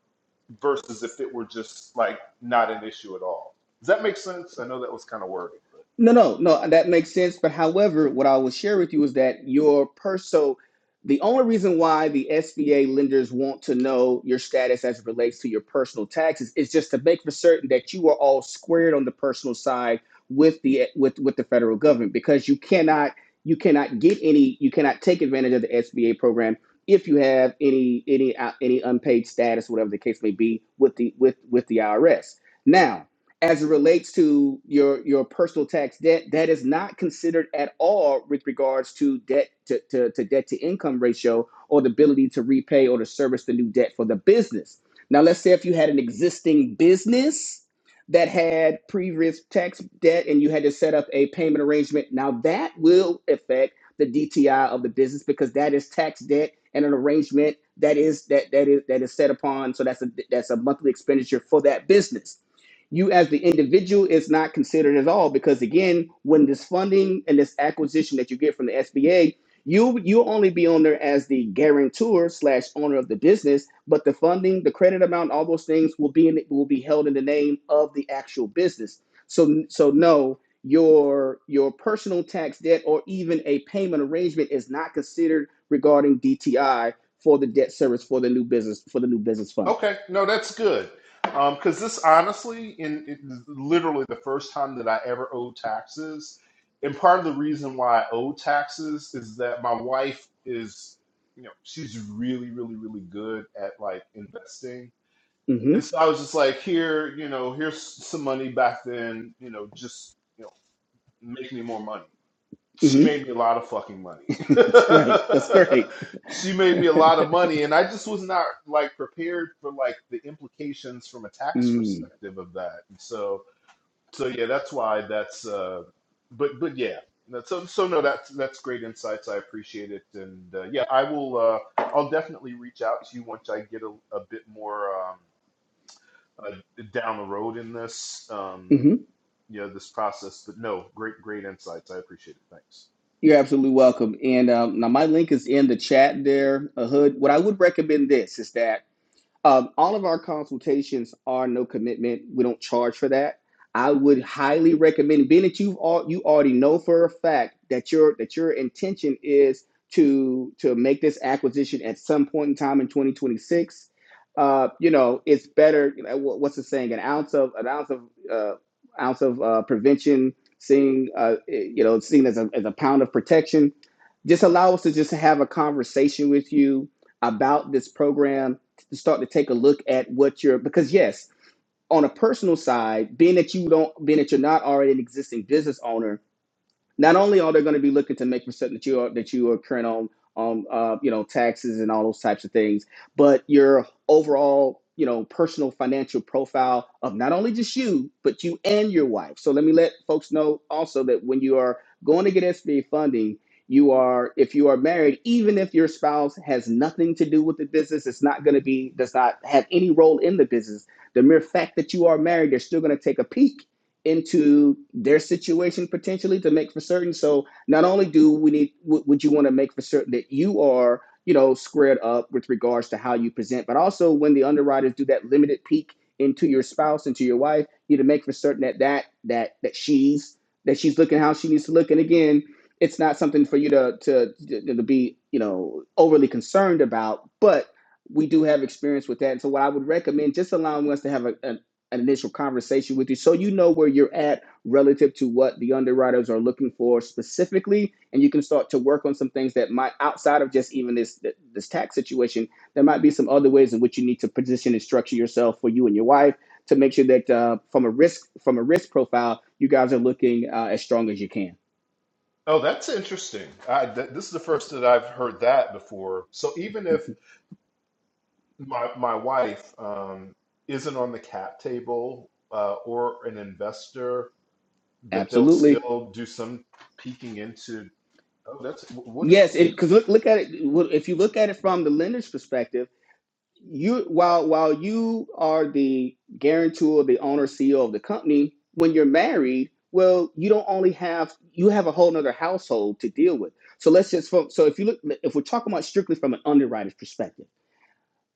versus if it were just like not an issue at all. Does that make sense? I know that was kind of wordy, but. No, no, no, that makes sense. But however, what I will share with you is that your pers so the only reason why the SBA lenders want to know your status as it relates to your personal taxes is just to make for certain that you are all squared on the personal side with the with with the federal government because you cannot you cannot get any you cannot take advantage of the SBA program if you have any any uh, any unpaid status whatever the case may be with the with with the IRS. Now, as it relates to your your personal tax debt that is not considered at all with regards to debt to, to, to debt to income ratio or the ability to repay or to service the new debt for the business now let's say if you had an existing business that had previous tax debt and you had to set up a payment arrangement now that will affect the dti of the business because that is tax debt and an arrangement that is that that is that is set upon so that's a that's a monthly expenditure for that business you as the individual is not considered at all because again when this funding and this acquisition that you get from the sba you you'll only be on there as the guarantor slash owner of the business but the funding the credit amount all those things will be in will be held in the name of the actual business so so no your your personal tax debt or even a payment arrangement is not considered regarding dti for the debt service for the new business for the new business funding Okay, no, that's good. Um, because this honestly, in it, literally the first time that I ever owed taxes, and part of the reason why I owe taxes is that my wife is, you know, she's really, really, really good at like investing, hmm and so I was just like, here, you know, here's some money back then, you know, just you know, make me more money Mm she hmm made me a lot of fucking money. That's great. That's great. she made me a lot of money, and I just was not like prepared for like the implications from a tax Mm. perspective of that. And so, so yeah, that's why that's. Uh, but but yeah, That's- so so no, that's that's great insights. I appreciate it, and uh, yeah, I will. Uh, I'll definitely reach out to you once I get a, a bit more um, uh, down the road in this. Um, hmm yeah, this process, but no, great, great insights. I appreciate it. Thanks. You're absolutely welcome. And um, now my link is in the chat there, uh, Hood. What I would recommend this is that Um, all of our consultations are no commitment. We don't charge for that. I would highly recommend, being that you've all you already know for a fact that your that your intention is to to make this acquisition at some point in time in 2026. Uh, you know, it's better. You know, what's the saying? An ounce of an ounce of uh, ounce of uh, prevention, seeing uh, you know, seen as a as a pound of protection just allow us to just have a conversation with you about this program to start to take a look at what you're because yes on a personal side being that you don't being that you're not already an existing business owner not only are they going to be looking to make for certain that you are that you are current on on uh, you know taxes and all those types of things, but your overall you know personal financial profile of not only just you but you and your wife. So let me let folks know also that when you are going to get SBA funding. You are, if you are married, even if your spouse has nothing to do with the business, it's not going to be, does not have any role in the business. The mere fact that you are married, they're still going to take a peek into their situation potentially to make for certain. So not only do we need, would you want to make for certain that you are, you know, squared up with regards to how you present, but also when the underwriters do that limited peek into your spouse, into your wife, you need to make for certain that that that that she's that she's looking how she needs to look. And again, it's not something for you to to to to be, you know, overly concerned about, but we do have experience with that. And so what I would recommend, just allowing us to have a, a, initial conversation with you so you know where you're at relative to what the underwriters are looking for specifically and you can start to work on some things that might outside of just even this this tax situation there might be some other ways in which you need to position and structure yourself for you and your wife to make sure that uh, from a risk from a risk profile you guys are looking uh, as strong as you can Oh, that's interesting. I, th this is the first that I've heard that before. So even if Mm-hmm. my my wife um, isn't on the cap table uh, or an investor, that they'll absolutely still do some peeking into. Oh, that's what. did- yes what is- because look, look at it well, if you look at it from the lender's perspective you while while you are the guarantor, the owner, CEO of the company, when you're married, well, you don't only have you have a whole nother household to deal with. So let's just fo- so if you look if we're talking about strictly from an underwriter's perspective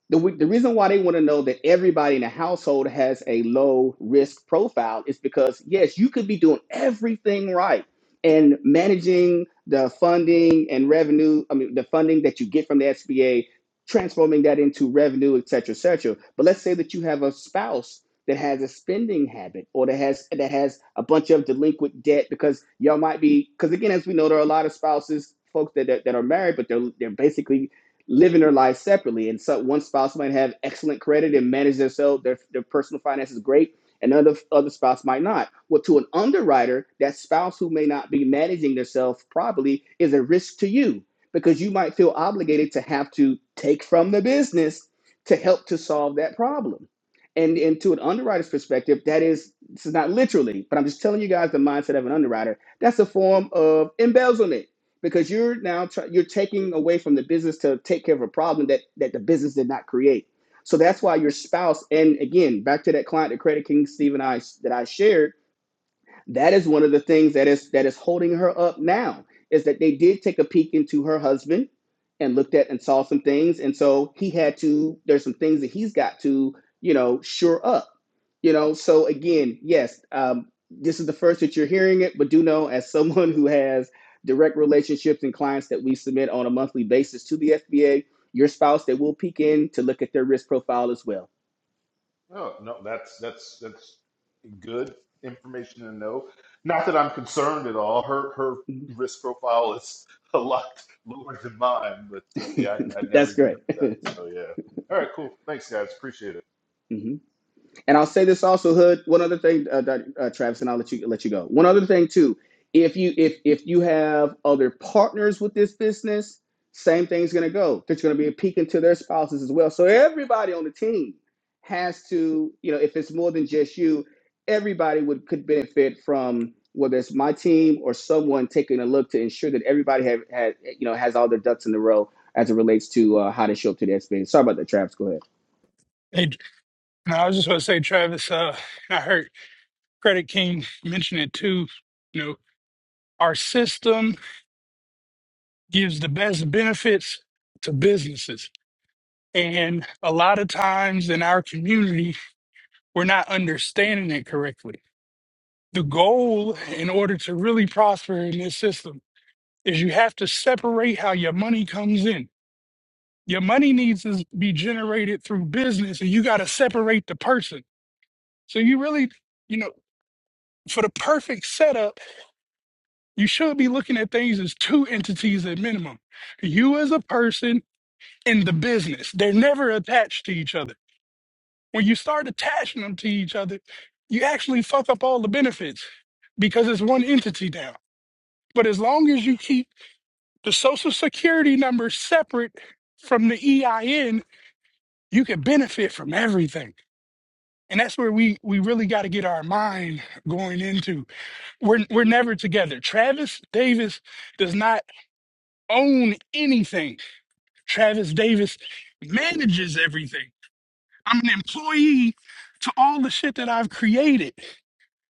the, the reason why they want to know that everybody in the household has a low risk profile is because yes you could be doing everything right and managing the funding and revenue i mean the funding that you get from the sba transforming that into revenue et cetera et cetera but let's say that you have a spouse that has a spending habit or that has that has a bunch of delinquent debt because y'all might be because again as we know there are a lot of spouses folks that, that, that are married but they're they're basically living their lives separately. And so one spouse might have excellent credit and manage themselves, their, their personal finances great, and other other spouse might not. Well, to an underwriter, that spouse who may not be managing themselves properly is a risk to you because you might feel obligated to have to take from the business to help to solve that problem. And, and to an underwriter's perspective, that is, this is not literally, but I'm just telling you guys the mindset of an underwriter. That's a form of embezzlement because you're now try, you're taking away from the business to take care of a problem that that the business did not create. So that's why your spouse, and again, back to that client, the Credit King Steve and I that I shared that is one of the things that is that is holding her up now is that they did take a peek into her husband and looked at and saw some things and so he had to there's some things that he's got to you know sure up you know so again yes um, this is the first that you're hearing it but do know as someone who has direct relationships and clients that we submit on a monthly basis to the fba your spouse they will peek in to look at their risk profile as well Oh, no, that's that's that's good information to know. Not that I'm concerned at all. Her her risk profile is a lot lower than mine, but uh, yeah, I, I never that's even great heard that. So yeah. All right, cool. Thanks, guys. Appreciate it. Mm-hmm. And I'll say this also, Hood. One other thing, uh, uh, Travis, and I'll let you let you go. One other thing too, if you if if you have other partners with this business, same thing's going to go. There's going to be a peek into their spouses as well. So everybody on the team has to, you know, if it's more than just you, everybody would could benefit from whether it's my team or someone taking a look to ensure that everybody have had you know has all their ducks in a row as it relates to uh, how to show up to the experience. Sorry about that, Travis. Go ahead. Hey, no, I was just about to say, Travis. Uh, I heard Credit King mentioned it too. You know, our system gives the best benefits to businesses. And a lot of times in our community, we're not understanding it correctly. The goal in order to really prosper in this system is you have to separate how your money comes in. Your money needs to be generated through business, and you got to separate the person. So you really, you know, for the perfect setup, You should be looking at things as two entities at minimum. You as a person and the business. They're never attached to each other. When you start attaching them to each other, you actually fuck up all the benefits because it's one entity now. But as long as you keep the social security number separate from the EIN, you can benefit from everything. And that's where we we really got to get our mind going into. We're we're never together. Travis Davis does not own anything Travis Davis manages everything. I'm an employee to all the shit that I've created.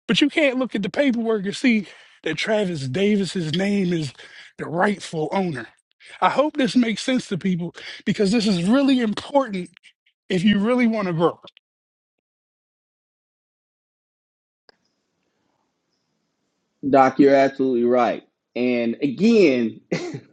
But you can't look at the paperwork and see that Travis Davis's name is the rightful owner. I hope this makes sense to people because this is really important if you really want to grow. Doc, you're absolutely right. And again,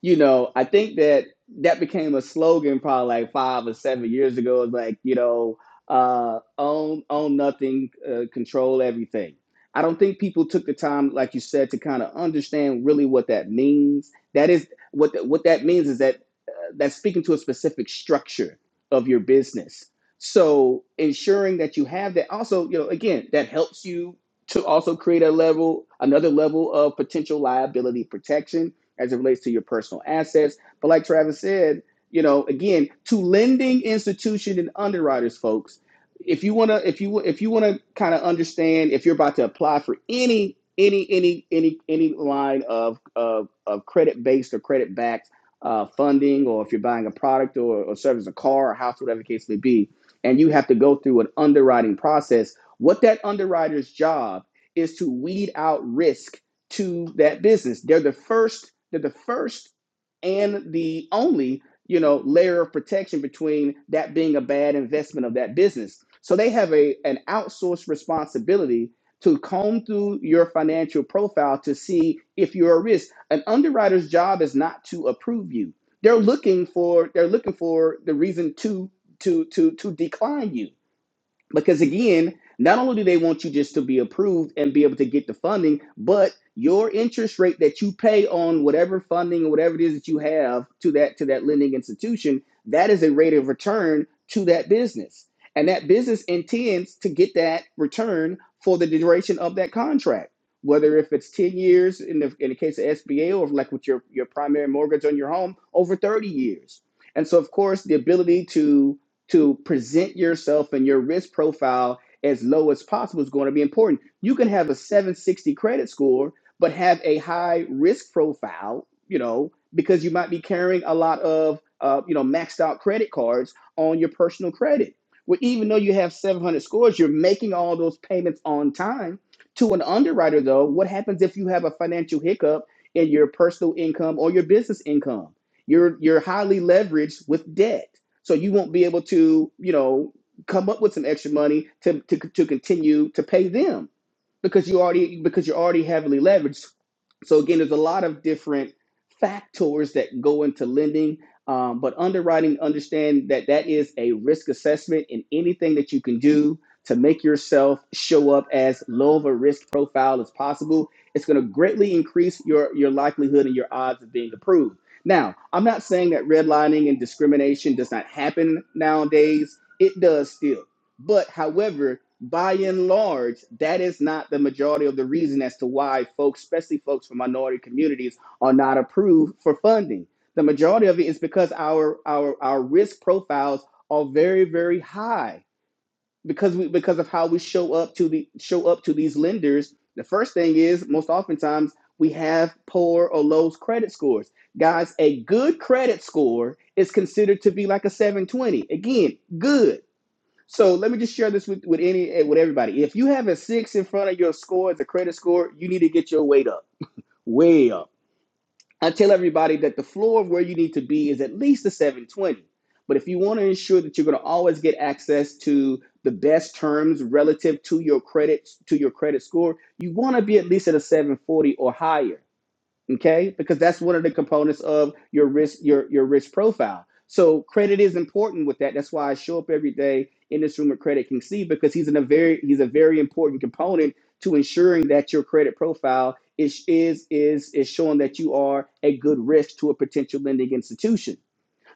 you know, I think that that became a slogan probably like five or seven years ago. It's like, you know, uh, own own nothing, uh, control everything. I don't think people took the time, like you said, to kind of understand really what that means. That is what th- what that means is that uh, that's speaking to a specific structure of your business. So ensuring that you have that also, you know, again, that helps you to also create a level, another level of potential liability protection as it relates to your personal assets. But like Travis said, you know, again, to lending institution and underwriters, folks, if you wanna, if you if you wanna kind of understand if you're about to apply for any any any any any line of of, of credit based or credit backed uh, funding, or if you're buying a product or, or service, a car, or house, whatever the case may be, and you have to go through an underwriting process. What that underwriter's job is to weed out risk to that business. They're the first, they're the first and the only, you know, layer of protection between that being a bad investment of that business. So they have a an outsourced responsibility to comb through your financial profile to see if you're a risk. An underwriter's job is not to approve you. They're looking for they're looking for the reason to to to to decline you because again, not only do they want you just to be approved and be able to get the funding, but your interest rate that you pay on whatever funding or whatever it is that you have to that to that lending institution, that is a rate of return to that business. And that business intends to get that return for the duration of that contract. Whether if it's 10 years in the in the case of SBA or like with your, your primary mortgage on your home, over 30 years. And so of course the ability to to present yourself and your risk profile as low as possible is going to be important. You can have a 760 credit score, but have a high risk profile, you know, because you might be carrying a lot of, uh, you know, maxed out credit cards on your personal credit. Well, even though you have 700 scores, you're making all those payments on time. To an underwriter, though, what happens if you have a financial hiccup in your personal income or your business income? You're, you're highly leveraged with debt so you won't be able to, you know, come up with some extra money to to, to continue to pay them because you already because you're already heavily leveraged. So again, there's a lot of different factors that go into lending, um, but underwriting understand that that is a risk assessment, and anything that you can do to make yourself show up as low of a risk profile as possible, it's going to greatly increase your your likelihood and your odds of being approved. Now, I'm not saying that redlining and discrimination does not happen nowadays. It does still. But however, by and large, that is not the majority of the reason as to why folks, especially folks from minority communities, are not approved for funding. The majority of it is because our our our risk profiles are very very high because we because of how we show up to the show up to these lenders. The first thing is most oftentimes we have poor or low credit scores. Guys, a good credit score is considered to be like a 720. Again, good so let me just share this with, with any eh, with everybody. If you have a six in front of your score, it's a credit score, you need to get your weight up, way up. I tell everybody that the floor of where you need to be is at least a 720. But if you want to ensure that you're going to always get access to the best terms relative to your credit to your credit score, you want to be at least at a 740 or higher okay because that's one of the components of your risk your your risk profile so credit is important with that that's why i show up every day in this room with credit king c because he's in a very he's a very important component to ensuring that your credit profile is is is is showing that you are a good risk to a potential lending institution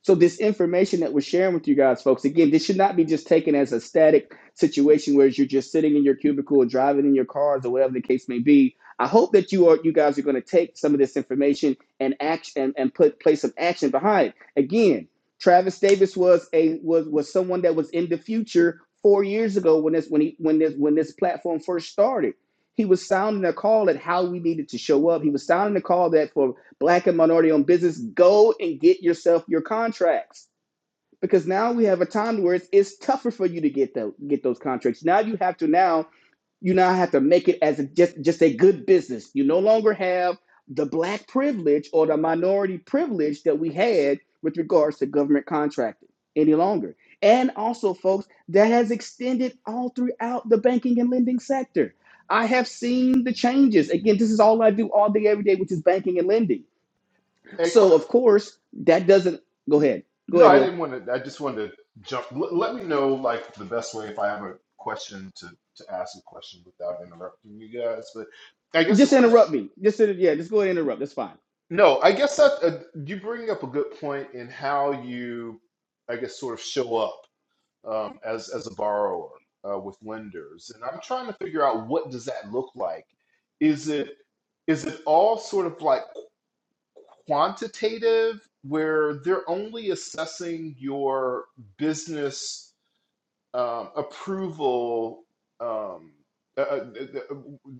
so this information that we're sharing with you guys, folks, again, this should not be just taken as a static situation where you're just sitting in your cubicle or driving in your cars or whatever the case may be. I hope that you are you guys are going to take some of this information and act and, and put place some action behind. it. Again, Travis Davis was a was was someone that was in the future four years ago when this when he when this when this platform first started. He was sounding a call at how we needed to show up. He was sounding a call that for black and minority owned business, go and get yourself your contracts because now we have a time where it's, it's tougher for you to get the, get those contracts. Now you have to now you now have to make it as a, just just a good business. You no longer have the black privilege or the minority privilege that we had with regards to government contracting any longer. And also, folks, that has extended all throughout the banking and lending sector. I have seen the changes. Again, this is all I do all day, every day, which is banking and lending Hey, quick. so of course that doesn't go ahead. Go No, ahead, I Hood. didn't want to. I just wanted to jump. L- let me know like the best way if I have a question to to ask a question without interrupting you guys. But I guess the Just question. interrupt me. Just yeah, just go ahead and interrupt. That's fine. No, I guess that uh, you bring up a good point in how you, I guess, sort of show up um, as as a borrower uh, with lenders, and I'm trying to figure out what does that look like. Is it is it all sort of like quantitative where they're only assessing your business um, approval um, uh, uh, uh,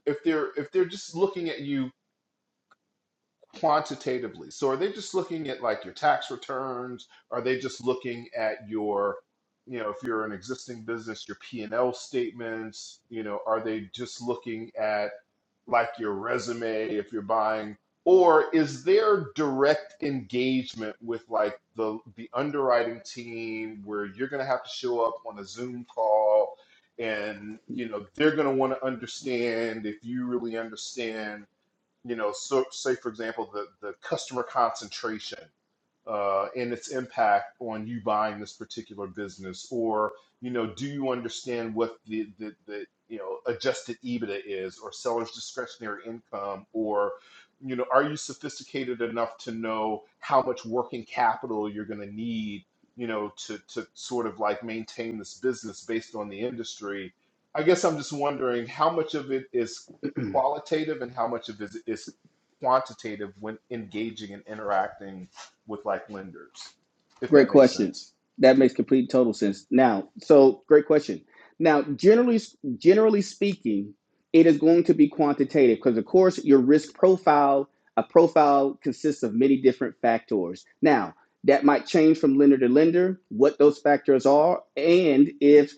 if they're if they're just looking at you quantitatively. So are they just looking at like your tax returns? Are they just looking at your, you know, if you're an existing business, your P&L statements, you know, are they just looking at like your resume if you're buying or is there direct engagement with like the the underwriting team where you're going to have to show up on a Zoom call and you know they're going to want to understand if you really understand you know, so say for example, the the customer concentration uh, and its impact on you buying this particular business? Or, you know, do you understand what the, the, the you know, adjusted EBITDA is or seller's discretionary income? Or, you know, are you sophisticated enough to know how much working capital you're going to need, you know, to, to sort of like maintain this business based on the industry? I guess I'm just wondering how much of it is qualitative and how much of it is quantitative when engaging and interacting with like lenders, if Great that makes question. sense. That makes complete total sense. Now, so great question. Now, generally generally speaking, it is going to be quantitative because of course your risk profile, a profile consists of many different factors. Now, that might change from lender to lender, what those factors are, and if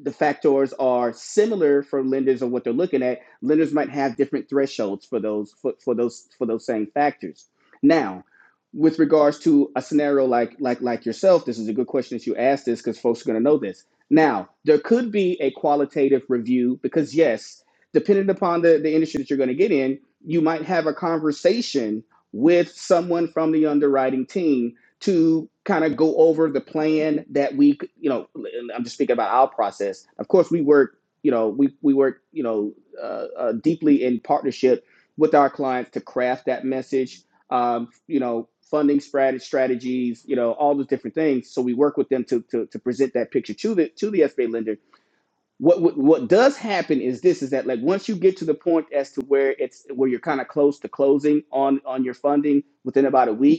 the factors are similar for lenders on what they're looking at, lenders might have different thresholds for those for, for those for those same factors. Now, with regards to a scenario like like like yourself, this is a good question that you asked this because folks are going to know this. Now, there could be a qualitative review because yes, depending upon the, the industry that you're going to get in, you might have a conversation with someone from the underwriting team to kind of go over the plan that we you know i'm just thinking about our process of course we work you know we, we work you know uh, uh, deeply in partnership with our clients to craft that message um, you know funding strat- strategies you know all those different things so we work with them to, to, to present that picture to the to the sba lender what, what what does happen is this is that like once you get to the point as to where it's where you're kind of close to closing on on your funding within about a week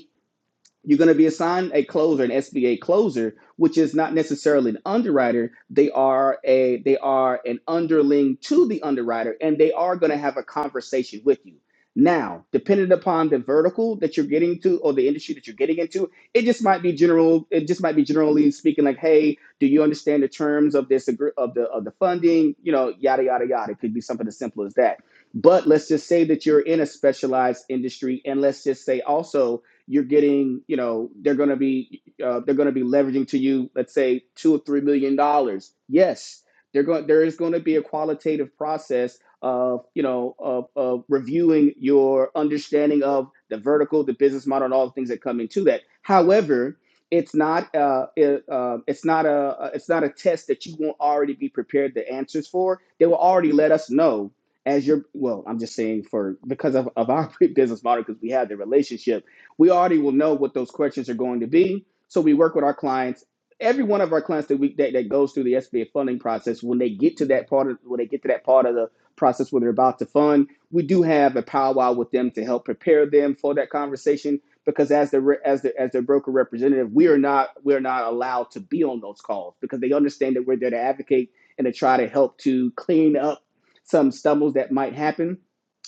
you're going to be assigned a closer, an SBA closer, which is not necessarily an underwriter. They are a they are an underling to the underwriter, and they are going to have a conversation with you. Now, depending upon the vertical that you're getting to or the industry that you're getting into, it just might be general. It just might be generally speaking, like, hey, do you understand the terms of this agr- of the of the funding? You know, yada yada yada. It could be something as simple as that. But let's just say that you're in a specialized industry, and let's just say also you're getting, you know, they're going to be uh, they're going to be leveraging to you, let's say two or three million dollars. Yes, they're going. There is going to be a qualitative process of, you know, of, of reviewing your understanding of the vertical, the business model, and all the things that come into that. However, it's not uh, it, uh, it's not a a- it's not a test that you won't already be prepared the answers for. They will already let us know as your well. I'm just saying for because of, of our business model because we have the relationship we already will know what those questions are going to be. So we work with our clients. Every one of our clients that we that, that goes through the SBA funding process, when they get to that part of when they get to that part of the process where they're about to fund, we do have a powwow with them to help prepare them for that conversation. Because as the as the as their broker representative, we are not we are not allowed to be on those calls because they understand that we're there to advocate and to try to help to clean up some stumbles that might happen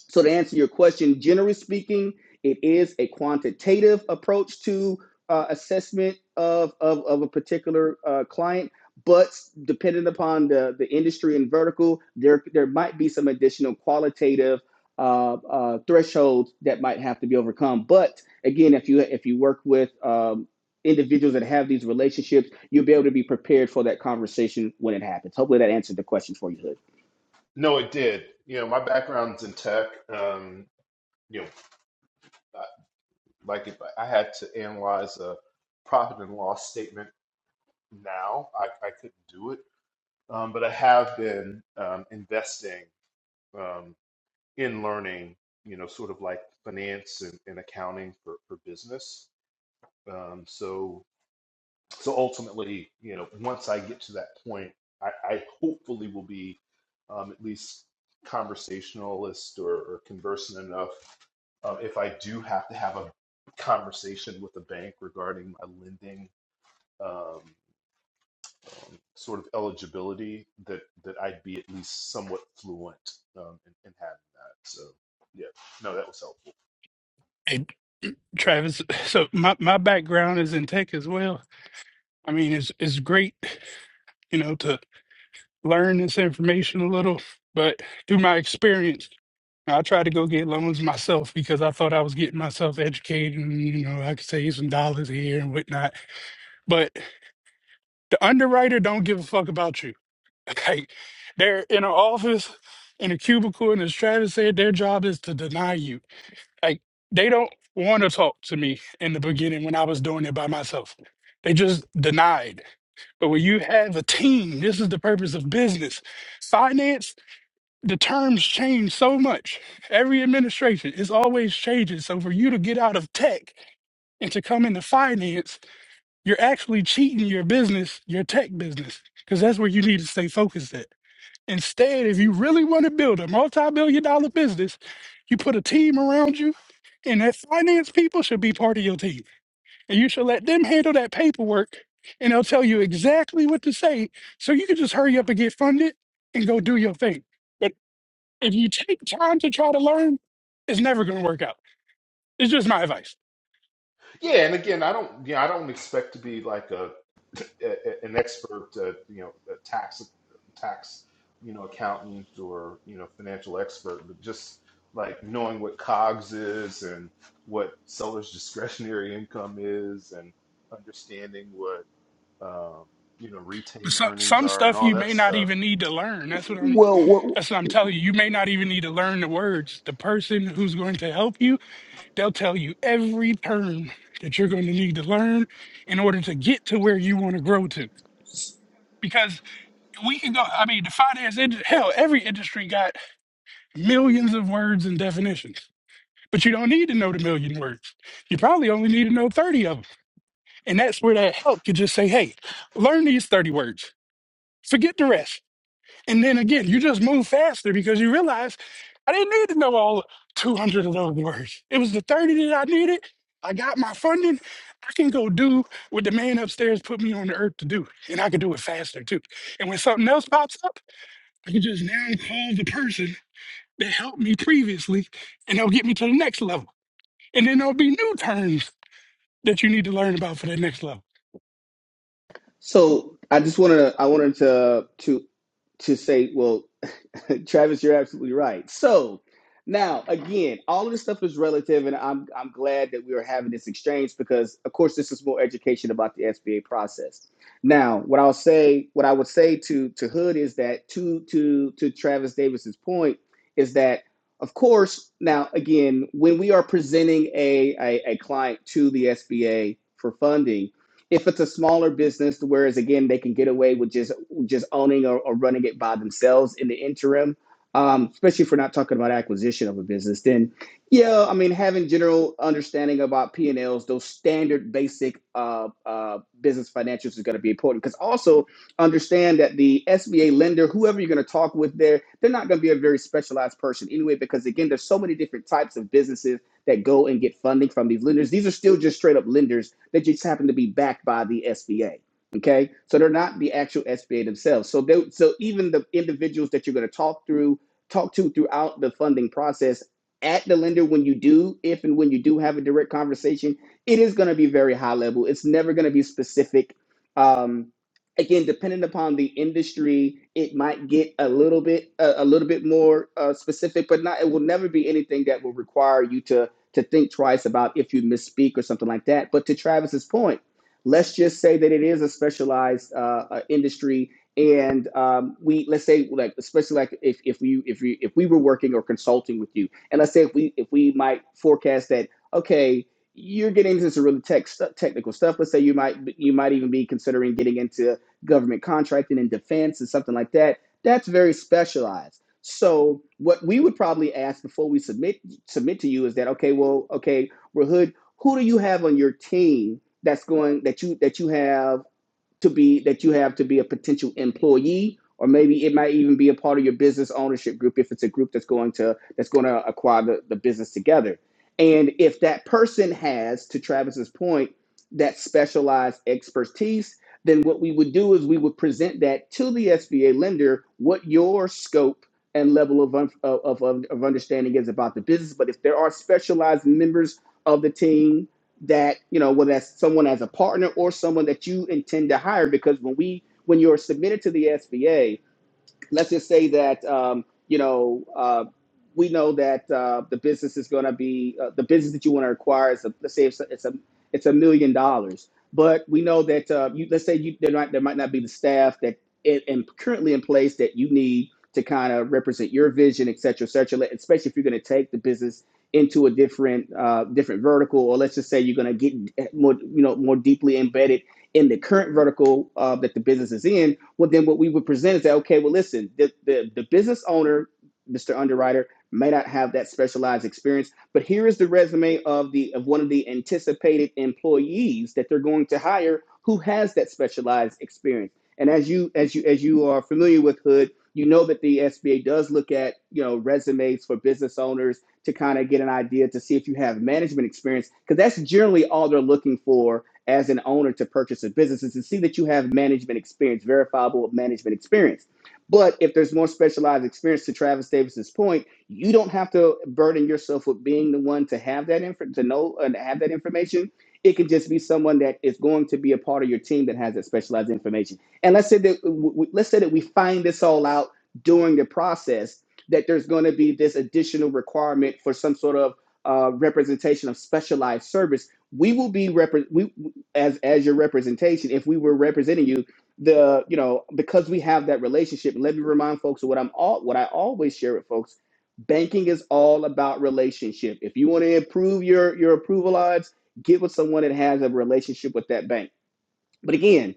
so to answer your question, generally speaking, it is a quantitative approach to uh, assessment of, of, of a particular uh, client, but depending upon the, the industry and vertical, there, there might be some additional qualitative uh, uh, thresholds that might have to be overcome. But again, if you if you work with um, individuals that have these relationships, you'll be able to be prepared for that conversation when it happens. Hopefully, that answered the question for you, Hood. No, it did. You know, my background's in tech. Um, you know, like if I had to analyze a profit and loss statement now, I, I couldn't do it. Um, but I have been um, investing um, in learning, you know, sort of like finance and, and accounting for, for business. Um, so so ultimately, you know, once I get to that point, I, I hopefully will be um, at least conversationalist or, or conversant enough. Um, if I do have to have a conversation with a bank regarding my lending um, um, sort of eligibility, that that I'd be at least somewhat fluent um, in, in having that. So, yeah, no, that was helpful. And Travis, so my, my background is in tech as well. I mean, it's it's great, you know, to learn this information a little, but through my experience. I tried to go get loans myself because I thought I was getting myself educated and, you know, I could save some dollars here and whatnot. But the underwriter don't give a fuck about you. Like they're in an office in a cubicle and as Travis said, their job is to deny you. Like they don't want to talk to me in the beginning when I was doing it by myself. They just denied. But when you have a team, this is the purpose of business. Finance the terms change so much. Every administration is always changing. So for you to get out of tech and to come into finance, you're actually cheating your business, your tech business, because that's where you need to stay focused at. Instead, if you really want to build a multi-billion dollar business, you put a team around you, and that finance people should be part of your team. And you should let them handle that paperwork, and they'll tell you exactly what to say. So you can just hurry up and get funded and go do your thing But if you take time to try to learn, it's never going to work out. It's just my advice. Yeah, and again, I don't, you know, I don't expect to be like a, a a- an expert, uh, you know, a tax tax, you know, accountant or you know, financial expert, but just like knowing what COGS is and what seller's discretionary income is, and understanding what um, you know retained Some earnings some are and stuff all you that may not stuff. even need to learn. That's what I'm. Well, That's what I'm telling you. You may not even need to learn the words. The person who's going to help you, they'll tell you every term that you're going to need to learn in order to get to where you want to grow to. Because we can go. I mean, the finance ind- hell, every industry got millions of words and definitions. But you don't need to know the million words. You probably only need to know thirty of them And that's where that help could just say, hey, learn these 30 words, forget the rest. And then again, you just move faster because you realize I didn't need to know all 200 of those words. It was the 30 that I needed. I got my funding. I can go do what the man upstairs put me on the earth to do. And I can do it faster too. And when something else pops up, I can just now call the person that helped me previously and they'll get me to the next level. And then there'll be new terms that you need to learn about for that next level. So I just wanted to, I wanted to to to say well Travis, you're absolutely right. So now, again, all of this stuff is relative, and I'm I'm glad that we are having this exchange because, of course, this is more education about the SBA process. Now, what I'll say, what I would say to to Hood is that to to to Travis Davis's point is that, of course, now again, when we are presenting a a, a client to the SBA for funding. If it's a smaller business, whereas again they can get away with just just owning or, or running it by themselves in the interim, um, especially if we're not talking about acquisition of a business, then yeah, I mean having general understanding about P and Ls, those standard basic uh, uh, business financials is going to be important because also understand that the SBA lender, whoever you're going to talk with there, they're not going to be a very specialized person anyway because again, there's so many different types of businesses that go and get funding from these lenders. These are still just straight up lenders that just happen to be backed by the SBA. Okay, so they're not the actual SBA themselves. So they, so even the individuals that you're going to talk through, talk to throughout the funding process at the lender when you do, if and when you do have a direct conversation, it is going to be very high level. It's never going to be specific. Um, again, depending upon the industry, it might get a little bit a, a little bit more uh, specific, but not. It will never be anything that will require you to to think twice about if you misspeak or something like that. But to Travis's point Let's just say that it is a specialized uh, uh, industry, and um, we let's say like especially like if if we if we if we were working or consulting with you, and let's say if we if we might forecast that okay. You're getting into some really tech stu technical stuff. Let's say you might you might even be considering getting into government contracting and defense and something like that. That's very specialized. So what we would probably ask before we submit submit to you is that okay, well, okay, Rahud, who do you have on your team that's going that you that you have to be that you have to be a potential employee or maybe it might even be a part of your business ownership group if it's a group that's going to that's going to acquire the, the business together and if that person has to travis's point that specialized expertise then what we would do is we would present that to the sba lender what your scope and level of, un- of, of, of understanding is about the business but if there are specialized members of the team that you know whether that's someone as a partner or someone that you intend to hire because when we when you're submitted to the SBA let's just say that um, you know uh, we know that uh, the business is going to be uh, the business that you want to acquire is a, let's say it's a, it's a it's a million dollars, but we know that uh, you let's say you there might there might not be the staff that it, and currently in place that you need to kind of represent your vision, et cetera, et cetera. let- Especially if you're going to take the business into a different uh, different vertical, or let's just say you're going to get eh, more you know more deeply embedded in the current vertical uh, that the business is in well then what we would present is that okay well listen the, the, the business owner mr underwriter may not have that specialized experience but here is the resume of the of one of the anticipated employees that they're going to hire who has that specialized experience and as you as you as you are familiar with hood you know that the sba does look at you know resumes for business owners to kind of get an idea to see if you have management experience because that's generally all they're looking for as an owner to purchase a business is to see that you have management experience, verifiable management experience. But if there's more specialized experience to Travis Davis's point, you don't have to burden yourself with being the one to have that info to know and have that information. It could just be someone that is going to be a part of your team that has that specialized information. And let's say that w- w- let's say that we find this all out during the process that there's going to be this additional requirement for some sort of uh, representation of specialized service we will be represented as as your representation if we were representing you the you know because we have that relationship And let me remind folks of what i'm all what i always share with folks banking is all about relationship if you want to improve your your approval odds get with someone that has a relationship with that bank but again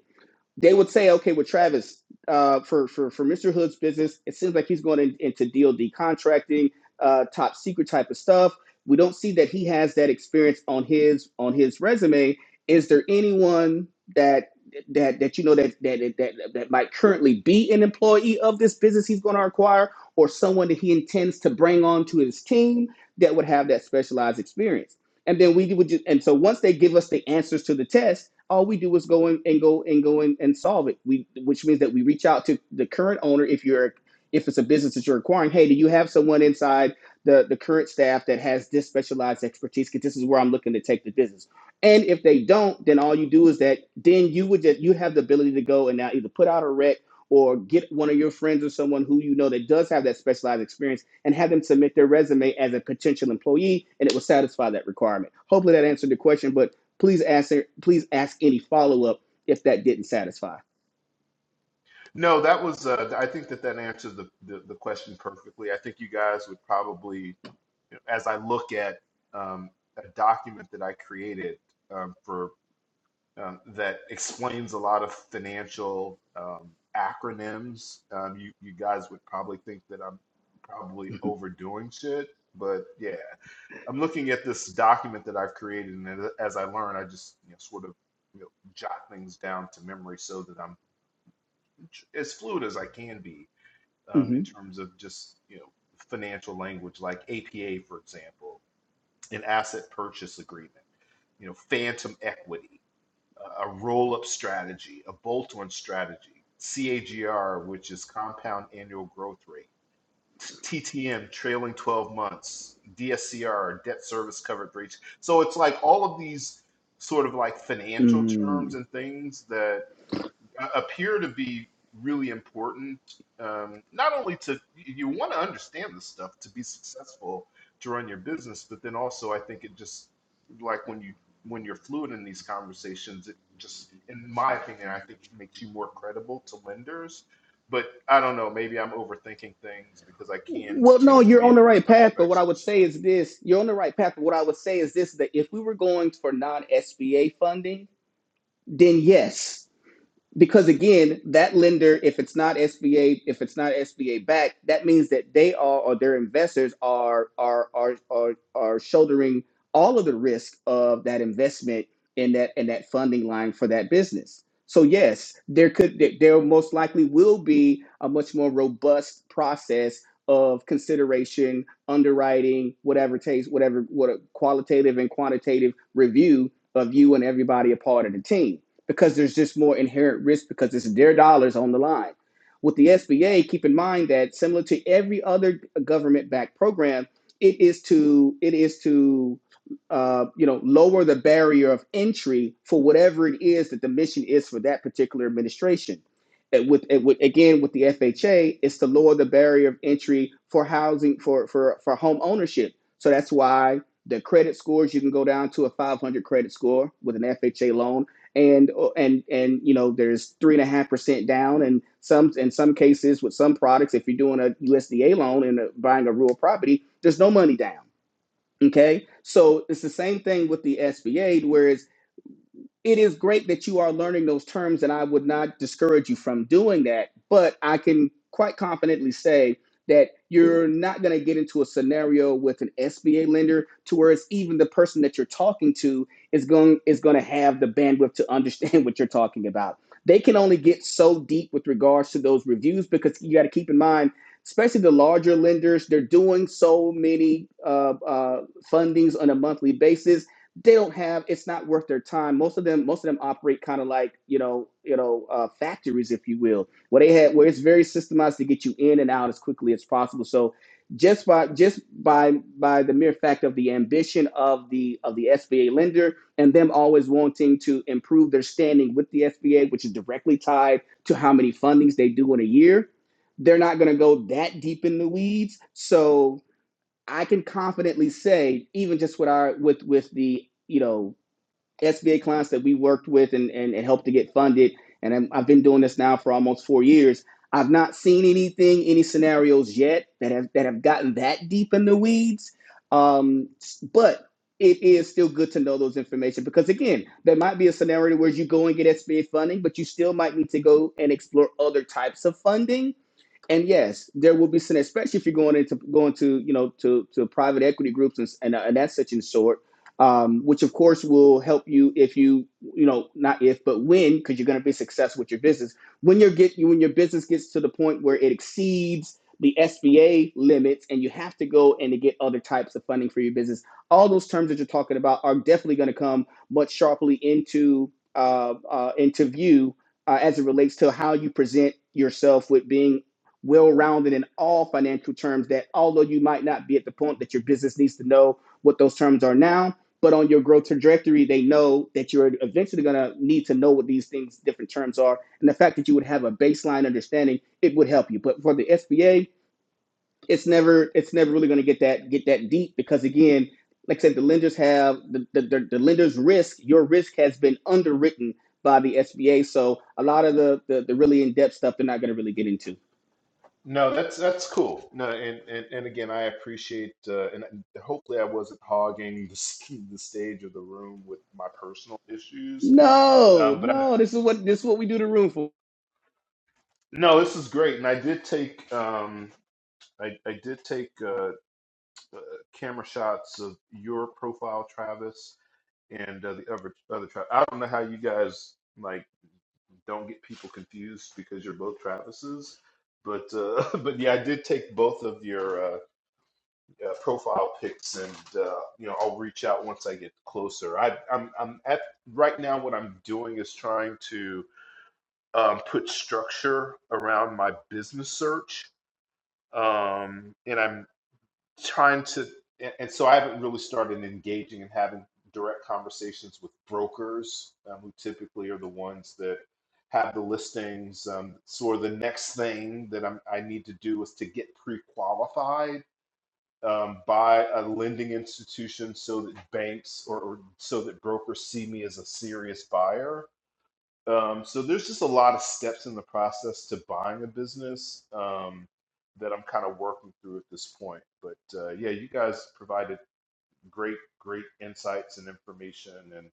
they would say, okay, with Travis, uh, for, for, for Mr. Hood's business, it seems like he's going in, into DoD contracting, uh, top secret type of stuff. We don't see that he has that experience on his on his resume. Is there anyone that that that you know that that that that might currently be an employee of this business he's going to acquire, or someone that he intends to bring on to his team that would have that specialized experience? And then we would just, and so once they give us the answers to the test all we do is go in and go and go in and solve it. We, which means that we reach out to the current owner if you're if it's a business that you're acquiring. Hey, do you have someone inside the the current staff that has this specialized expertise? Because this is where I'm looking to take the business. And if they don't, then all you do is that then you would just you have the ability to go and now either put out a rec or get one of your friends or someone who you know that does have that specialized experience and have them submit their resume as a potential employee and it will satisfy that requirement. Hopefully that answered the question, but Please ask please ask any follow up if that didn't satisfy. No, that was. Uh, I think that that answered the, the the question perfectly. I think you guys would probably as I look at um, a document that I created um, for um, that explains a lot of financial um, acronyms. Um, you you guys would probably think that I'm probably hmm overdoing shit, but yeah, I'm looking at this document that I've created, and as I learn, I just you know, sort of you know, jot things down to memory so that I'm as fluid as I can be um, in terms of just you know financial language, like APA, for example an asset purchase agreement, you know, phantom equity, a roll-up strategy, a bolt-on strategy, CAGR, which is compound annual growth rate, TTM, trailing 12 months, DSCR, debt service coverage ratio. So it's like all of these sort of like financial terms Mm. and things that uh, appear to be really important. Um, not only to you want to understand this stuff to be successful to run your business, but then also I think it just like when you when you're fluid in these conversations, it just in my opinion, I think it makes you more credible to lenders. But I don't know, maybe I'm overthinking things because I can Well, no, tend to you're be on a the bit right of a path. But what I would perfectionist. say yeah. is this: you're on the right path. But what I would say is this: that if we were going for non SBA funding, then yes. because again, that lender, if it's not SBA, if it's not SBA backed, that means that they are or their investors are are are are, are shouldering all of the risk of that investment in that in that funding line for that business. So yes, there could there most likely will be a much more robust process of consideration, underwriting, whatever takes, whatever what a qualitative and quantitative review of you and everybody a part of the team because there's just more inherent risk because it's their dollars on the line. With the SBA, keep in mind that similar to every other government-backed program, it is to it is to uh, you know lower the barrier of entry for whatever it is that the mission is for that particular administration. And with, and with again with the FHA, it's to lower the barrier of entry for housing for for for home ownership. So that's why the credit scores you can go down to a 500 credit score with an FHA loan and uh, and and you know there's three and a half percent down and some in some cases with some products if you're doing a usda loan and uh, buying a rural property there's no money down okay so it's the same thing with the sba Whereas it is great that you are learning those terms, and I would not discourage you from doing that. But I can quite confidently say that you're not going to get into a scenario with an SBA lender to where it's even the person that you're talking to is going is going to have the bandwidth to understand what you're talking about. They can only get so deep with regards to those reviews because you got to keep in mind, especially the larger lenders, they're doing so many uh, uh, fundings on a monthly basis they don't have it's not worth their time most of them most of them operate kind of like you know you know uh, factories if you will where they had where it's very systemized to get you in and out as quickly as possible so just by just by by the mere fact of the ambition of the of the SBA lender and them always wanting to improve their standing with the SBA which is directly tied to how many fundings they do in a year they're not going to go that deep in the weeds so I can confidently say, even just with our with with the you know SBA clients that we worked with and and, and helped to get funded, and I'm, I've been doing this now for almost four years. I've not seen anything, any scenarios yet that have that have gotten that deep in the weeds. Um, but it is still good to know those information because again, there might be a scenario where you go and get SBA funding, but you still might need to go and explore other types of funding and yes, there will be some, especially if you're going into going to you know to to private equity groups and and, and that such and sort, um, which of course will help you if you you know not if but when because you're going to be successful with your business when you're get when your business gets to the point where it exceeds the SBA limits and you have to go and to get other types of funding for your business. All those terms that you're talking about are definitely going to come much sharply into uh, uh, into view uh, as it relates to how you present yourself with being well-rounded in all financial terms that although you might not be at the point that your business needs to know what those terms are now but on your growth trajectory they know that you're eventually going to need to know what these things different terms are and the fact that you would have a baseline understanding it would help you but for the sba it's never it's never really going to get that get that deep because again like i said the lenders have the, the, the, the lenders risk your risk has been underwritten by the sba so a lot of the the, the really in-depth stuff they're not going to really get into No, that's that's cool. No, and and, and again, I appreciate uh, and hopefully I wasn't hogging the, s- the stage of the room with my personal issues. No, Um, but I, no. This is what this is what we do the room for. no, this is great, and I did take um, I, I did take uh, uh, camera shots of your profile, Travis, and uh, the other other Travis. I don't know how you guys like don't get people confused because you're both Travises, but uh, but yeah, I did take both of your. uh, uh, profile pics, and uh, you know I'll reach out once I get closer. I, I'm I'm at right now. What I'm doing is trying to um, put structure around my business search, um, and I'm trying to. And, and so I haven't really started engaging and having direct conversations with brokers, um, who typically are the ones that have the listings. Um, so the next thing that I'm, I need to do is to get pre-qualified um, by a lending institution so that banks or, or so that brokers see me as a serious buyer. Um, so there's just a lot of steps in the process to buying a business um, that I'm kind of working through at this point. But uh, yeah, you guys provided great, great insights and information, and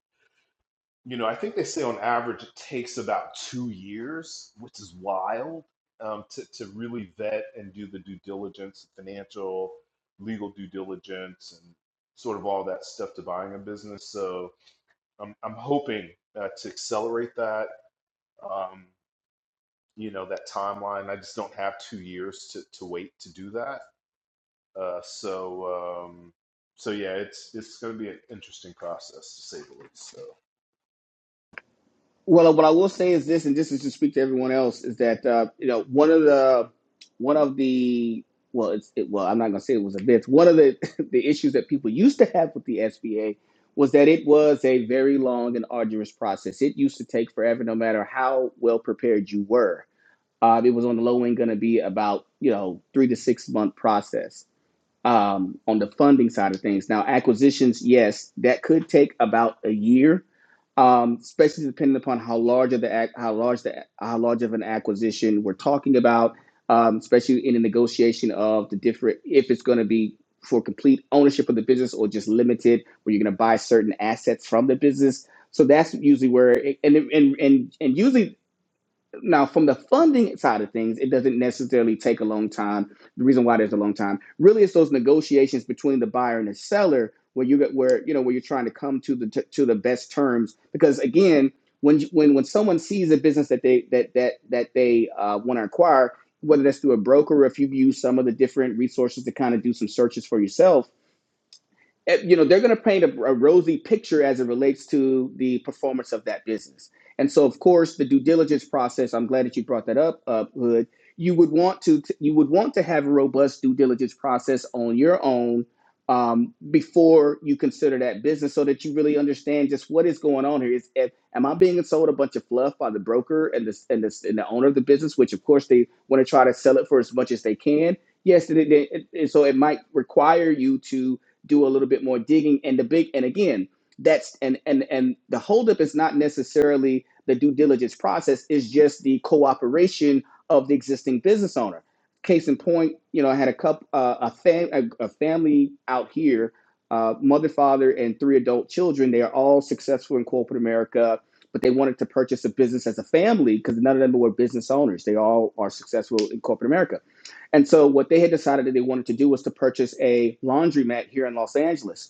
you know, I think they say on average it takes about two years, which is wild, um, to, to really vet and do the due diligence, financial, legal due diligence, and sort of all that stuff to buying a business. So I'm, I'm hoping uh, to accelerate that, um, you know, that timeline. I just don't have two years to, to wait to do that. Uh, so, um, so yeah, it's it's going to be an interesting process to say the least. So, Well, what I will say is this, and this is to speak to everyone else, is that uh, you know one of the one of the well, it's it, well, I'm not gonna say it was a bit. One of the the issues that people used to have with the SBA was that it was a very long and arduous process. It used to take forever, no matter how well prepared you were. Uh, it was on the low end going to be about you know three to six month process um, on the funding side of things. Now, acquisitions, yes, that could take about a year, um, especially depending upon how large of the ac- how large the how large of an acquisition we're talking about, um, especially in the negotiation of the different if it's going to be for complete ownership of the business or just limited, where you're going to buy certain assets from the business. So that's usually where, it, and, and and and usually now from the funding side of things it doesn't necessarily take a long time the reason why there's a long time really is those negotiations between the buyer and the seller where you get where you know where you're trying to come to the t- to the best terms because again when when when someone sees a business that they that that that they uh, want to acquire whether that's through a broker or if you've used some of the different resources to kind of do some searches for yourself eh, you know they're going to paint a, a rosy picture as it relates to the performance of that business and so of course the due diligence process i'm glad that you brought that up uh, hood you would want to you would want to have a robust due diligence process on your own um, before you consider that business so that you really understand just what is going on here is if, am i being sold a bunch of fluff by the broker and this and this and the owner of the business which of course they want to try to sell it for as much as they can yes it, it, it- so it might require you to do a little bit more digging and the big and again that's and and and the holdup is not necessarily the due diligence process it's just the cooperation of the existing business owner case in point you know i had a couple uh, a, fam- a, a family out here uh, mother father and three adult children they are all successful in corporate america but they wanted to purchase a business as a family because none of them were business owners they all are successful in corporate america and so what they had decided that they wanted to do was to purchase a laundromat here in Los Angeles.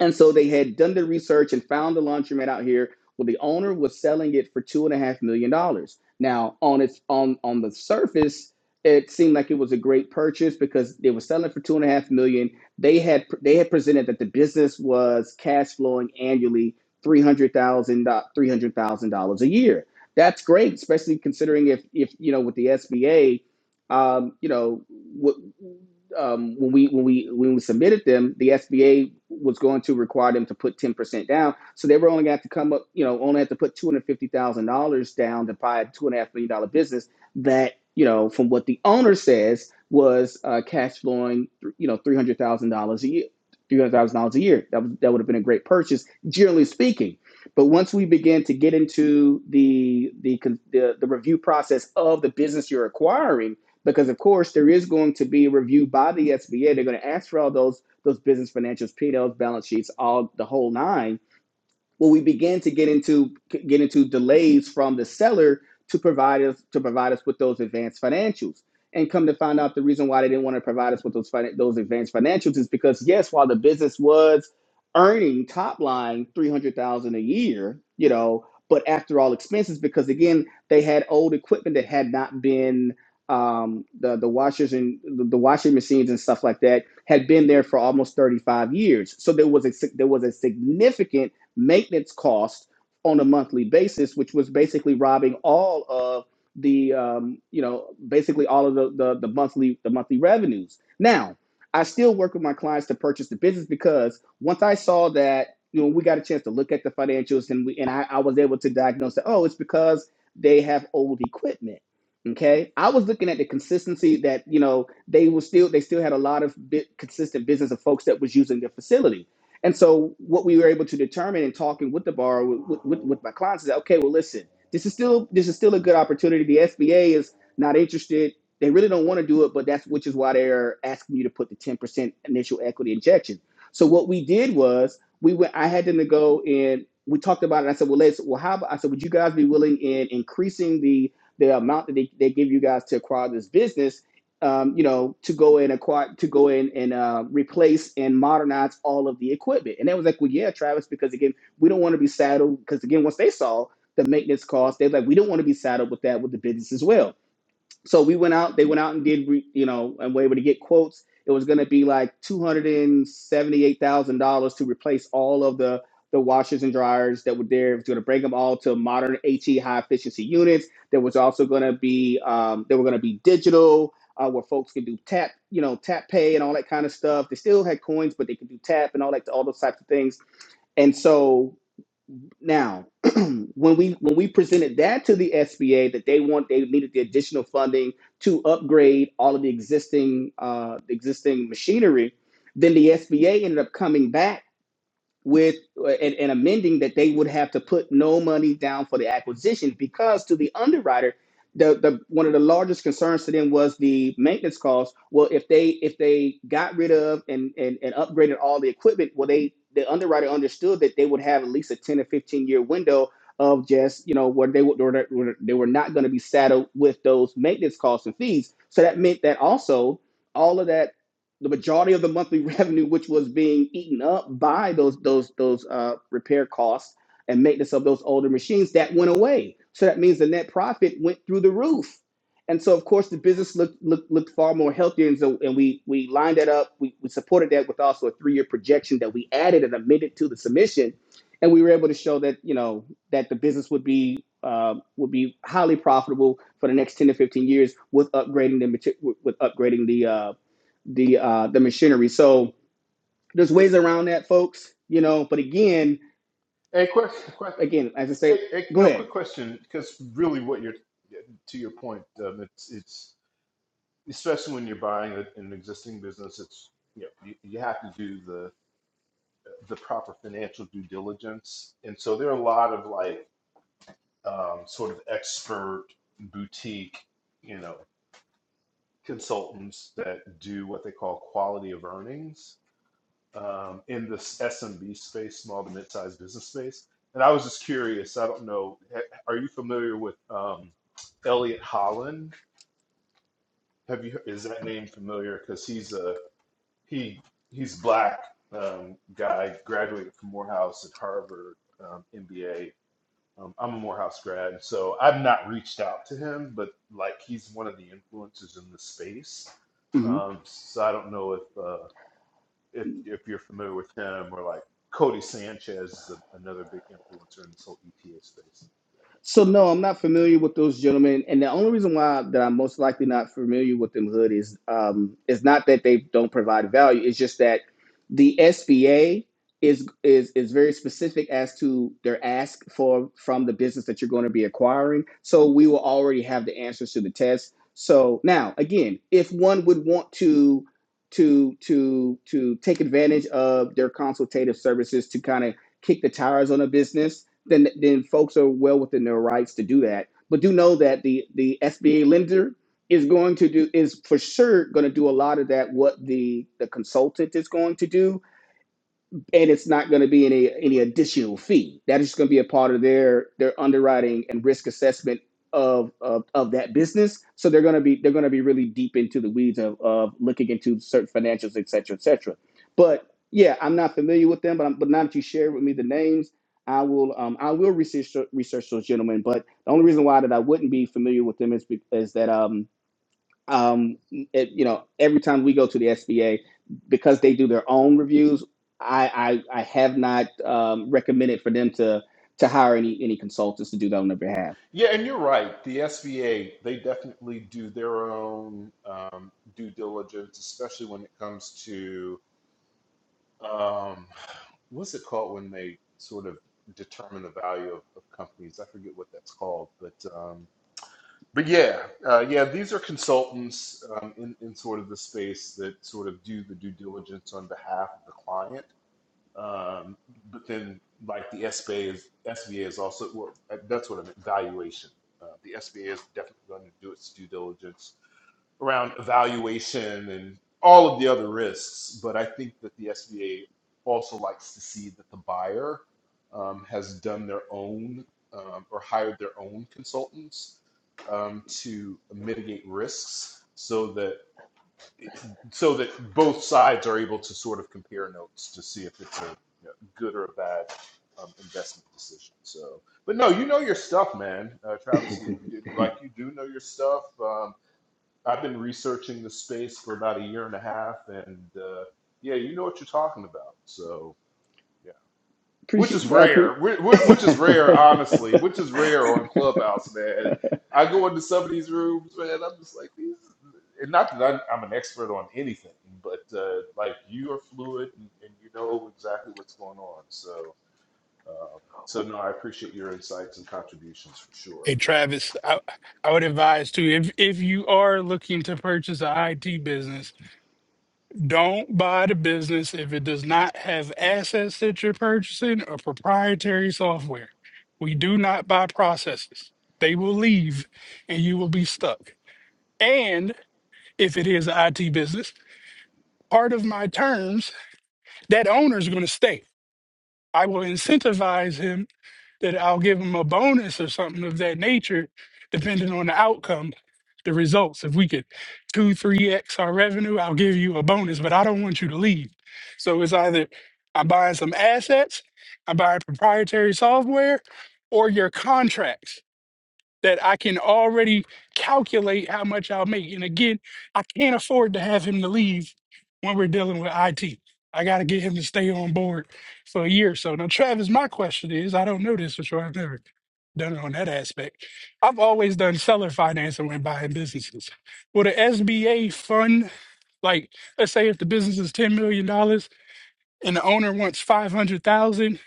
And so they had done the research and found the laundromat out here. Well, the owner was selling it for two and a half million dollars. Now, on its on on the surface, it seemed like it was a great purchase because they were selling for two and a half million. They had they had presented that the business was cash flowing annually three hundred thousand three hundred thousand dollars a year. That's great, especially considering if if you know with the SBA, um, you know, what um, when we when we when we submitted them, the SBA was going to require them to put ten percent down. So they were only going to come up, you know, only had to put two hundred fifty thousand dollars down to buy a two and a half million dollar business that you know, from what the owner says, was uh, cash flowing, you know, three hundred thousand dollars a year. Three hundred thousand dollars a year. That was, that would have been a great purchase, generally speaking. But once we began to get into the the the, the review process of the business you're acquiring because of course there is going to be a review by the SBA. They're going to ask for all those those business financials, P&Ls, balance sheets, all the whole nine well, we began to get into get into delays from the seller to provide us to provide us with those advanced financials. And come to find out, the reason why they didn't want to provide us with those fin- those advanced financials is because yes, while the business was earning top line three hundred thousand dollars a year, you know, but after all expenses, because again, they had old equipment that had not been um, the the washers and the, the washing machines and stuff like that had been there for almost thirty five years. So there was a sig- there was a significant maintenance cost on a monthly basis, which was basically robbing all of the um, you know basically all of the, the the monthly the monthly revenues. Now, I still work with my clients to purchase the business because once I saw that you know we got a chance to look at the financials and we and I, I was able to diagnose that oh it's because they have old equipment. Okay, I was looking at the consistency that you know they were still they still had a lot of bit consistent business of folks that was using their facility. And so what we were able to determine in talking with the borrower with, with, with my clients is that, okay, well, listen, this is still this is still a good opportunity. The SBA is not interested. They really don't want to do it, but that's which is why they're asking you to put the 10% initial equity injection. So what we did was we went, I had them to go and we talked about it. I said, well, let's, well, how about, I said, would you guys be willing in increasing the, the amount that they, they give you guys to acquire this business um, you know, to go and acquire, to go in and uh, replace and modernize all of the equipment. And they was like, well, yeah, Travis, because again, we don't want to be saddled. Because again, once they saw the maintenance cost, they're like, we don't want to be saddled with that with the business as well. So we went out. They went out and did, you know, and were able to get quotes. It was going to be like two hundred and seventy-eight thousand dollars to replace all of the the washers and dryers that were there. It was going to break them all to modern HE high efficiency units. There was also going to be um, they were going to be digital, uh, where folks could do tap, you know, tap pay and all that kind of stuff. They still had coins, but they could do tap and all that, all those types of things. And so now, when we when we presented that to the SBA that they want they needed the additional funding to upgrade all of the existing uh, existing machinery, then the SBA ended up coming back with and, and amending that they would have to put no money down for the acquisition because to the underwriter the, the one of the largest concerns to them was the maintenance costs well if they if they got rid of and and, and upgraded all the equipment well they the underwriter understood that they would have at least a 10 or 15 year window of just you know where they would where they where they were not going to be saddled with those maintenance costs and fees so that meant that also all of that the majority of the monthly revenue, which was being eaten up by those those those uh, repair costs and maintenance of those older machines, that went away. So that means the net profit went through the roof. And so, of course, the business looked looked, looked far more healthier, and so and we we lined that up. We, we supported that with also a three year projection that we added and amended to the submission, and we were able to show that you know that the business would be uh, would be highly profitable for the next ten to fifteen years with upgrading the mater- with with upgrading the uh, the uh, the machinery. So there's ways around that, folks. You know, but again, any question. again, as I Hey, say, hey, go no, ahead. quick question, because really, what you're to your point, um, it's it's especially when you're buying a, an existing business, it's you know you, you have to do the the proper financial due diligence, and so there are a lot of like um, sort of expert boutique, you know, consultants that do what they call quality of earnings, um, in this SMB space, small to mid-sized business space. And I was just curious. I don't know. ha- Are you familiar with um, Elliot Holland? Have you is that name familiar? Because he's a he he's black um, guy, graduated from Morehouse at Harvard, um, MBA. Um, I'm a Morehouse grad, so I've not reached out to him, but like he's one of the influencers in the space. Mm-hmm. Um, so I don't know if uh, if if you're familiar with him, or like Cody Sanchez is a, another big influencer in this whole ETA space. So no, I'm not familiar with those gentlemen, and the only reason why that I'm most likely not familiar with them hood is um is not that they don't provide value. It's just that the SBA is is is very specific as to their ask for from the business that you're going to be acquiring. So we will already have the answers to the test. So now again, if one would want to to to to take advantage of their consultative services to kind of kick the tires on a business then then folks are well within their rights to do that. But do know that the the SBA lender is going to do is for sure going to do a lot of that what the the consultant is going to do and it's not going to be any any additional fee. That is going to be a part of their their underwriting and risk assessment of of, of that business. So they're going to be they're going to be really deep into the weeds of, of looking into certain financials, et cetera, et cetera. But yeah, I'm not familiar with them, but I'm, but now that you shared with me the names, I will um I will research research those gentlemen. But the only reason why that I wouldn't be familiar with them is be- is that um um, it, you know, every time we go to the SBA, because they do their own reviews, I I, I have not um, recommended for them to to hire any any consultants to do that on their behalf. Yeah, and you're right. The SBA they definitely do their own um, due diligence, especially when it comes to um, what's it called when they sort of determine the value of, of companies. I forget what that's called, but. um, but yeah, uh, yeah, these are consultants um, in in sort of the space that sort of do the due diligence on behalf of the client. Um, but then, like the SBA is SBA is also well, uh, that's what I meant valuation. Uh, the SBA is definitely going to do its due diligence around evaluation and all of the other risks. But I think that the SBA also likes to see that the buyer um, has done their own um, or hired their own consultants um, to mitigate risks, so that so that both sides are able to sort of compare notes to see if it's a you know, good or a bad. Um, investment decision. So, but no, you know your stuff, man. Uh, Travis, you- like you do know your stuff. Um, I've been researching the space for about a year and a half, and uh, yeah, you know what you're talking about. So yeah, which is Appreciate, I pre- rare, whi- whi- which is rare, honestly, which is rare on Clubhouse, man. I go into some of these rooms, man. I'm just like these, and not that I'm, I'm an expert on anything, but uh, like you are fluid and, and you know exactly what's going on. So, um, so no, I appreciate your insights and contributions for sure. Hey Travis, I, I would advise too if if you are looking to purchase an IT business, don't buy the business if it does not have assets that you're purchasing or proprietary software. We do not buy processes. They will leave and you will be stuck. And if it is an IT business, part of my terms, that owner is going to stay. I will incentivize him that I'll give them a bonus or something of that nature, depending on the outcome, the results. If we could two, three X our revenue, I'll give you a bonus, but I don't want you to leave. So it's either I'm buying some assets, I'm buying proprietary software, or your contracts that I can already calculate how much I'll make. And again, I can't afford to have him to leave when we're dealing with IT. I got to get him to stay on board for a year or so. Now, Travis, my question is I don't know this for sure. I've never done it on that aspect. I've always done seller financing when buying businesses. Will the SBA fund, like, let's say if the business is $10 million dollars and the owner wants 500000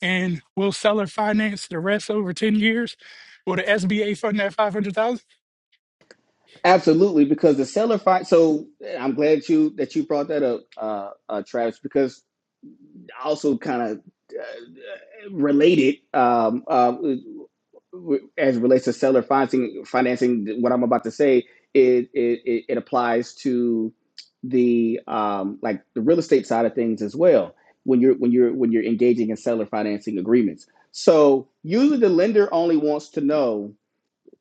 and will seller finance the rest over 10 years? Will the SBA fund that 500,000? absolutely because the seller find. So I'm glad you that you brought that up, uh, uh, Travis, because I also kind of. related um, uh, as it relates to seller financing. Financing, what I'm about to say, it it, it applies to the um, like the real estate side of things as well. When you're when you're when you're engaging in seller financing agreements, so usually the lender only wants to know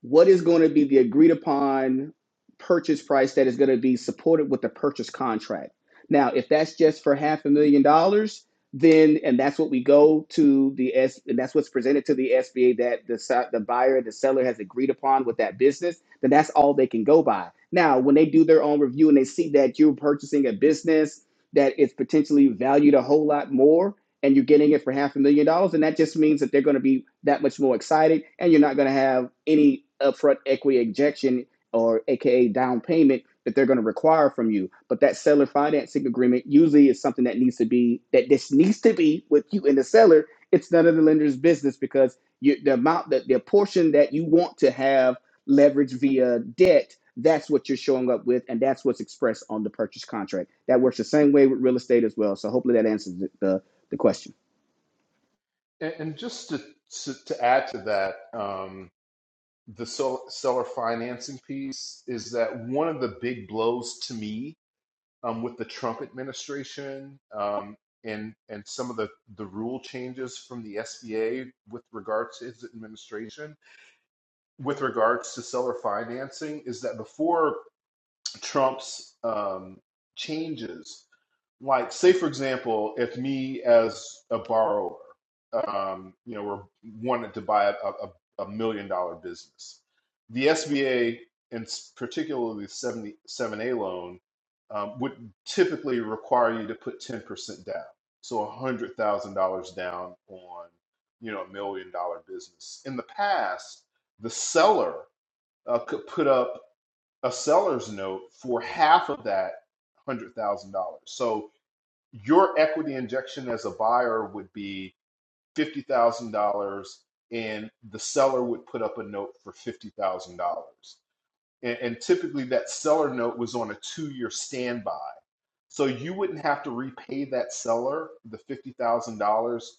what is going to be the agreed upon purchase price that is going to be supported with the purchase contract. Now, if that's just for half a million dollars, then and that's what we go to the S and that's what's presented to the SBA that the si- the buyer the seller has agreed upon with that business, then that's all they can go by. Now, when they do their own review and they see that you're purchasing a business that is potentially valued a whole lot more, and you're getting it for half a million dollars, and that just means that they're going to be that much more excited, and you're not going to have any upfront equity injection or AKA down payment that they're going to require from you. But that seller financing agreement usually is something that needs to be that this needs to be with you and the seller. It's none of the lender's business because you, the amount that the portion that you want to have leverage via debt. That's what you're showing up with, and that's what's expressed on the purchase contract. That works the same way with real estate as well. So hopefully that answers the. the the question. And, and just to, to to add to that. Um, the seller financing piece is that one of the big blows to me um, with the Trump administration um, and and some of the the rule changes from the SBA with regards to his administration with regards to seller financing is that before Trump's um, changes. Like, say for example, if me as a borrower, um, you know, were wanted to buy a, a, a million dollar business, the SBA and particularly the 77 A loan um, would typically require you to put 10% down, so one hundred thousand dollars down on, you know, a million dollar business. In the past, the seller uh, could put up a seller's note for half of that one hundred thousand dollars. So your equity injection as a buyer would be fifty thousand dollars, and the seller would put up a note for fifty thousand dollars and, and typically that seller note was on a two-year standby. So you wouldn't have to repay that seller the fifty thousand dollars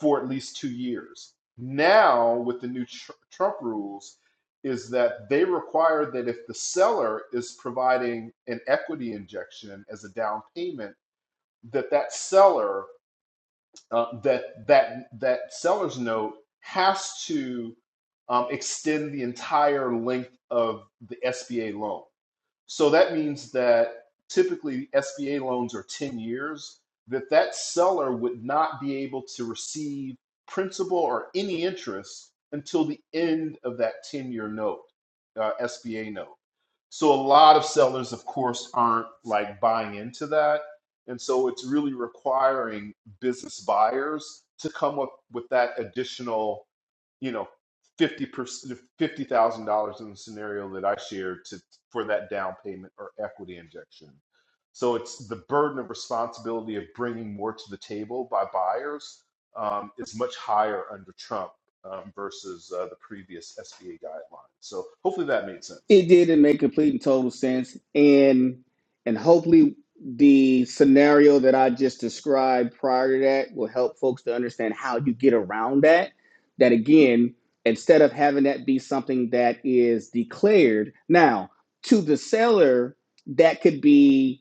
for at least two years. Now, with the new tr- Trump rules, is that they require that if the seller is providing an equity injection as a down payment, that that seller uh, that that that seller's note has to um, extend the entire length of the SBA loan. So that means that typically SBA loans are 10 years, that that seller would not be able to receive principal or any interest until the end of that 10 year note, uh, SBA note. So a lot of sellers, of course, aren't like buying into that. And so it's really requiring business buyers to come up with that additional you know, fifty percent, fifty thousand dollars in the scenario that I shared to for that down payment or equity injection. So it's the burden of responsibility of bringing more to the table by buyers um, is much higher under Trump um, versus uh, the previous SBA guidelines. So hopefully that made sense. It didn't make complete and total sense, and and hopefully the scenario that I just described prior to that will help folks to understand how you get around that. That again, instead of having that be something that is declared now to the seller, that could be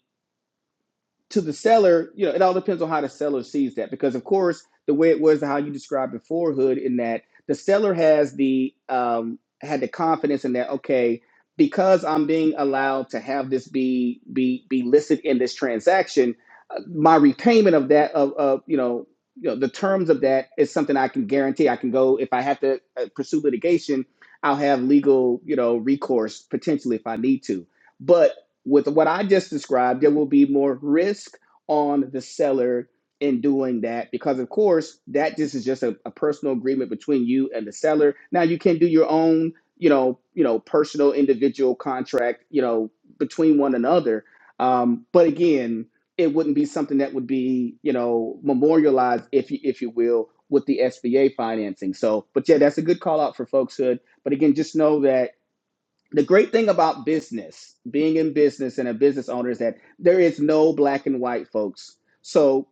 to the seller, you know, it all depends on how the seller sees that. Because of course, the way it was how you described before Hood, in that the seller has the um had the confidence in that, okay, because I'm being allowed to have this be be be listed in this transaction, uh, my repayment of that of, of you know you know the terms of that is something I can guarantee. I can go if I have to uh, pursue litigation, I'll have legal you know recourse potentially if I need to. But with what I just described, there will be more risk on the seller in doing that because, of course, that this is just a, a personal agreement between you and the seller. Now you can do your own, you know, you know, personal individual contract, you know, between one another. Um, but again, it wouldn't be something that would be, you know, memorialized, if you if you will, with the SBA financing. So, but yeah, that's a good call out for folks hood. But again, just know that the great thing about business, being in business and a business owner, is that there is no black and white, folks. So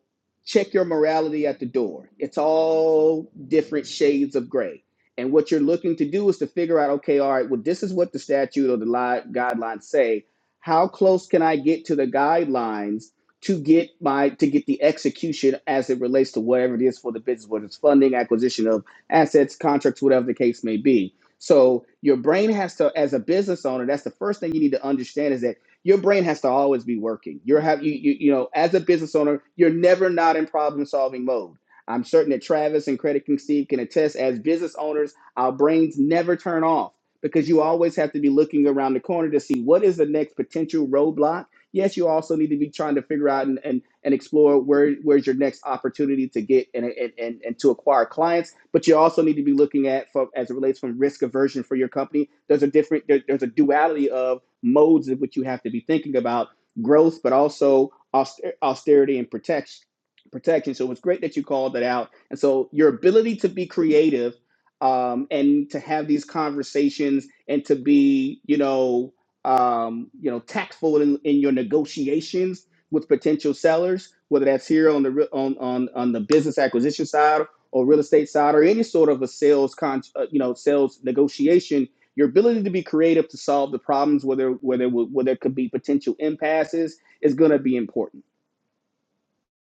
check your morality at the door. It's all different shades of gray. And what you're looking to do is to figure out, okay, all right, well, this is what the statute or the li- guidelines say. How close can I get to the guidelines to get my to get the execution as it relates to whatever it is for the business, whether it's funding, acquisition of assets, contracts, whatever the case may be so your brain has to, as a business owner, that's the first thing you need to understand is that your brain has to always be working. You're have you, you you know, as a business owner, you're never not in problem solving mode. I'm certain that Travis and Credit King Steve can attest as business owners, our brains never turn off because you always have to be looking around the corner to see what is the next potential roadblock Yes, you also need to be trying to figure out and and, and explore where where's your next opportunity to get and, and and and to acquire clients. But you also need to be looking at from as it relates from risk aversion for your company. There's a different there, there's a duality of modes in which you have to be thinking about growth, but also auster- austerity and protection protection. So it was great that you called that out. And so your ability to be creative um, and to have these conversations and to be, you know, um, you know, tactful in, in your negotiations with potential sellers, whether that's here on the re- on on on the business acquisition side or real estate side or any sort of a sales con, uh, you know, sales negotiation. Your ability to be creative to solve the problems, whether whether where there could be potential impasses, is going to be important.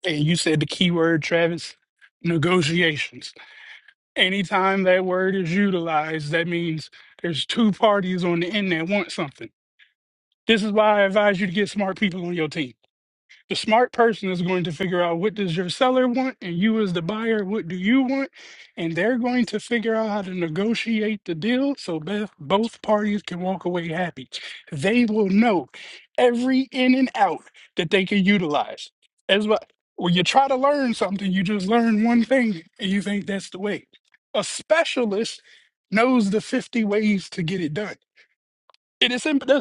And you said the key word, Travis, negotiations. Anytime that word is utilized, that means there's two parties on the end that want something. This is why I advise you to get smart people on your team. The smart person is going to figure out what does your seller want and you as the buyer, what do you want? And they're going to figure out how to negotiate the deal so both both parties can walk away happy. They will know every in and out that they can utilize. As well, when you try to learn something, you just learn one thing and you think that's the way. A specialist knows the 50 ways to get it done. It is simple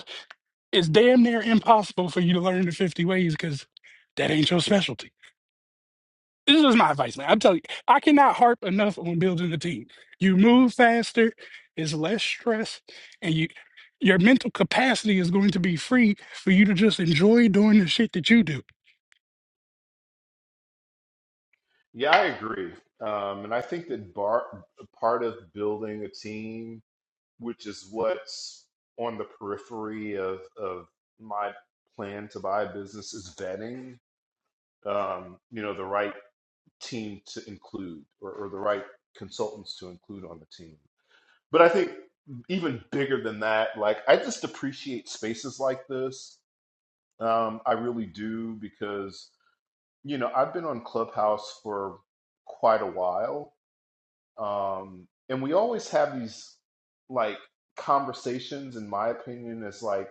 it's damn near impossible for you to learn the 50 ways because that ain't your specialty. This is my advice, man. I'm telling you, I cannot harp enough on building a team. You move faster, it's less stress, and you your mental capacity is going to be free for you to just enjoy doing the shit that you do. Yeah, I agree, um, and I think that bar- part of building a team, which is what's on the periphery of of my plan to buy a business, is vetting. Um, you know, the right team to include or, or the right consultants to include on the team. But I think even bigger than that, like I just appreciate spaces like this. Um, I really do because, you know, I've been on Clubhouse for quite a while. Um, and we always have these like conversations, in my opinion, as like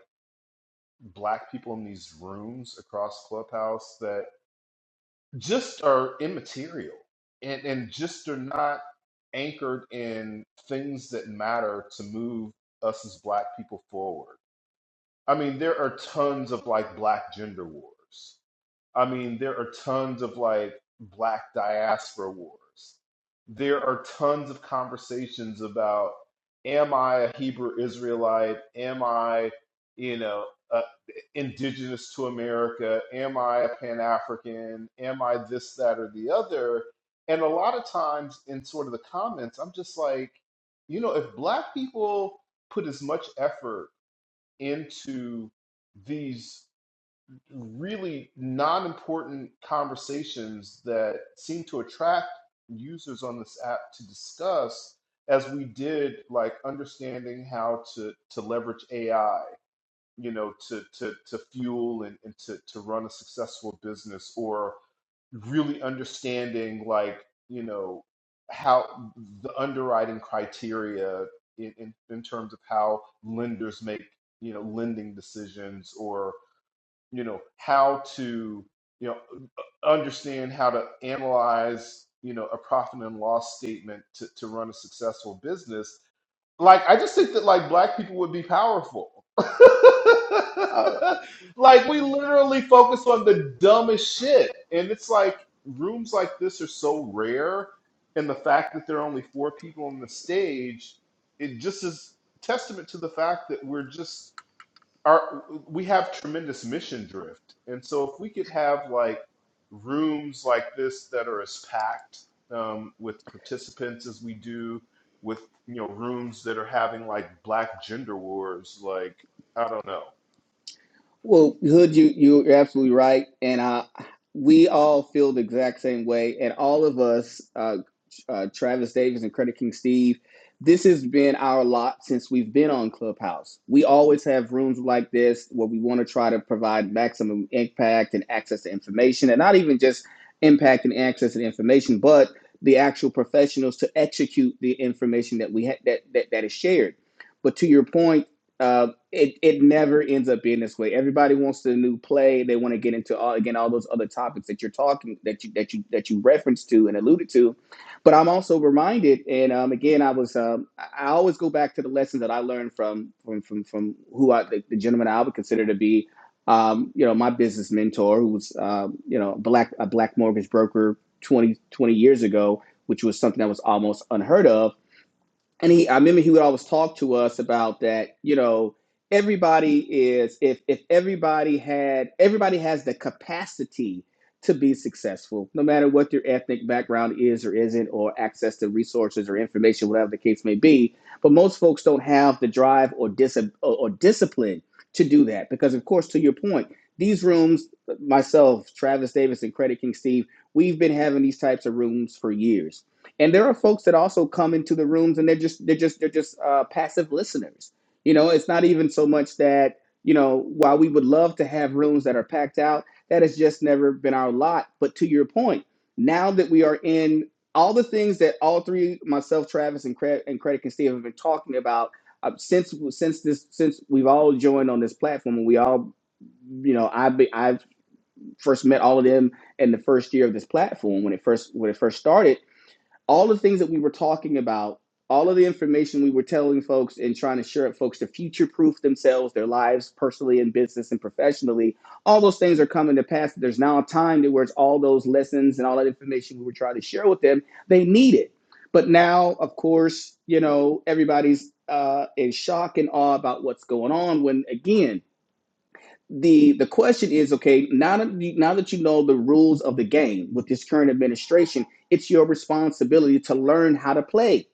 black people in these rooms across Clubhouse that just are immaterial and, and just are not anchored in things that matter to move us as black people forward. I mean, there are tons of like black gender wars. I mean, there are tons of like black diaspora wars. There are tons of conversations about am I a Hebrew Israelite? Am I, you know, uh, indigenous to America? Am I a Pan African? Am I this, that, or the other? And a lot of times in sort of the comments, I'm just like, you know, if black people put as much effort into these really non-important conversations that seem to attract users on this app to discuss as we did like understanding how to to leverage AI, you know, to to to fuel and, and to to run a successful business or really understanding like, you know, how the underwriting criteria in, in, in terms of how lenders make, you know, lending decisions or you know how to you know understand how to analyze you know a profit and loss statement to, to run a successful business like i just think that like black people would be powerful Uh, like we literally focus on the dumbest shit and it's like rooms like this are so rare and the fact that there are only four people on the stage it just is testament to the fact that we're just our we have tremendous mission drift and so if we could have like rooms like this that are as packed um, with participants as we do with you know rooms that are having like black gender wars like i don't know Well, Hood, you you- are absolutely right, and uh, we all feel the exact same way, and all of us, uh, uh, Travis Davis and Credit King Steve, this has been our lot since we've been on Clubhouse. We always have rooms like this where we want to try to provide maximum impact and access to information, and not even just impact and access to information, but the actual professionals to execute the information that we ha- that, that that is shared. But to your point. uh, it it never ends up being this way. Everybody wants the new play. They want to get into all again all those other topics that you're talking that you that you that you referenced to and alluded to. But I'm also reminded, and um, again, I was um, I always go back to the lessons that I learned from from from from who I the, the gentleman I would consider to be. Um, you know, my business mentor, who was, um, you know, black a black mortgage broker 20, 20 years ago, which was something that was almost unheard of and he i remember he would always talk to us about that you know everybody is if if everybody had everybody has the capacity to be successful no matter what their ethnic background is or isn't or access to resources or information whatever the case may be but most folks don't have the drive or dis or, or discipline to do that because of course to your point these rooms myself travis davis and credit king steve we've been having these types of rooms for years and there are folks that also come into the rooms and they're just they're just they're just uh, passive listeners you know it's not even so much that you know while we would love to have rooms that are packed out that has just never been our lot but to your point now that we are in all the things that all three myself travis and credit and credit and steve have been talking about uh, since since this since we've all joined on this platform and we all you know i i first met all of them in the first year of this platform when it first when it first started all the things that we were talking about, all of the information we were telling folks and trying to share with folks to future proof themselves, their lives personally and business and professionally, all those things are coming to pass. There's now a time to where it's all those lessons and all that information we were trying to share with them, they need it. But now, of course, you know, everybody's uh, in shock and awe about what's going on when, again, the the question is okay now that you, now that you know the rules of the game with this current administration it's your responsibility to learn how to play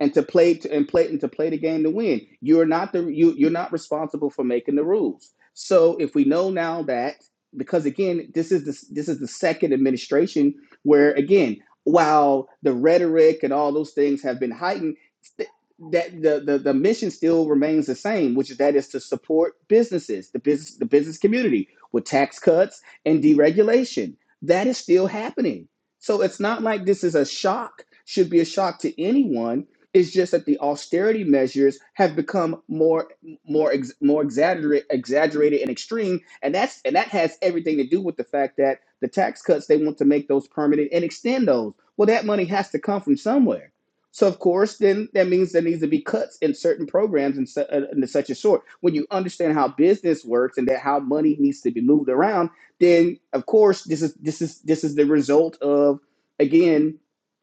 and to play to, and play and to play the game to win. You're not the you you're not responsible for making the rules. So if we know now that because again this is the, this is the second administration where again while the rhetoric and all those things have been heightened st- that the, the the mission still remains the same which is that is to support businesses the business the business community with tax cuts and deregulation that is still happening so it's not like this is a shock should be a shock to anyone it's just that the austerity measures have become more more ex, more exaggerate, exaggerated and extreme, and that's and that has everything to do with the fact that the tax cuts they want to make those permanent and extend those. Well, that money has to come from somewhere. So of course, then that means there needs to be cuts in certain programs and, su- uh, and such a sort. When you understand how business works and that how money needs to be moved around, then of course this is this is this is the result of again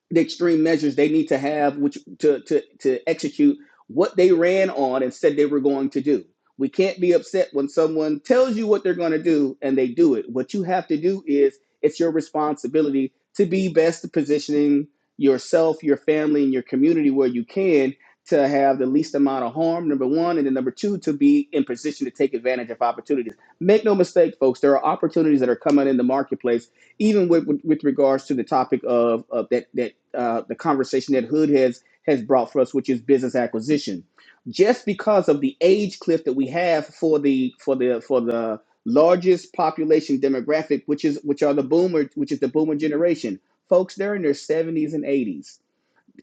the extreme measures they need to have which to to to execute what they ran on and said they were going to do. We can't be upset when someone tells you what they're going to do and they do it. What you have to do is it's your responsibility to be best positioning yourself, your family, and your community where you can to have the least amount of harm, number one. And then number two, to be in position to take advantage of opportunities. Make no mistake, folks, there are opportunities that are coming in the marketplace even with, with, with regards to the topic of, of that that uh, the conversation that Hood has has brought for us, which is business acquisition. Just because of the age cliff that we have for the for the for the largest population demographic, which is which are the boomer, which is the boomer generation, folks, they're in their 70s and 80s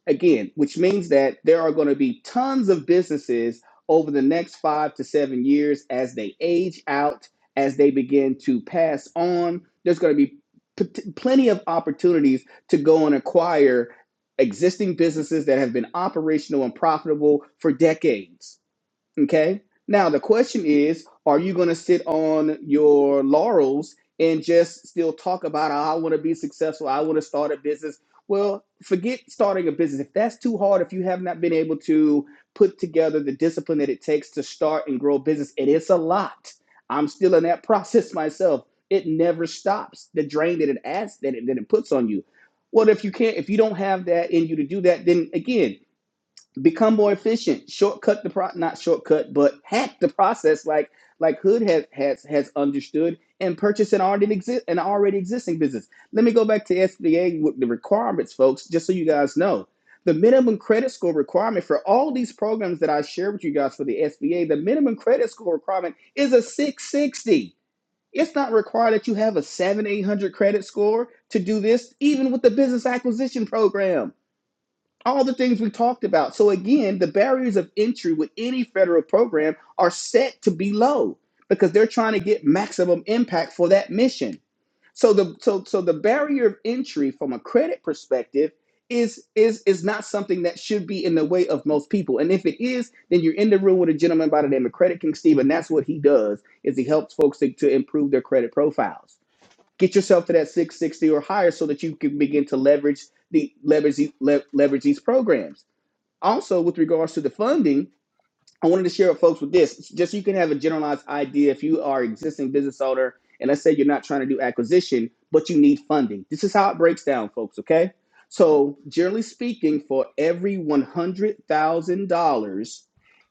again, which means that there are going to be tons of businesses over the next five to seven years as they age out, as they begin to pass on. There's going to be p- plenty of opportunities to go and acquire existing businesses that have been operational and profitable for decades Okay. Now the question is, are you going to sit on your laurels and just still talk about, oh, I want to be successful, I want to start a business? Well, forget starting a business. If that's too hard, if you have not been able to put together the discipline that it takes to start and grow a business, it is a lot. I'm still in that process myself. It never stops. The drain that it adds, that it, that it puts on you. Well, if you can't, if you don't have that in you to do that, then again, become more efficient shortcut the pro not shortcut but hack the process like like hood has has has understood and purchase an already exist an already existing business let me go back to sba with the requirements folks just so you guys know the minimum credit score requirement for all these programs that i share with you guys for the sba the minimum credit score requirement is a 660 it's not required that you have a 7 800 credit score to do this even with the business acquisition program all the things we talked about. So again, the barriers of entry with any federal program are set to be low because they're trying to get maximum impact for that mission. So the so so the barrier of entry from a credit perspective is is is not something that should be in the way of most people. And if it is, then you're in the room with a gentleman by the name of Credit King Steve, and that's what he does is he helps folks to, to improve their credit profiles. Get yourself to that 660 or higher so that you can begin to leverage the leverage leverage these programs. Also, with regards to the funding, I wanted to share with folks with this, just so you can have a generalized idea. If you are an existing business owner, and let's say you're not trying to do acquisition, but you need funding, this is how it breaks down, folks. Okay, so generally speaking, for every one hundred thousand dollars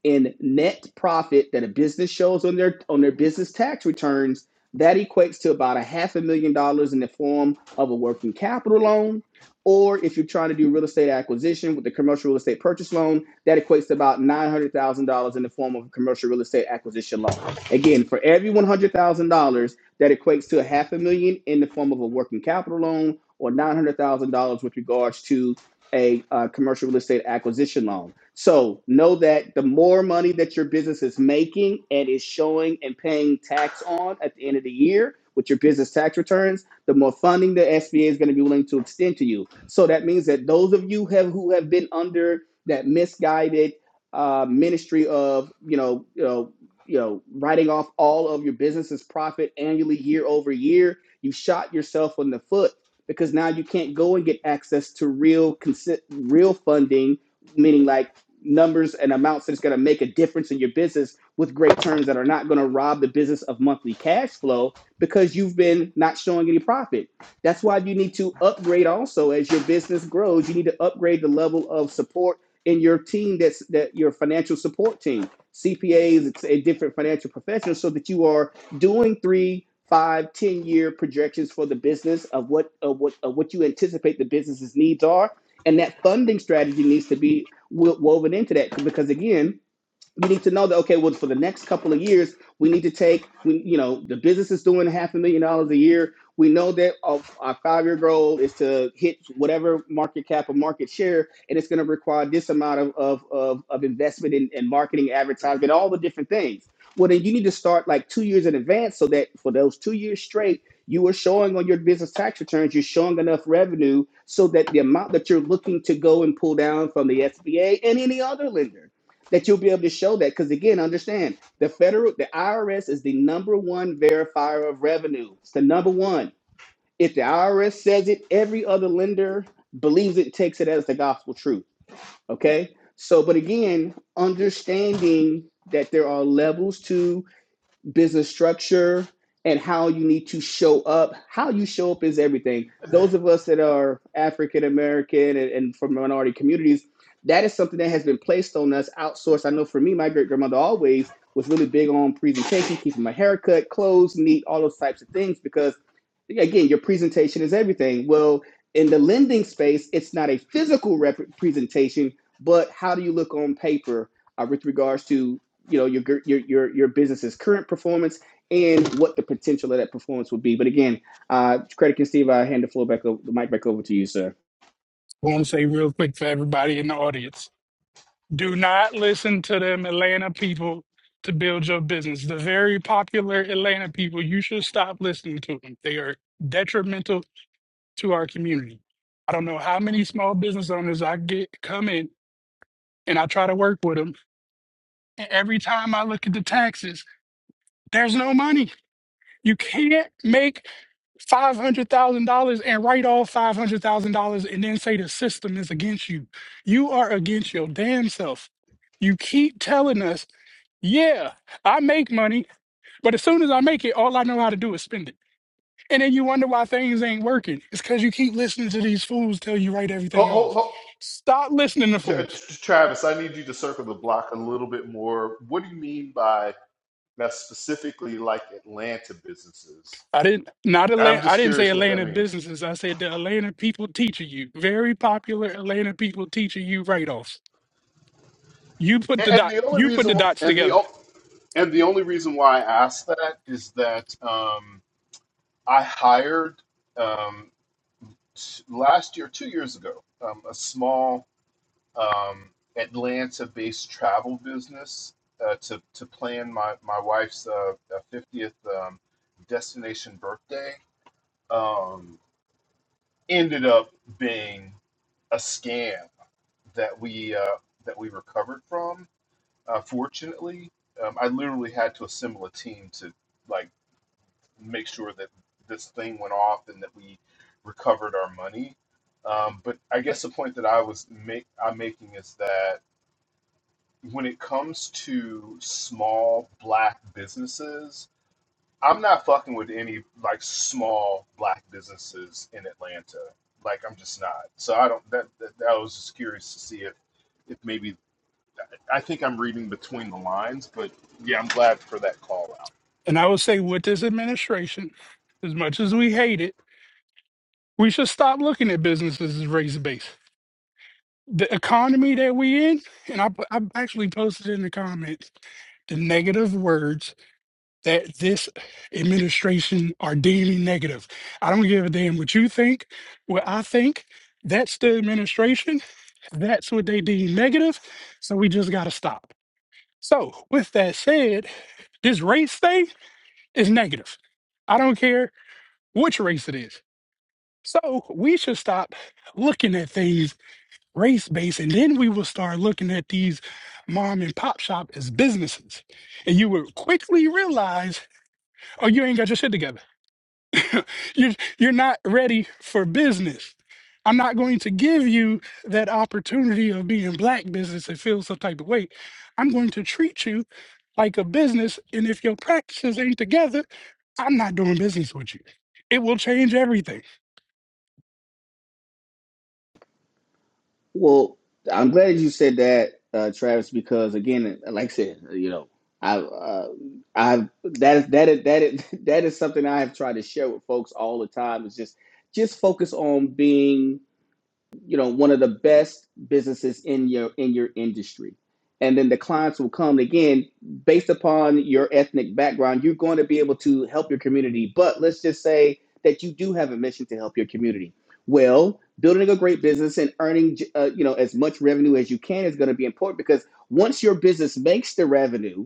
in net profit that a business shows on their on their business tax returns, that equates to about a half a million dollars in the form of a working capital loan. Or if you're trying to do real estate acquisition with the commercial real estate purchase loan, that equates to about $900,000 in the form of a commercial real estate acquisition loan. Again, for every $100,000, that equates to a half a million in the form of a working capital loan or $900,000 with regards to a uh, commercial real estate acquisition loan. So know that the more money that your business is making and is showing and paying tax on at the end of the year with your business tax returns, the more funding the SBA is going to be willing to extend to you. So that means that those of you have who have been under that misguided uh, ministry of you know you know you know writing off all of your business's profit annually year over year you shot yourself in the foot because now you can't go and get access to real consi- real funding meaning like numbers and amounts that's going to make a difference in your business with great terms that are not going to rob the business of monthly cash flow because you've been not showing any profit that's why you need to upgrade also as your business grows you need to upgrade the level of support in your team that's that your financial support team, CPAs and different financial professionals, so that you are doing three, five, ten year projections for the business of what of what of what you anticipate the business's needs are, and that funding strategy needs to be wo- woven into that because again you need to know that okay well for the next couple of years we need to take we you know the business is doing half a million dollars a year we know that uh, our five year goal is to hit whatever market cap or market share and it's going to require this amount of of, of, of investment in, in marketing advertising, all the different things well then you need to start like two years in advance so that for those two years straight you are showing on your business tax returns you're showing enough revenue so that the amount that you're looking to go and pull down from the sba and any other lender that you'll be able to show that. Because again, understand the federal, the IRS is the number one verifier of revenue. It's the number one. If the IRS says it, every other lender believes it, takes it as the gospel truth. Okay. So, but again, understanding that there are levels to business structure and how you need to show up. How you show up is everything. Those of us that are African American and, and from minority communities, that is something that has been placed on us, outsourced. I know for me, my great grandmother always was really big on presentation, keeping my haircut, clothes neat, all those types of things, because again, your presentation is everything. Well, in the lending space, it's not a physical rep- presentation, but how do you look on paper uh, with regards to you know your your your your business's current performance and what the potential of that performance would be. But again, uh, credit and Steve, I hand the floor back over, the mic back over to you, sir. I want to say real quick for everybody in the audience. Do not listen to them Atlanta people to build your business. The very popular Atlanta people, you should stop listening to them. They are detrimental to our community. I don't know how many small business owners I get come in and I try to work with them. And every time I look at the taxes, there's no money. You can't make five hundred thousand dollars and write off five hundred thousand dollars and then say the system is against you. You are against your damn self. You keep telling us, yeah, I make money, but as soon as I make it, all I know how to do is spend it. And then you wonder why things ain't working. It's because you keep listening to these fools tell you write ho, everything ho, off. ho. Stop listening to T- uh, fools. t- travis i need you to circle the block a little bit more what do you mean by that specifically like atlanta businesses I didn't not i'm Atlanta, I just didn't say curious what that Atlanta means businesses. I said the Atlanta people teaching you. Very popular Atlanta people teaching you write offs. You put the And and dot the only you put the reason, dots and the together. o- and the only reason why I asked that is that um, I hired um, t- last year, two years ago, um, a small um, Atlanta-based travel business uh, to to plan my my wife's uh, uh, 50th um, destination birthday. Um, ended up being a scam that we uh, that we recovered from. Uh, fortunately, um, I literally had to assemble a team to like make sure that this thing went off and that we recovered our money. Um, but I guess the point that I was make I'm making is that when it comes to small black businesses, I'm not fucking with any like small black businesses in Atlanta. Like I'm just not. So I don't. That that, that I was just curious to see if if maybe I think I'm reading between the lines, but yeah, I'm glad for that call And I will say with this administration, as much as we hate it, we should stop looking at businesses as razor base. The economy that we in, and I, I actually posted in the comments the negative words that this administration are deeming negative. I don't give a damn what you think, what I think. That's the administration. That's what they deem negative. So we just got to stop. So, with that said, this race thing is negative. I don't care which race it is. So, we should stop looking at things race based and then we will start looking at these mom and pop shop as businesses. And you will quickly realize, oh, you ain't got your shit together You're, you're not ready for business. I'm not going to give you that opportunity of being black business and feel some type of way. I'm going to treat you like a business. And if your practices ain't together, I'm not doing business with you. It will change everything. Well, I'm glad you said that, uh, Travis, because again, like I said, uh, you know, I uh, I've that is that is that is that is something I have tried to share with folks all the time. Is just just focus on being you know one of the best businesses in your in your industry and then the clients will come again based upon your ethnic background you're going to be able to help your community but let's just say that you do have a mission to help your community well building a great business and earning uh, you know as much revenue as you can is going to be important because once your business makes the revenue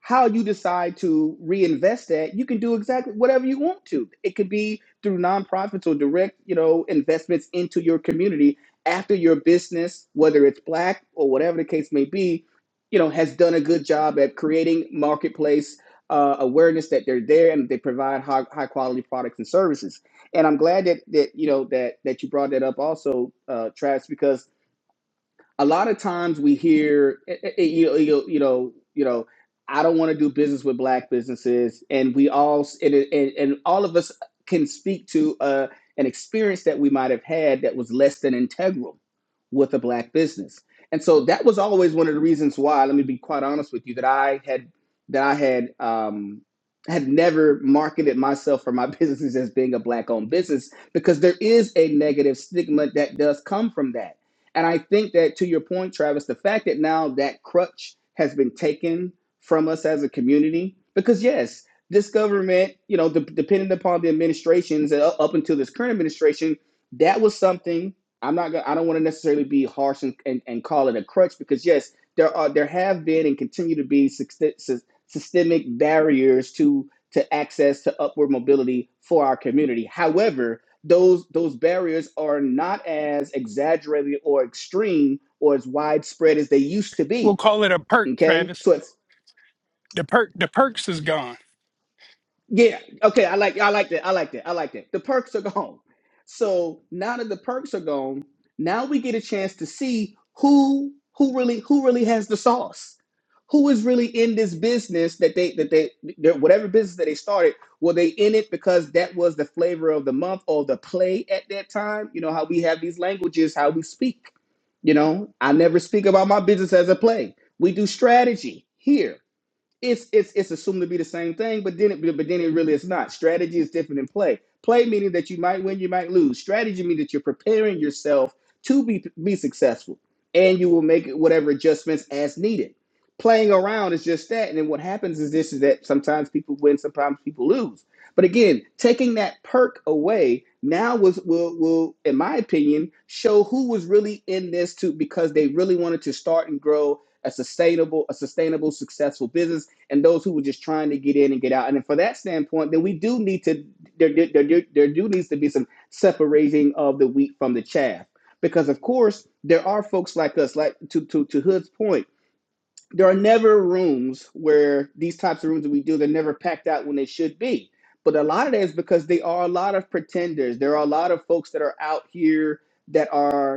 how you decide to reinvest that, you can do exactly whatever you want to. It could be through nonprofits or direct, you know, investments into your community after your business, whether it's black or whatever the case may be, you know, has done a good job at creating marketplace uh, awareness that they're there and they provide high, high quality products and services. And I'm glad that that you know that that you brought that up also, uh, Travis, because a lot of times we hear eh, eh, eh, you, you, you know you know i don't want to do business with black businesses and we all and, and, and all of us can speak to uh, an experience that we might have had that was less than integral with a black business and so that was always one of the reasons why let me be quite honest with you that i had that i had um had never marketed myself or my businesses as being a black owned business because there is a negative stigma that does come from that and I think that to your point, Travis, the fact that now that crutch has been taken from us as a community, because yes, this government, you know, de- depending upon the administrations uh, up until this current administration, that was something I'm not gonna, I don't want to necessarily be harsh and, and, and call it a crutch because yes, there are there have been and continue to be systemic barriers to to access to upward mobility for our community. However, those those barriers are not as exaggerated or extreme or as widespread as they used to We'll be call it a perk, okay Travis. so it The perk, the perks is gone. Yeah. Okay. I like. I like that. I like that. I like that. The perks are gone. So now that the perks are gone, now we get a chance to see who who really who really has the sauce. Who is really in this business that they that they that whatever business that they started were they in it because that was the flavor of the month or the play at that time? You know how we have these languages, how we speak. You know, I never speak about my business as a play. We do strategy here it's it's it's assumed to be the same thing, but then it but then it really is not. Strategy is different than play. Play meaning that you might win, you might lose. Strategy means that you're preparing yourself to be be successful, and you will make whatever adjustments as needed. Playing around is just that, and then what happens is this: is that sometimes people win, sometimes people lose. But again, taking that perk away now was will will, in my opinion, show who was really in this too, because they really wanted to start and grow a sustainable, a sustainable, successful business and those who were just trying to get in and get out. And for that standpoint, then we do need to there there, there, there do needs to be some separating of the wheat from the chaff. Because of course there are folks like us, like to to, to Hood's point, there are never rooms where these types of rooms that we do, they're never packed out when they should be. But a lot of that is because they are a lot of pretenders. There are a lot of folks that are out here that are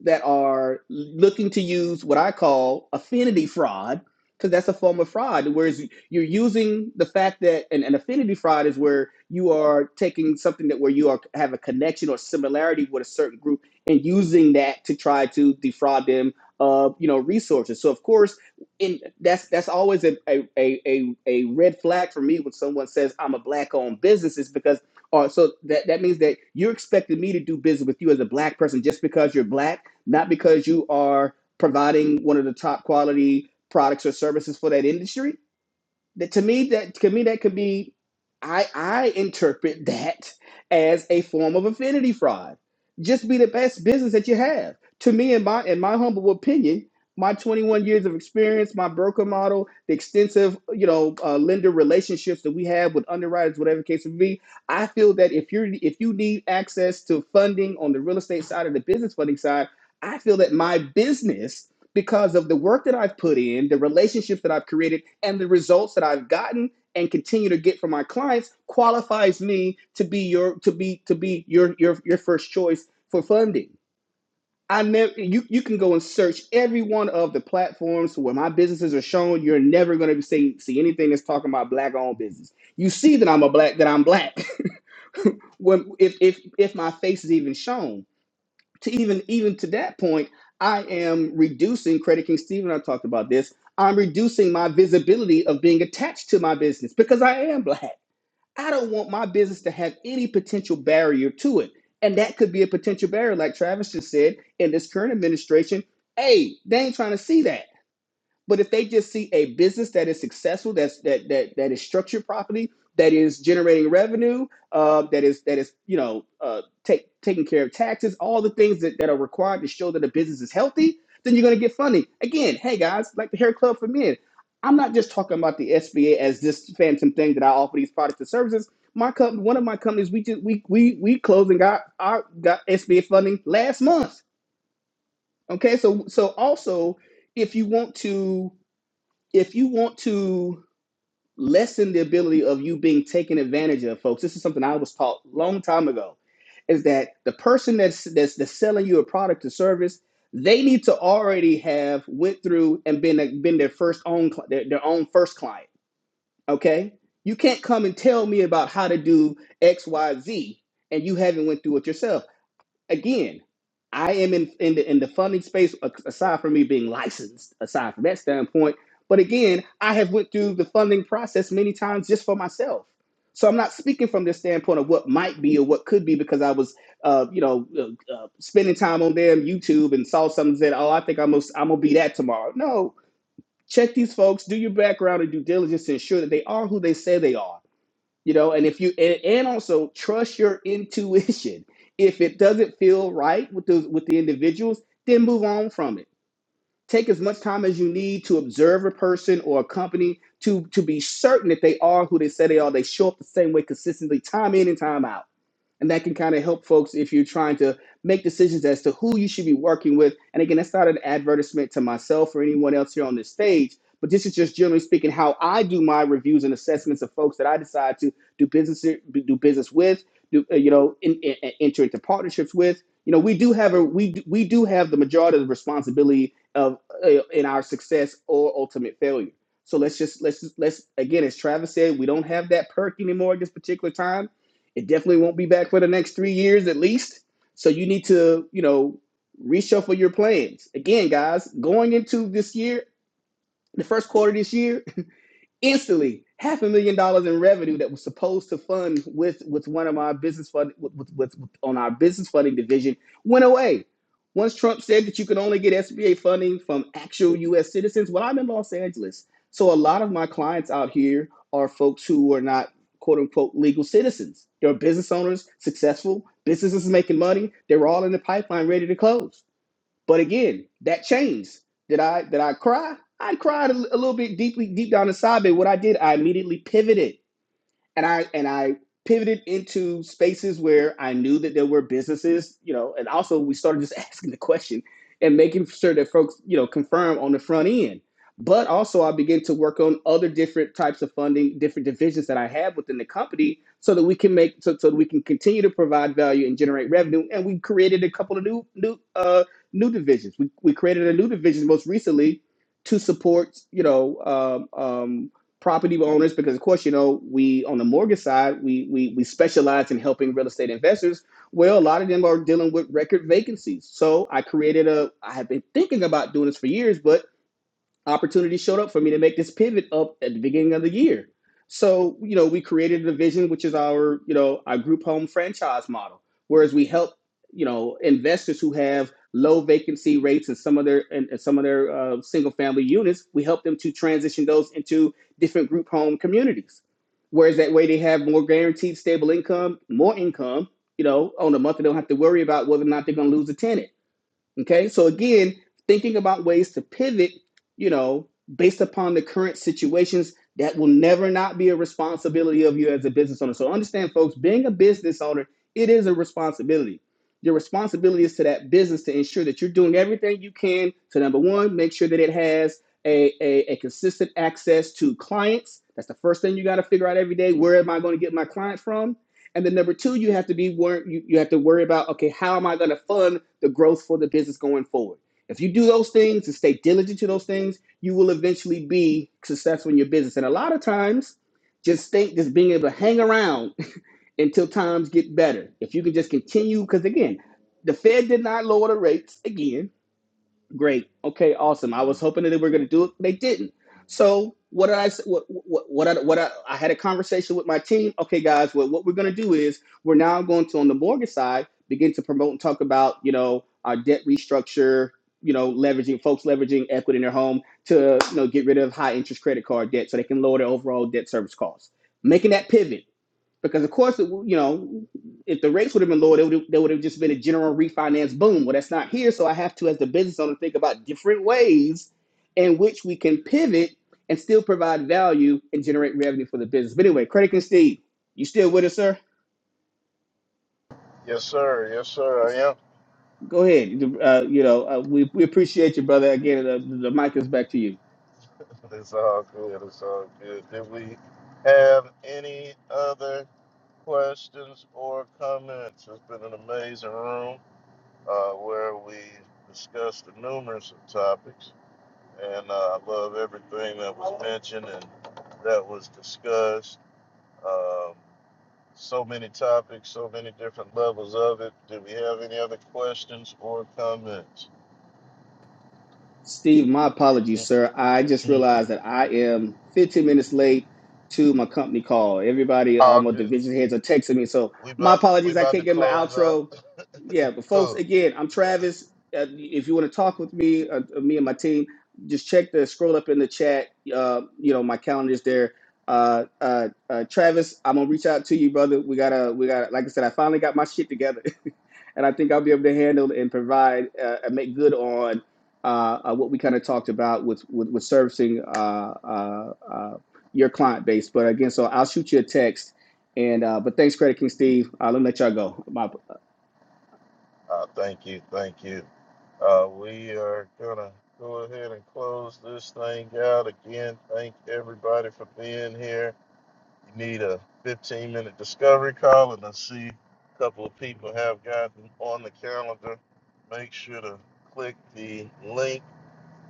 that are looking to use what I call affinity fraud, because that's a form of fraud. Whereas you're using the fact that and, and affinity fraud is where you are taking something that where you are have a connection or similarity with a certain group and using that to try to defraud them of you know resources. So of course, in that's that's always a a, a, a red flag for me when someone says I'm a black owned business is because or so that that means that you're expecting me to do business with you as a black person just because you're black not because you are providing one of the top quality products or services for that industry, that to me, that to me, that could be. I I interpret that as a form of affinity fraud. Just be the best business that you have. To me, in my in my humble opinion, my 21 years of experience, my broker model, the extensive you know uh, lender relationships that we have with underwriters, whatever the case may be, I feel that if you're if you need access to funding on the real estate side or the business funding side, I feel that my business because of the work that I've put in, the relationships that I've created, and the results that I've gotten and continue to get from my clients qualifies me to be your to be to be your your your first choice for funding. I never you you can go and search every one of the platforms where my businesses are shown. You're never going to see see anything that's talking about black owned business. You see that I'm a black that I'm black when if if if my face is even shown to even even to that point, I am reducing Credit King Steve and I talked about this. I'm reducing my visibility of being attached to my business because I am black. I don't want my business to have any potential barrier to it. And that could be a potential barrier, like Travis just said, in this current administration. Hey, they ain't trying to see that. But if they just see a business that is successful, that's that that that is structured properly, that is generating revenue, uh, that is that is you know uh, take, taking care of taxes, all the things that, that are required to show that a business is healthy, then you're going to get funding. Again, hey guys, like the Hair Club for Men, I'm not just talking about the SBA as this phantom thing that I offer these products and services. My company, one of my companies, we just we we we closed and got our got SBA funding last month. Okay, so so also if you want to if you want to lessen the ability of you being taken advantage of, folks, this is something I was taught a long time ago, is that the person that's that's, that's selling you a product or service, they need to already have went through and been been their first own their, their own first client. Okay, you can't come and tell me about how to do X, Y, Z, and you haven't went through it yourself again, I am in in the, in the funding space a- aside from me being licensed. Aside from that standpoint, but again, I have went through the funding process many times just for myself. So I'm not speaking from this standpoint of what might be or what could be because I was, uh, you know, uh, uh, spending time on them YouTube and saw something and said, "Oh, I think I'm gonna, I'm gonna be that tomorrow." No, check these folks, do your background and due diligence to ensure that they are who they say they are you know and if you and, and also trust your intuition if it doesn't feel right with those with the individuals then move on from it take as much time as you need to observe a person or a company to to be certain that they are who they say they are they show up the same way consistently time in and time out and that can kind of help folks if you're trying to make decisions as to who you should be working with. And again, that's not an advertisement to myself or anyone else here on this stage, but this is just generally speaking how I do my reviews and assessments of folks that I decide to do business do business with, do uh, you know, in, in, enter into partnerships with. You know, we do have a we do- we do have the majority of the responsibility of uh, in our success or ultimate failure. So let's just let's let's again, as Travis said, we don't have that perk anymore at this particular time it definitely won't be back for the next three years at least. So you need to, you know, reshuffle your plans. Again, guys, going into this year, the first quarter of this year, instantly half a million dollars in revenue that was supposed to fund with with one of our business fund with, with, with, with- on our business funding division went away once trump said that you could only get sba funding from actual us citizens well i'm in los angeles so a lot of my clients out here are folks who are not quote unquote legal citizens they're business owners successful businesses making money they're all in the pipeline ready to close but again, that changed. Did I did I cry? I cried a, a little bit deeply deep down inside, but what I did, I immediately pivoted and I and I pivoted into spaces where I knew that there were businesses, you know, and also we started just asking the question and making sure that folks, you know, confirm on the front end. But also I began to work on other different types of funding, different divisions that I have within the company so that we can make so, so that we can continue to provide value and generate revenue. And we created a couple of new new uh new divisions. We we created a new division most recently to support, you know, um, um, property owners because of course you know we on the mortgage side we we we specialize in helping real estate investors well a lot of them are dealing with record vacancies so i created a i have been thinking about doing this for years but opportunity showed up for me to make this pivot up at the beginning of the year. So, you know, we created a division, which is our, you know, our group home franchise model, whereas we help, you know, investors who have low vacancy rates in some of their and, some of their uh, single family units, we help them to transition those into different group home communities. Whereas that way they have more guaranteed stable income, more income, you know, on a month they don't have to worry about whether or not they're going to lose a tenant Okay, so again, thinking about ways to pivot, you know, based upon the current situations, that will never not be a responsibility of you as a business owner. So understand, folks, being a business owner, it is a responsibility. Your responsibility is to that business to ensure that you're doing everything you can to number one, make sure that it has a, a, a consistent access to clients. That's the first thing you got to figure out every day. Where am I going to get my client from? And then number two, you have to be wor- you, you have to worry about okay, how am I going to fund the growth for the business going forward? If you do those things and stay diligent to those things, you will eventually be successful in your business. And a lot of times, just think just being able to hang around until times get better. If you can just continue, because again, the Fed did not lower the rates again Great. Okay. Awesome. I was hoping that they were going to do it. They didn't. So what did I What what what I, what I, I had a conversation with my team. Okay, guys. What what we're going to do is we're now going to on the mortgage side begin to promote and talk about you know our debt restructure. You know, leveraging folks leveraging equity in their home to you know get rid of high interest credit card debt so they can lower their overall debt service costs. Making that pivot because of course, it, you know, if the rates would have been lower, there would have, there would have just been a general refinance boom. Well, that's not here, so I have to, as the business owner, think about different ways in which we can pivot and still provide value and generate revenue for the business. But anyway, credit and Steve, you still with us, sir? Yes, sir. Yes, sir. I am. Go ahead. Uh, you know, uh, we, we appreciate you, brother. Again, the, the mic is back to you. It's all good. It's all good. Did we have any other? questions or comments. It's been an amazing room uh, where we discussed the numerous of topics, and uh, I love everything that was mentioned and that was discussed. Um, so many topics, so many different levels of it. Do we have any other questions or comments? Steve, my apologies, sir. I just Mm-mm. realized that I am 15 minutes late to my company call. Everybody, all All my good. division heads are texting me. So We my about to we apologies. I about to can't get my close out. outro. Yeah, but folks, Cool. again, I'm Travis. Uh, if you want to talk with me, uh, uh, me and my team, just check the scroll up in the chat. Uh, you know, my calendar is there. Uh, uh, uh, Travis, I'm gonna reach out to you, brother. We gotta, we gotta. Like I said, I finally got my shit together, and I think I'll be able to handle and provide uh, and make good on uh, uh, what we kind of talked about with with, with servicing uh, uh, uh, your client base. But again, so I'll shoot you a text. And uh, but thanks, Credit King Steve. Uh, let me let y'all go. My Uh, thank you, thank you. Uh, we are gonna go ahead and close this thing out again. Thank everybody for being here. You need a 15 minute discovery call, and I see a couple of people have gotten on the calendar. Make sure to click the link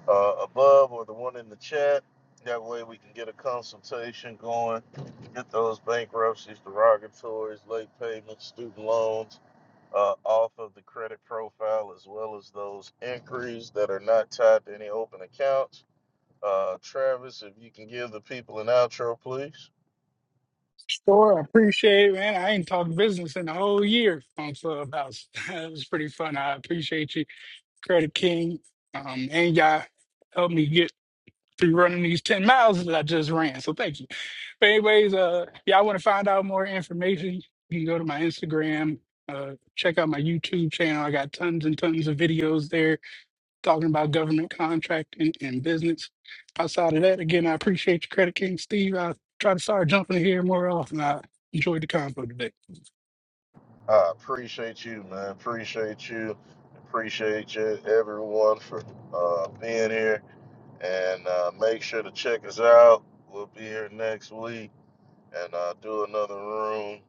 uh, above or the one in the chat. That way, we can get a consultation going, get those bankruptcies, derogatories, late payments, student loans uh, off of the credit profile as well as those inquiries that are not tied to any open accounts. Uh, Travis, if you can give the people an outro, please. Sure, I appreciate it, man. I ain't talked business in a whole year on Clubhouse. it was pretty fun. I appreciate you, Credit King, um, and y'all helped me get be running these 10 miles that I just ran. So thank you. But anyways, uh if y'all want to find out more information, you can go to my Instagram, uh check out my YouTube channel. I got tons and tons of videos there talking about government contracting and business. Outside of that, again, I appreciate you, Credit King Steve. I try to start jumping in here more often. I enjoyed the convo today. I appreciate you, man. Appreciate you. Appreciate you, everyone, for uh, being here. And uh, make sure to check us out. We'll be here next week and uh, do another room.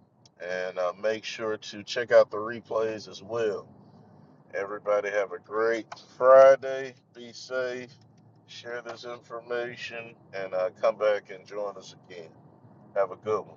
And uh, make sure to check out the replays as well. Everybody have a great Friday. Be safe Share this information and uh, come back and join us again. Have a good one.